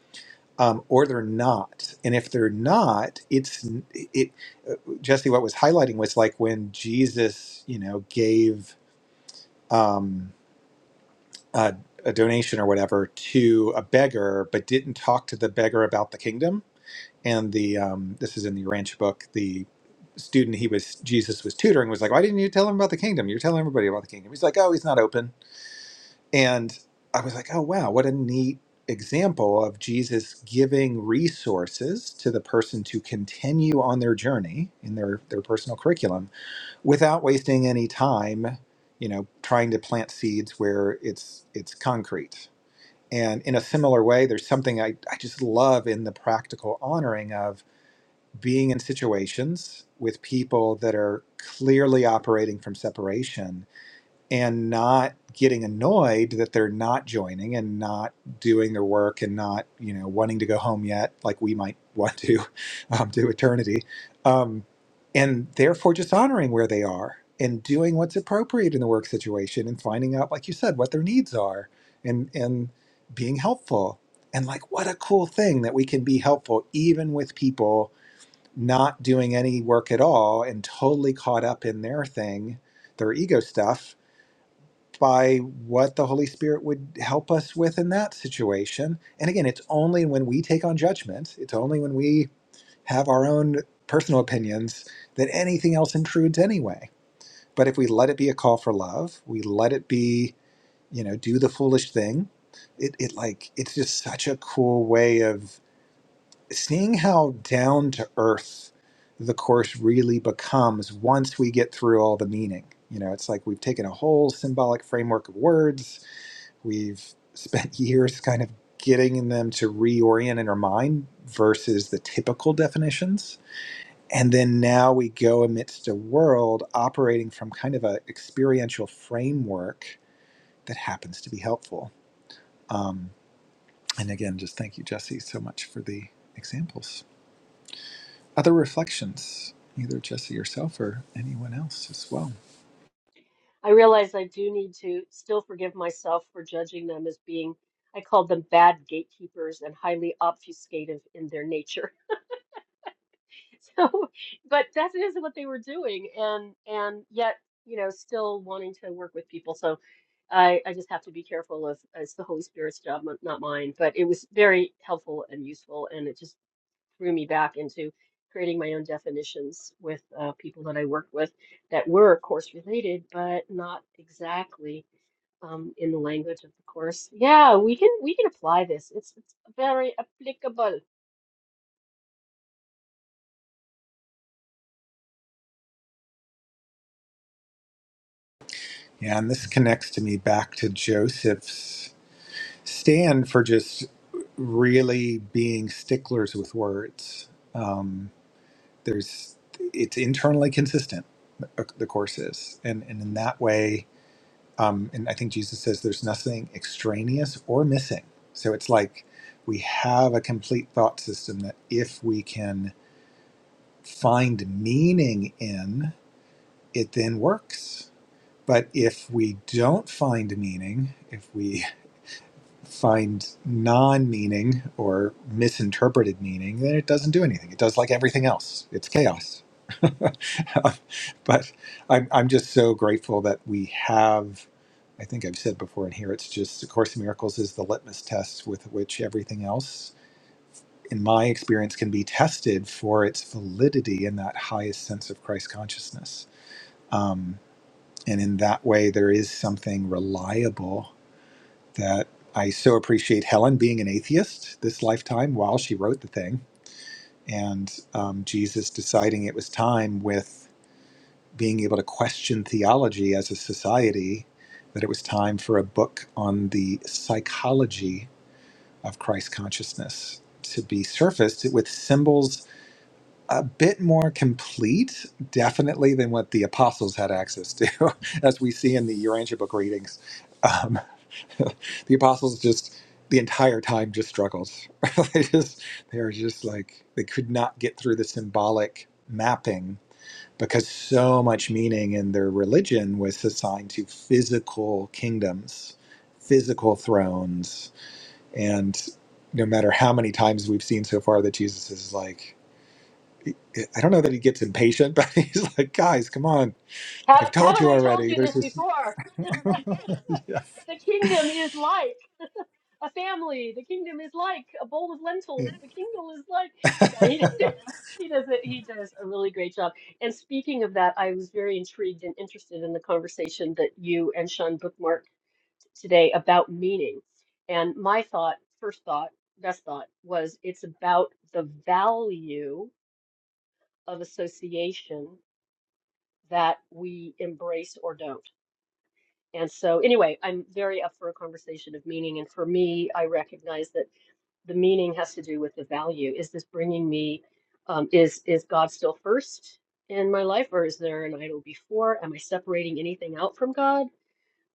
S2: um, or they're not. And if they're not, it's it. uh, Jesse, what was highlighting was like when Jesus, you know, gave um, a, a donation or whatever to a beggar, but didn't talk to the beggar about the kingdom. And the um, this is in the Ranch book. The student he was Jesus was tutoring was like, why didn't you tell him about the kingdom? You're telling everybody about the kingdom. He's like, oh, he's not open. And I was like, oh, wow, what a neat example of Jesus giving resources to the person to continue on their journey in their, their personal curriculum without wasting any time, you know, trying to plant seeds where it's it's concrete. And in a similar way, there's something I, I just love in the practical honoring of being in situations with people that are clearly operating from separation and not getting annoyed that they're not joining and not doing their work and not you know wanting to go home yet like we might want to *laughs* um, to eternity um, and therefore just honoring where they are and doing what's appropriate in the work situation and finding out like you said what their needs are and and being helpful and like what a cool thing that we can be helpful even with people not doing any work at all and totally caught up in their thing their ego stuff by what the Holy Spirit would help us with in that situation. And again, it's only when we take on judgment, it's only when we have our own personal opinions that anything else intrudes anyway. But if we let it be a call for love, we let it be, you know, do the foolish thing, it, it like, it's just such a cool way of seeing how down to earth the course really becomes once we get through all the meaning. You know, it's like we've taken a whole symbolic framework of words We've spent *laughs* years kind of getting them to reorient in our mind versus the typical definitions. And then now we go amidst a world operating from kind of an experiential framework that happens to be helpful. Um, and again, just thank you, Jesse, so much for the examples. Other reflections, either Jesse yourself or anyone else as well.
S4: I realize I do need to still forgive myself for judging them as being, I called them bad gatekeepers and highly obfuscative in their nature. So, *laughs* but that is what they were doing, and and yet, you know, still wanting to work with people. So I I just have to be careful of it's the Holy Spirit's job, not not mine. But it was very helpful and useful, and it just threw me back into creating my own definitions with uh, people that I worked with that were course related, but not exactly um, in the language of the course. Yeah, we can we can apply this. It's it's very applicable.
S2: Yeah, and this connects to me back to Joseph's. Stand for just really being sticklers with words. Um, there's it's internally consistent. The the course is, and and in that way, um, and I think Jesus says there's nothing extraneous or missing. So it's like we have a complete thought system that if we can find meaning in it, then works. But if we don't find meaning, if we find non-meaning or misinterpreted meaning, then it doesn't do anything. It does like everything else. It's chaos. *laughs* Um, but I'm, I'm just so grateful that we have. I think I've said before in here. It's just A Course in Miracles is the litmus test with which everything else, in my experience, can be tested for its validity in that highest sense of Christ consciousness. Um, and in that way, there is something reliable that I so appreciate Helen being an atheist this lifetime while she wrote the thing, and um, Jesus deciding it was time with being able to question theology as a society, that it was time for a book on the psychology of Christ consciousness to be surfaced with symbols a bit more complete, definitely, than what the apostles had access to, *laughs* as we see in the Urantia book readings. Um, *laughs* the apostles just the entire time just struggled. *laughs* they just they are just like they could not get through the symbolic mapping because so much meaning in their religion was assigned to physical kingdoms, physical thrones, and no matter how many times we've seen so far that Jesus is like, I don't know that he gets impatient, *laughs* but he's like, guys, come on. Like I've
S4: Have,
S2: told
S4: haven't
S2: you
S4: I told
S2: already,
S4: you this
S2: there's this. *laughs*
S4: before? *laughs* *laughs* The kingdom is like a family. The kingdom is like a bowl of
S2: Yeah,
S4: lentils. The kingdom is like. Yeah, he, *laughs* he does it. He does a really great job. And speaking of that, I was very intrigued and interested in the conversation that you and Sean bookmarked today about meaning. And my thought, first thought, best thought, was it's about the value of association that we embrace or don't And so, anyway, I'm very up for a conversation of meaning. And for me, I recognize that the meaning has to do with the value. Is this bringing me? Um, is is God still first in my life, or is there an idol before? Am I separating anything out from God?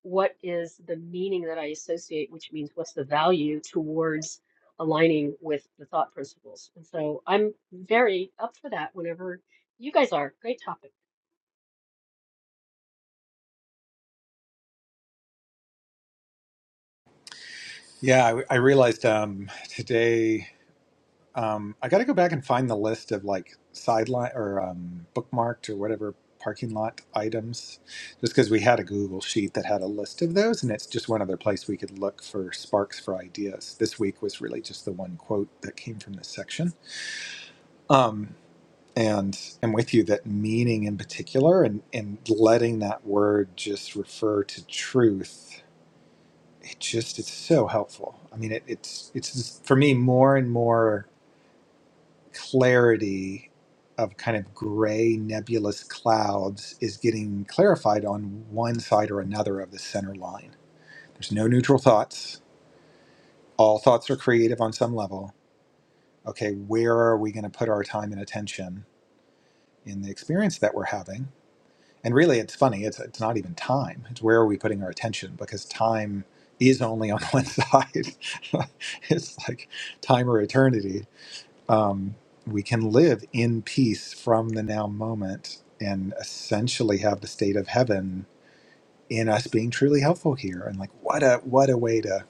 S4: What is the meaning that I associate? Which means, what's the value towards aligning with the thought principles? And so, I'm very up for that. Whenever you guys are, great topic.
S2: yeah. I, I realized um, today. Um, I got to go back and find the list of like sideline or um, bookmarked or whatever parking lot items, just because we had a Google sheet that had a list of those, and it's just one other place we could look for sparks for ideas. This week was really just the one quote that came from this section. Um, and I'm with you that meaning in particular, and and letting that word just refer to truth. It just it's so helpful. I mean, it, it's it's for me more and more clarity of kind of gray nebulous clouds is getting clarified on one side or another of the center line. There's no neutral thoughts. All thoughts are creative on some level. Okay, where are we going to put our time and attention in the experience that we're having? And really, it's funny, it's, it's not even time. It's where are we putting our attention because time is only on *laughs* one side. *laughs* it's like time or eternity um, we can live in peace from the now moment and essentially have the state of heaven in us being truly helpful here and like what a what a way to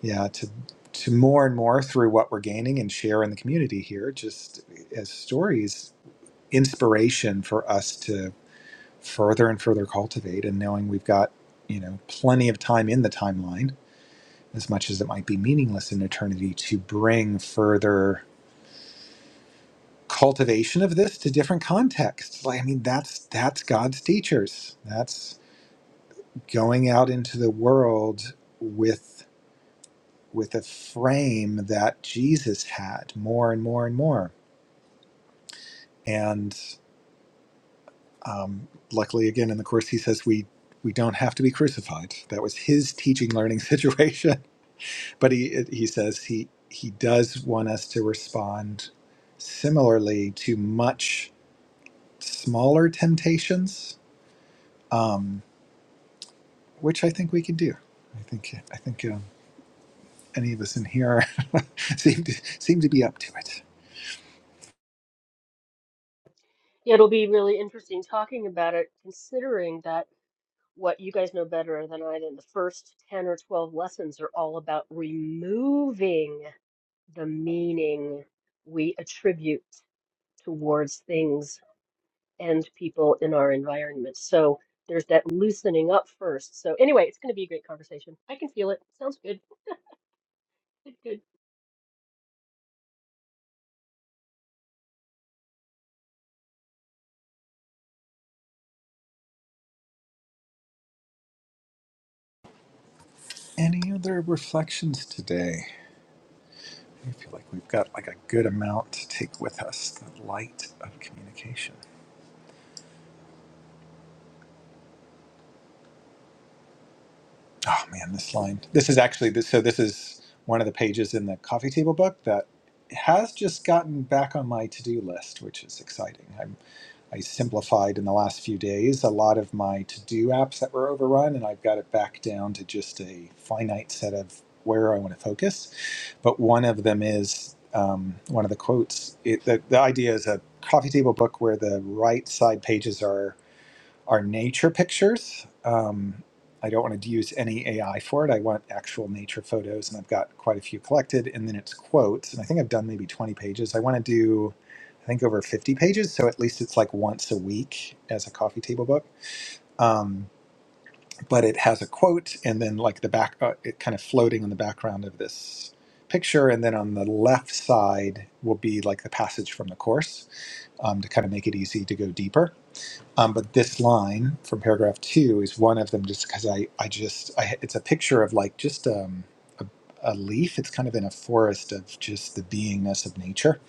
S2: yeah to to more and more through what we're gaining and share in the community here just as stories inspiration for us to further and further cultivate and knowing we've got you know plenty of time in the timeline as much as it might be meaningless in eternity to bring further cultivation of this to different contexts. Like, I mean, that's that's God's teachers. That's going out into the world with with a frame that Jesus had more and more and more. And um, luckily, again in the course, he says we we don't have to be crucified. That was his teaching learning *laughs* situation. But he he says he he does want us to respond similarly to much smaller temptations. Um, which I think we can do. I think I think um, any of us in here are *laughs* seem to seem to be up to it.
S4: Yeah, it'll be really interesting talking about it, considering that. what you guys know better than I do, the first 10 or 12 lessons are all about removing the meaning we attribute towards things and people in our environment. So there's that loosening up first. So, anyway, it's going to be a great conversation. I can feel it. Sounds good. Good, good.
S2: Any other reflections today? I feel like we've got like a good amount to take with us. The light of communication. Oh man, this line. This is actually this. So this is one of the pages in the coffee table book that has just gotten back on my to-do list, which is exciting. I simplified in the last few days a lot of my to do apps that were overrun, and I've got it back down to just a finite set of where I want to focus. But one of them is um, one of the quotes. It, the, the idea is a coffee table book where the right side pages are are nature pictures. Um, I don't want to use any AI for it. I want actual nature photos, and I've got quite a few collected. And then it's quotes, and I think I've done maybe 20 pages. I want to do, I think, over 50 pages, so at least it's like once a week as a coffee table book. Um, but it has a quote, and then like the back, uh, it kind of floating in the background of this picture, and then on the left side will be like the passage from the course um, to kind of make it easy to go deeper um, but this line from paragraph two is one of them, just because I, I just, I, it's a picture of like just um, a, a leaf. It's kind of in a forest of just the beingness of nature,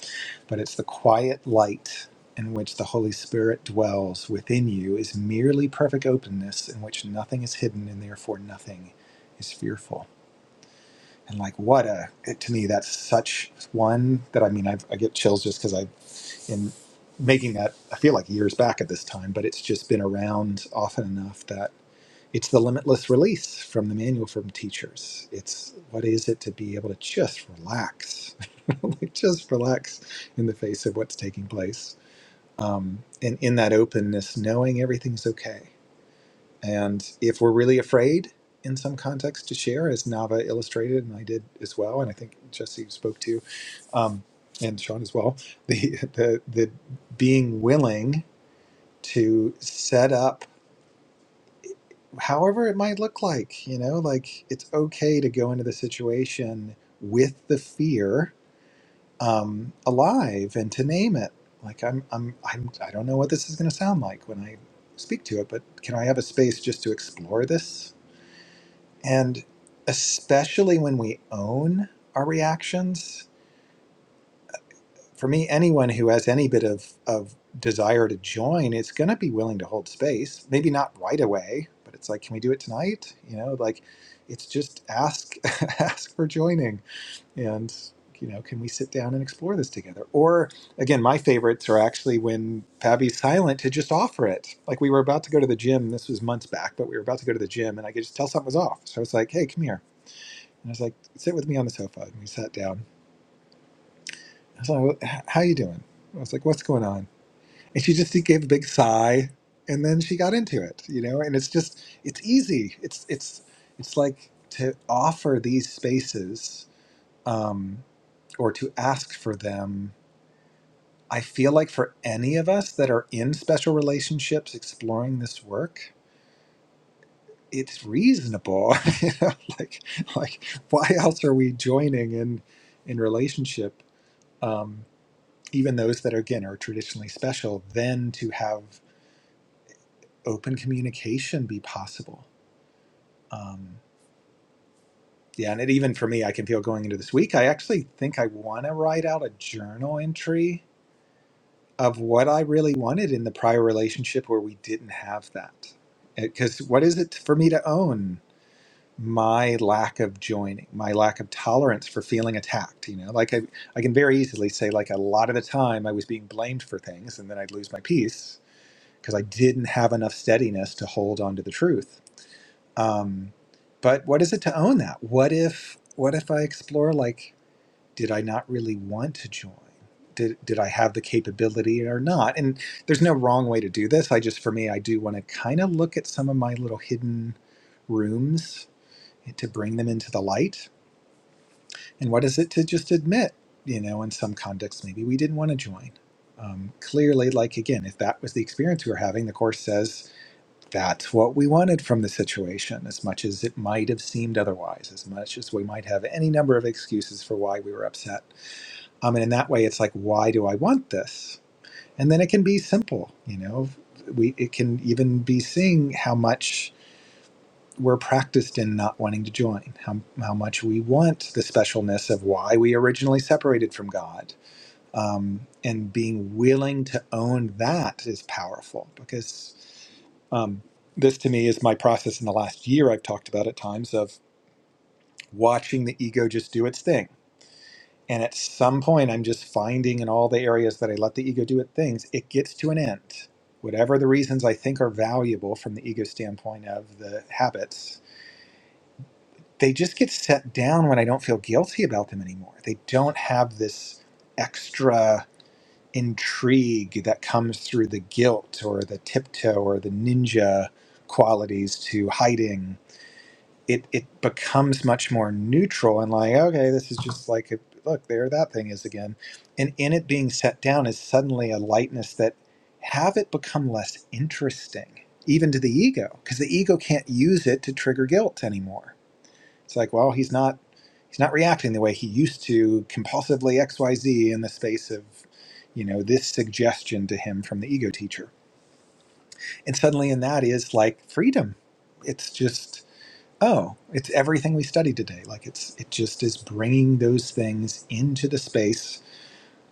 S2: but it's the quiet light in which the Holy Spirit dwells within you is merely perfect openness in which nothing is hidden and therefore nothing is fearful. And like, what a, it, to me, that's such one that I mean, I've, I get chills just because I in making that I feel like years back at this time, but it's just been around often enough that it's the limitless release from the manual from teachers. It's what is it to be able to just relax, *laughs* like just relax in the face of what's taking place, um, and in that openness, knowing everything's okay. And if we're really afraid in some context to share, as Nava illustrated, and I did as well, and I think Jesse spoke to, um, and Sean as well, *laughs* the, the, the being willing to set up however it might look like, you know, like it's okay to go into the situation with the fear um, alive and to name it. Like I'm, I'm, I'm, I don't know what this is going to sound like when I speak to it, but can I have a space just to explore this And especially when we own our reactions, for me, anyone who has any bit of, of desire to join is going to be willing to hold space. Maybe not right away, but it's like, can we do it tonight? You know, like it's just ask *laughs* ask for joining, and you know, can we sit down and explore this together? Or again, my favorites are actually when Pabby's silent to just offer it. Like we were about to go to the gym. This was months back, but we were about to go to the gym, and I could just tell something was off. So I was like, hey, come here and I was like, sit with me on the sofa. And we sat down. I was like, "Wh- how you doing? I was like, what's going on? And she just gave a big sigh. And then she got into it, you know, and it's just, it's easy. It's, it's, it's like to offer these spaces um, or to ask for them. I feel like for any of us that are in special relationships exploring this work, it's reasonable. *laughs* you know, like, like why else are we joining in, in relationship? Um, even those that are again are traditionally special, then to have open communication be possible. Um, yeah, and it, even for me, I can feel going into this week. I actually think I want to write out a journal entry of what I really wanted in the prior relationship where we didn't have that. Because what is it for me to own my lack of joining, my lack of tolerance for feeling attacked? You know, like I, I can very easily say, like a lot of the time, I was being blamed for things, and then I'd lose my peace because I didn't have enough steadiness to hold on to the truth. Um, but what is it to own that? What if what if I explore like did I not really want to join? Did did I have the capability or not? And there's no wrong way to do this. I just for me I do want to kind of look at some of my little hidden rooms to bring them into the light. And what is it to just admit, you know, in some contexts maybe we didn't want to join. Um, clearly, like again, if that was the experience we were having, the course says That's what we wanted from the situation, as much as it might have seemed otherwise, as much as we might have any number of excuses for why we were upset. Um, and in that way, it's like, why do I want this? And then it can be simple, you know. We it can even be seeing how much we're practiced in not wanting to join, how how much we want the specialness of why we originally separated from God, um, and being willing to own that is powerful because. Um, this to me is my process in the last year. I've talked about at times of watching the ego just do its thing. And at some point, I'm just finding in all the areas that I let the ego do its things, it gets to an end. Whatever the reasons I think are valuable from the ego standpoint of the habits, they just get set down when I don't feel guilty about them anymore. They don't have this extra intrigue that comes through the guilt or the tiptoe or the ninja qualities to hiding it it becomes much more neutral and like okay this is just like a, look there that thing is again and in it being set down is suddenly a lightness that have it become less interesting even to the ego because the ego can't use it to trigger guilt anymore it's like well he's not he's not reacting the way he used to compulsively xyz in the space of you know this suggestion to him from the ego teacher and suddenly in that is like freedom it's just Oh, it's everything we study today. Like it's it just is bringing those things into the space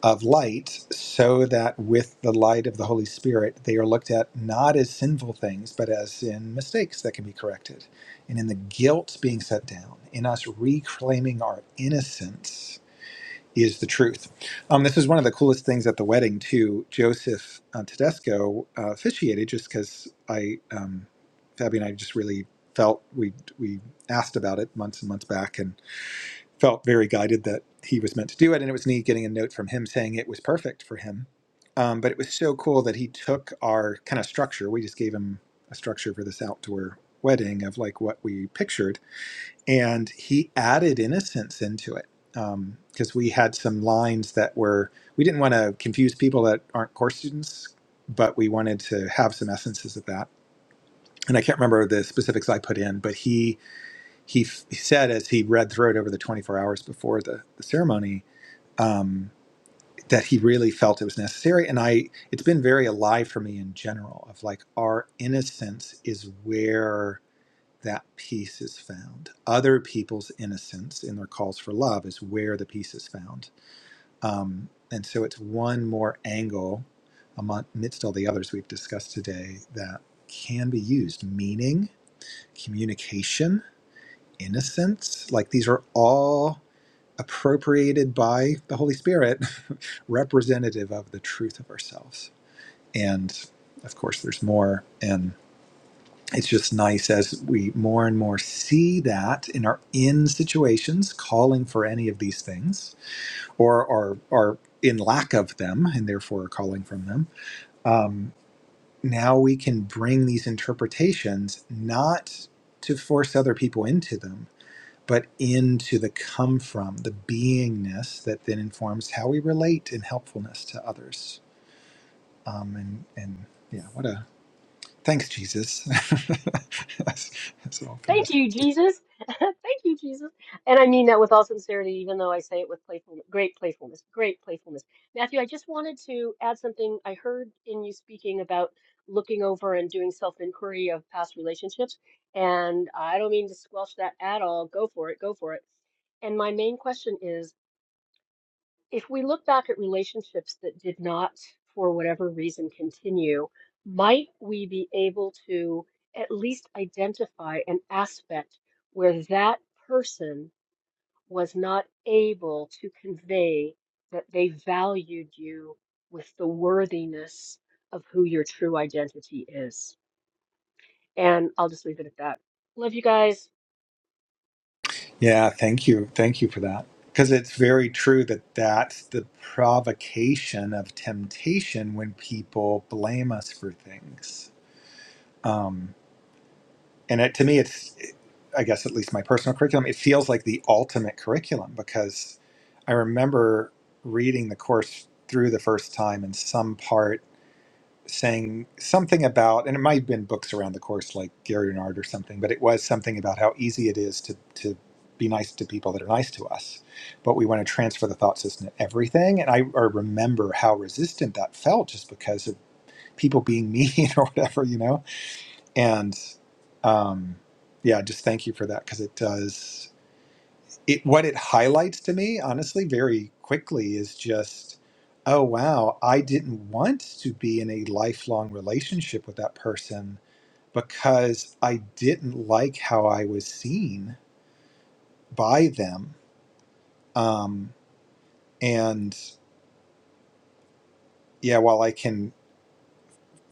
S2: of light so that with the light of the Holy Spirit they are looked at not as sinful things but as in mistakes that can be corrected and in the guilt being set down in us reclaiming our innocence is the truth. Um, this is one of the coolest things at the wedding too. Joseph uh, Tedesco uh, officiated just because I, um, Fabi and I just really felt we we asked about it months and months back and felt very guided that he was meant to do it. And it was neat getting a note from him saying it was perfect for him. Um, but it was so cool that he took our kind of structure. We just gave him a structure for this outdoor wedding of like what we pictured and he added innocence into it because we had some lines that were we didn't want to confuse people that aren't course students but we wanted to have some essences of that and i can't remember the specifics i put in but he he, f- he said as he read through it over the 24 hours before the, the ceremony um, that he really felt it was necessary and i it's been very alive for me in general of like our innocence is where that peace is found. Other people's innocence in their calls for love is where the peace is found. Um, and so it's one more angle amidst all the others we've discussed today that can be used meaning, communication, innocence. Like these are all appropriated by the Holy Spirit, *laughs* representative of the truth of ourselves. And of course, there's more. And it's just nice as we more and more see that in our in situations calling for any of these things or are, are in lack of them and therefore are calling from them. Um, now we can bring these interpretations not to force other people into them, but into the come from, the beingness that then informs how we relate in helpfulness to others. Um, and, and yeah, what a thanks, Jesus. *laughs* that's, that's all
S4: Thank you, Jesus. *laughs* Thank you, Jesus. And I mean that with all sincerity, even though I say it with playfulness, great playfulness, great playfulness. Matthew, I just wanted to add something I heard in you speaking about looking over and doing self-inquiry of past relationships. And I don't mean to squelch that at all. Go for it, go for it. And my main question is if we look back at relationships that did not, for whatever reason, continue, might we be able to at least identify an aspect where that person was not able to convey that they valued you with the worthiness of who your true identity is? And I'll just leave it at that. Love you guys.
S2: Yeah, thank you. Thank you for that. Because it's very true that that's the provocation of temptation when people blame us for things. And it, to me, it's, I guess, at least my personal curriculum, it feels like the ultimate curriculum because I remember reading the course through the first time and some part saying something about, and it might have been books around the course like Gary Renard or something, but it was something about how easy it is to, to be nice to people that are nice to us. But we want to transfer the thought system to everything. And I, I remember how resistant that felt just because of people being mean *laughs* or whatever, you know? And um, yeah, just thank you for that because it does it what it highlights to me honestly very quickly is just oh wow i didn't want to be in a lifelong relationship with that person because i didn't like how i was seen by them um, and yeah while i can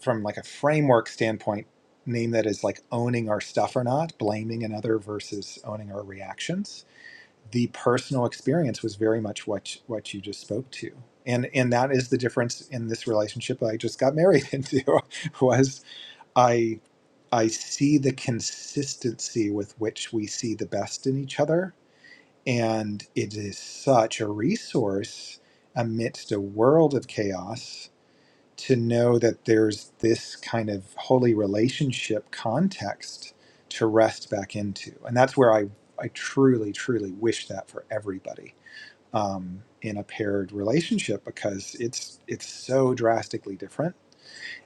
S2: from like a framework standpoint name that as like owning our stuff or not blaming another versus owning our reactions the personal experience was very much what what you just spoke to and and that is the difference in this relationship i just got married *laughs* into was i i see the consistency with which we see the best in each other and it is such a resource amidst a world of chaos to know that there's this kind of holy relationship context to rest back into. And that's where I, I truly, truly wish that for everybody um, in a paired relationship because it's it's so drastically different.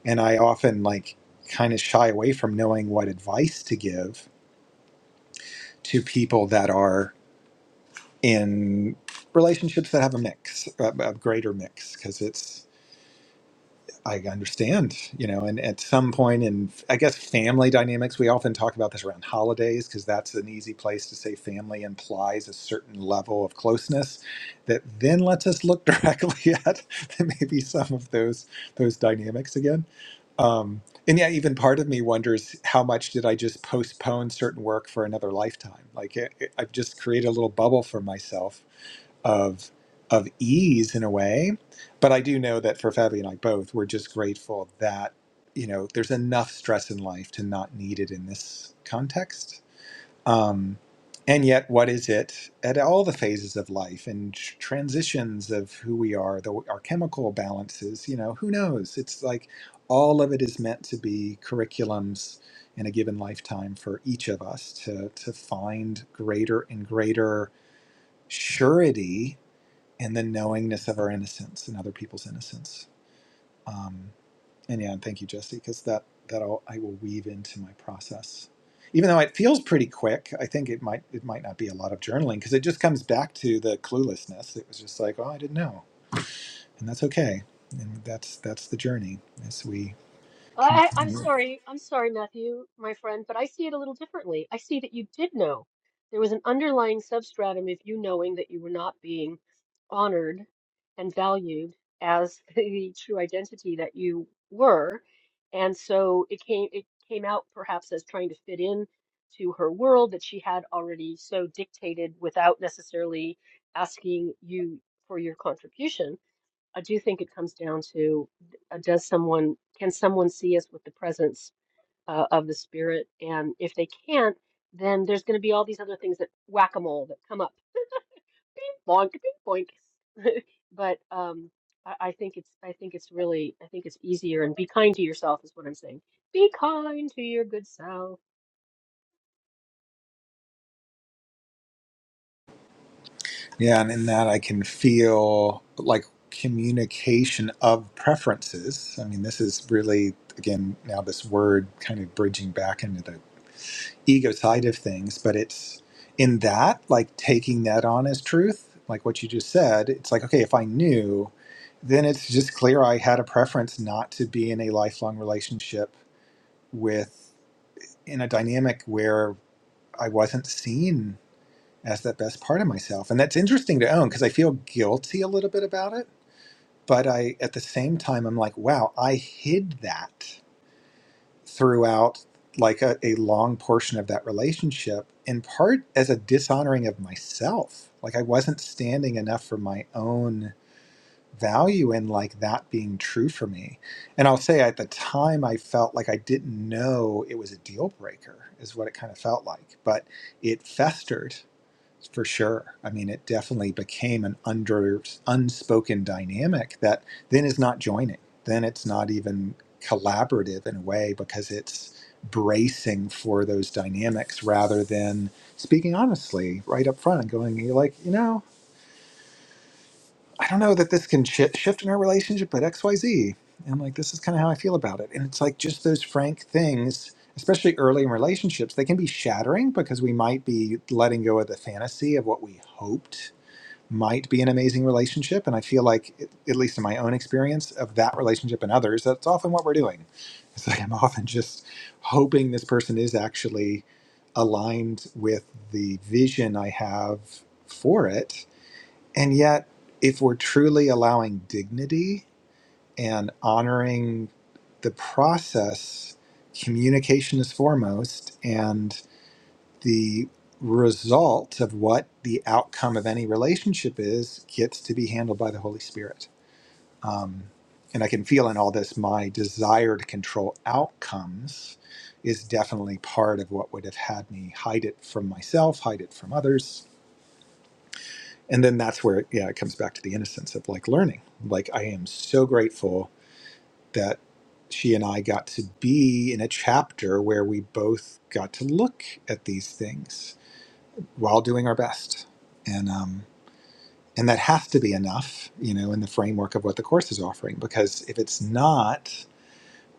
S2: And I often like kind of shy away from knowing what advice to give to people that are in relationships that have a mix, a, a greater mix, because it's I understand, you know, and at some point in, I guess, family dynamics, we often talk about this around holidays because that's an easy place to say family implies a certain level of closeness that then lets us look *laughs* directly at maybe some of those those dynamics again. Um, and yeah, even part of me wonders how much did I just postpone certain work for another lifetime? Like i I've just created a little bubble for myself of of ease in a way. But I do know that for Fabi and I both, we're just grateful that you know there's enough stress in life to not need it in this context. Um, and yet, what is it at all the phases of life and tr- transitions of who we are, the, our chemical balances? You know, who knows? It's like all of it is meant to be curriculums in a given lifetime for each of us to to find greater and greater surety and the knowingness of our innocence and other people's innocence. And yeah, and thank you, Jesse, because that that I'll, I will weave into my process. Even though it feels pretty quick, I think it might it might not be a lot of journaling because it just comes back to the cluelessness. It was just like, oh, I didn't know, and that's okay. And that's that's the journey as we
S4: I, I- I'm
S2: continue.
S4: sorry. I'm sorry, Matthew, my friend, but I see it a little differently. I see that you did know. There was an underlying substratum of you knowing that you were not being honored and valued as *laughs* the true identity that you were. And so it came it came out perhaps as trying to fit in to her world that she had already so dictated without necessarily asking you for your contribution. I do think it comes down to uh, does someone can someone see us with the presence uh, of the Spirit, and if they can't, then there's going to be all these other things that whack-a-mole that come up, bing boink, bing boink. *laughs* But um, I, I think it's I think it's really I think it's easier and be kind to yourself is what I'm saying. Be kind to your good self.
S2: Yeah, and in that I can feel like communication of preferences. I mean, this is really again now this word kind of bridging back into the ego side of things, but it's in that, like taking that on as truth, like what you just said, it's like, okay, if I knew, then it's just clear I had a preference not to be in a lifelong relationship with, in a dynamic where I wasn't seen as that best part of myself. And that's interesting to own because I feel guilty a little bit about it. But I, at the same time, I'm like, wow, I hid that throughout like a, a long portion of that relationship in part as a dishonoring of myself like i wasn't standing enough for my own value and like that being true for me and i'll say at the time i felt like i didn't know it was a deal breaker is what it kind of felt like but it festered for sure. I mean, it definitely became an under unspoken dynamic that then is not joining. Then it's not even collaborative in a way because it's bracing for those dynamics rather than speaking honestly right up front and going you're like, you know, I don't know that this can shi shift in our relationship, but X Y Z. And like this is kind of how I feel about it. And it's like just those frank things especially early in relationships, they can be shattering because we might be letting go of the fantasy of what we hoped might be an amazing relationship. And I feel like, at least in my own experience of that relationship and others, that's often what we're doing. It's like I'm often just hoping this person is actually aligned with the vision I have for it. And yet, if we're truly allowing dignity and honoring the process, communication is foremost. And the result of what the outcome of any relationship is gets to be handled by the Holy Spirit. Um, and I can feel in all this my desire to control outcomes is definitely part of what would have had me hide it from myself, hide it from others. And then that's where, yeah, it comes back to the innocence of like learning. Like, I am so grateful that she and I got to be in a chapter where we both got to look at these things While doing our best and um, and that has to be enough you know in the framework of what the course is offering because if it's not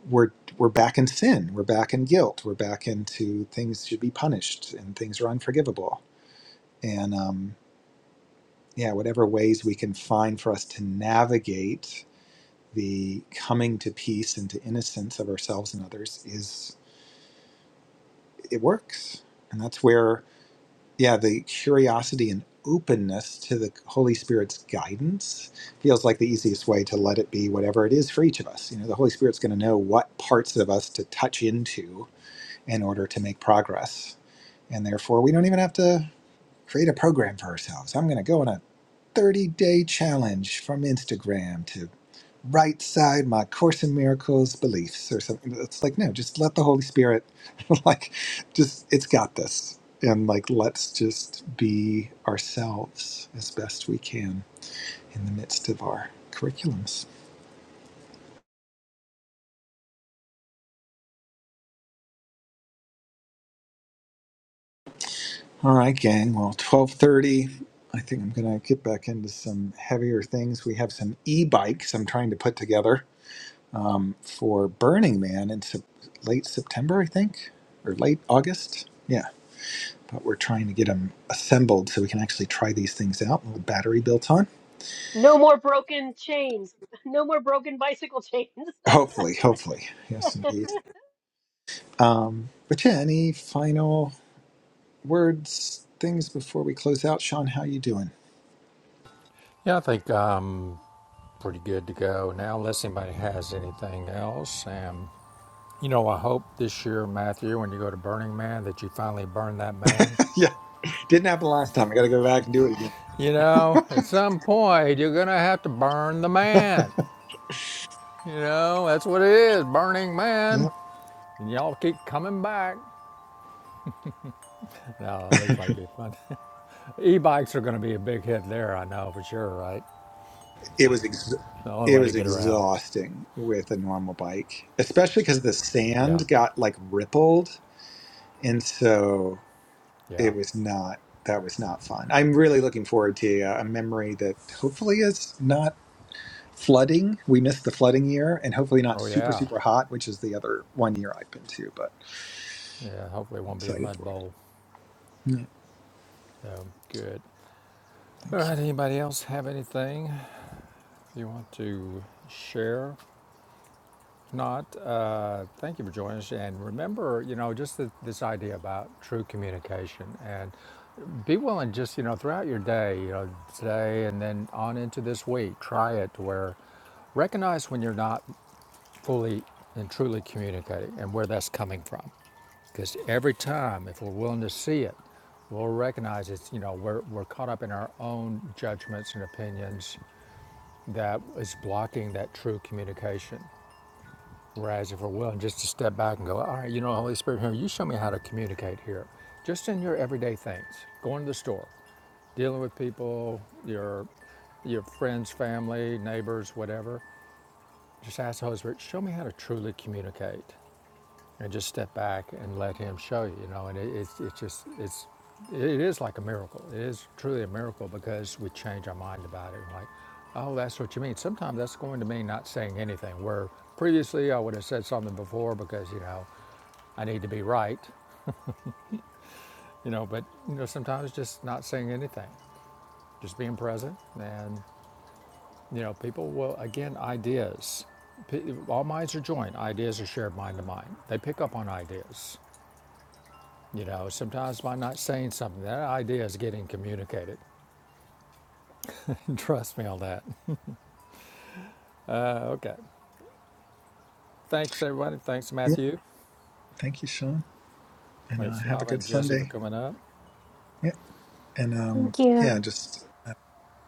S2: we're we're back in sin we're back in guilt we're back into things should be punished and things are unforgivable and um, yeah whatever ways we can find for us to navigate the coming to peace and to innocence of ourselves and others is it works and that's where yeah the curiosity and openness to the holy spirit's guidance feels like the easiest way to let it be whatever it is for each of us you know the holy spirit's going to know what parts of us to touch into in order to make progress and therefore we don't even have to create a program for ourselves i'm going to go on a 30 day challenge from instagram to right side my course in miracles beliefs or something it's like no just let the holy spirit *laughs* like just it's got this and like let's just be ourselves as best we can in the midst of our curriculums all right gang well 1230 i think i'm gonna get back into some heavier things we have some e-bikes i'm trying to put together um, for burning man in sep- late september i think or late august Yeah. but we're trying to get them assembled so we can actually try these things out. A little battery built on.
S4: No more broken chains. *laughs* No more broken bicycle chains.
S2: Hopefully, hopefully. Yes,
S4: *laughs*
S2: indeed. Um, but yeah, any final words, things before we close out? Sean, how you doing?
S1: Yeah, I think I'm um, pretty good to go now, unless anybody has anything else. Um, You know, I hope this year, Matthew, when you go to Burning Man, that you finally burn that man.
S2: *laughs* yeah, didn't happen last time. I got to go back and do it again.
S1: You know, at some point, you're going to have to burn the man. You know, that's what it is Burning
S2: Yeah,
S1: Man. And y'all keep coming back. No, it looks like it'd be fun. *laughs* e bikes are going to be a big hit there, I know for sure, right?
S2: it was ex-
S1: The only
S2: it
S1: way to
S2: was
S1: get around.
S2: exhausting with a normal bike, especially because the
S1: Yeah,
S2: sand got like rippled, and so it
S1: yeah.
S2: was not that was not fun. I'm really looking forward to uh, a memory that hopefully is not flooding. We missed the flooding year, and hopefully not
S1: Oh,
S2: super
S1: yeah.
S2: super hot, which is the other one year I've been to. But
S1: Yeah, hopefully it won't be a
S2: excited
S1: mud
S2: for it.
S1: bowl.
S2: Yeah,
S1: Um, good. All
S2: thank you.
S1: right, anybody else have anything you want to share? If not, uh, thank you for joining us. And remember, you know, just th this idea about true communication and be willing just, you know, throughout your day, you know, today and then on into this week, try it to where recognize when you're not fully and truly communicating and where that's coming from. Because every time, if we're willing to see it, we'll recognize it's, you know, we're, we're caught up in our own judgments and opinions that is blocking that true communication. Rise if we're willing, just to step back and go, all right, you know, Holy Spirit, here, you show me how to communicate here. Just in your everyday things, going to the store, dealing with people, your your friends, family, neighbors, whatever. Just ask the Holy Spirit, show me how to truly communicate and just step back and let him show you you know and it, it's it's just it's it is like a miracle it is truly a miracle because we change our mind about it like oh that's what you mean sometimes that's going to mean not saying anything where previously i would have said something before because you know i need to be right you know but you know sometimes just not saying anything just being present and you know people will again ideas all minds are joined ideas are shared mind to mind they pick up on ideas You know, sometimes by not saying something, that idea is getting communicated. *laughs* Trust me on that. Uh, okay. Thanks, everybody. Thanks,
S2: Yeah,
S1: Matthew.
S2: thank you, Sean, and uh,
S1: Thanks,
S2: have a
S1: Nava
S2: good
S1: and Jesse for
S2: Sunday.
S1: coming up.
S2: Yeah, and um,
S3: Thank you.
S2: yeah, just uh,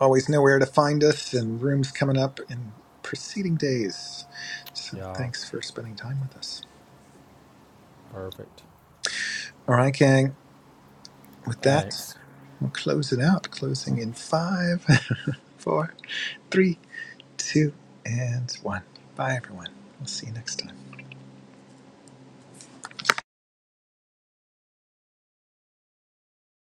S2: always know where to find us and rooms coming up in preceding days. So
S1: Y'all,
S2: thanks for spending time with us.
S1: perfect.
S2: All right, gang. With that,
S1: Thanks.
S2: we'll close it out. Closing in five, *laughs* four, three, two, and one. Bye, everyone. We'll see you next time.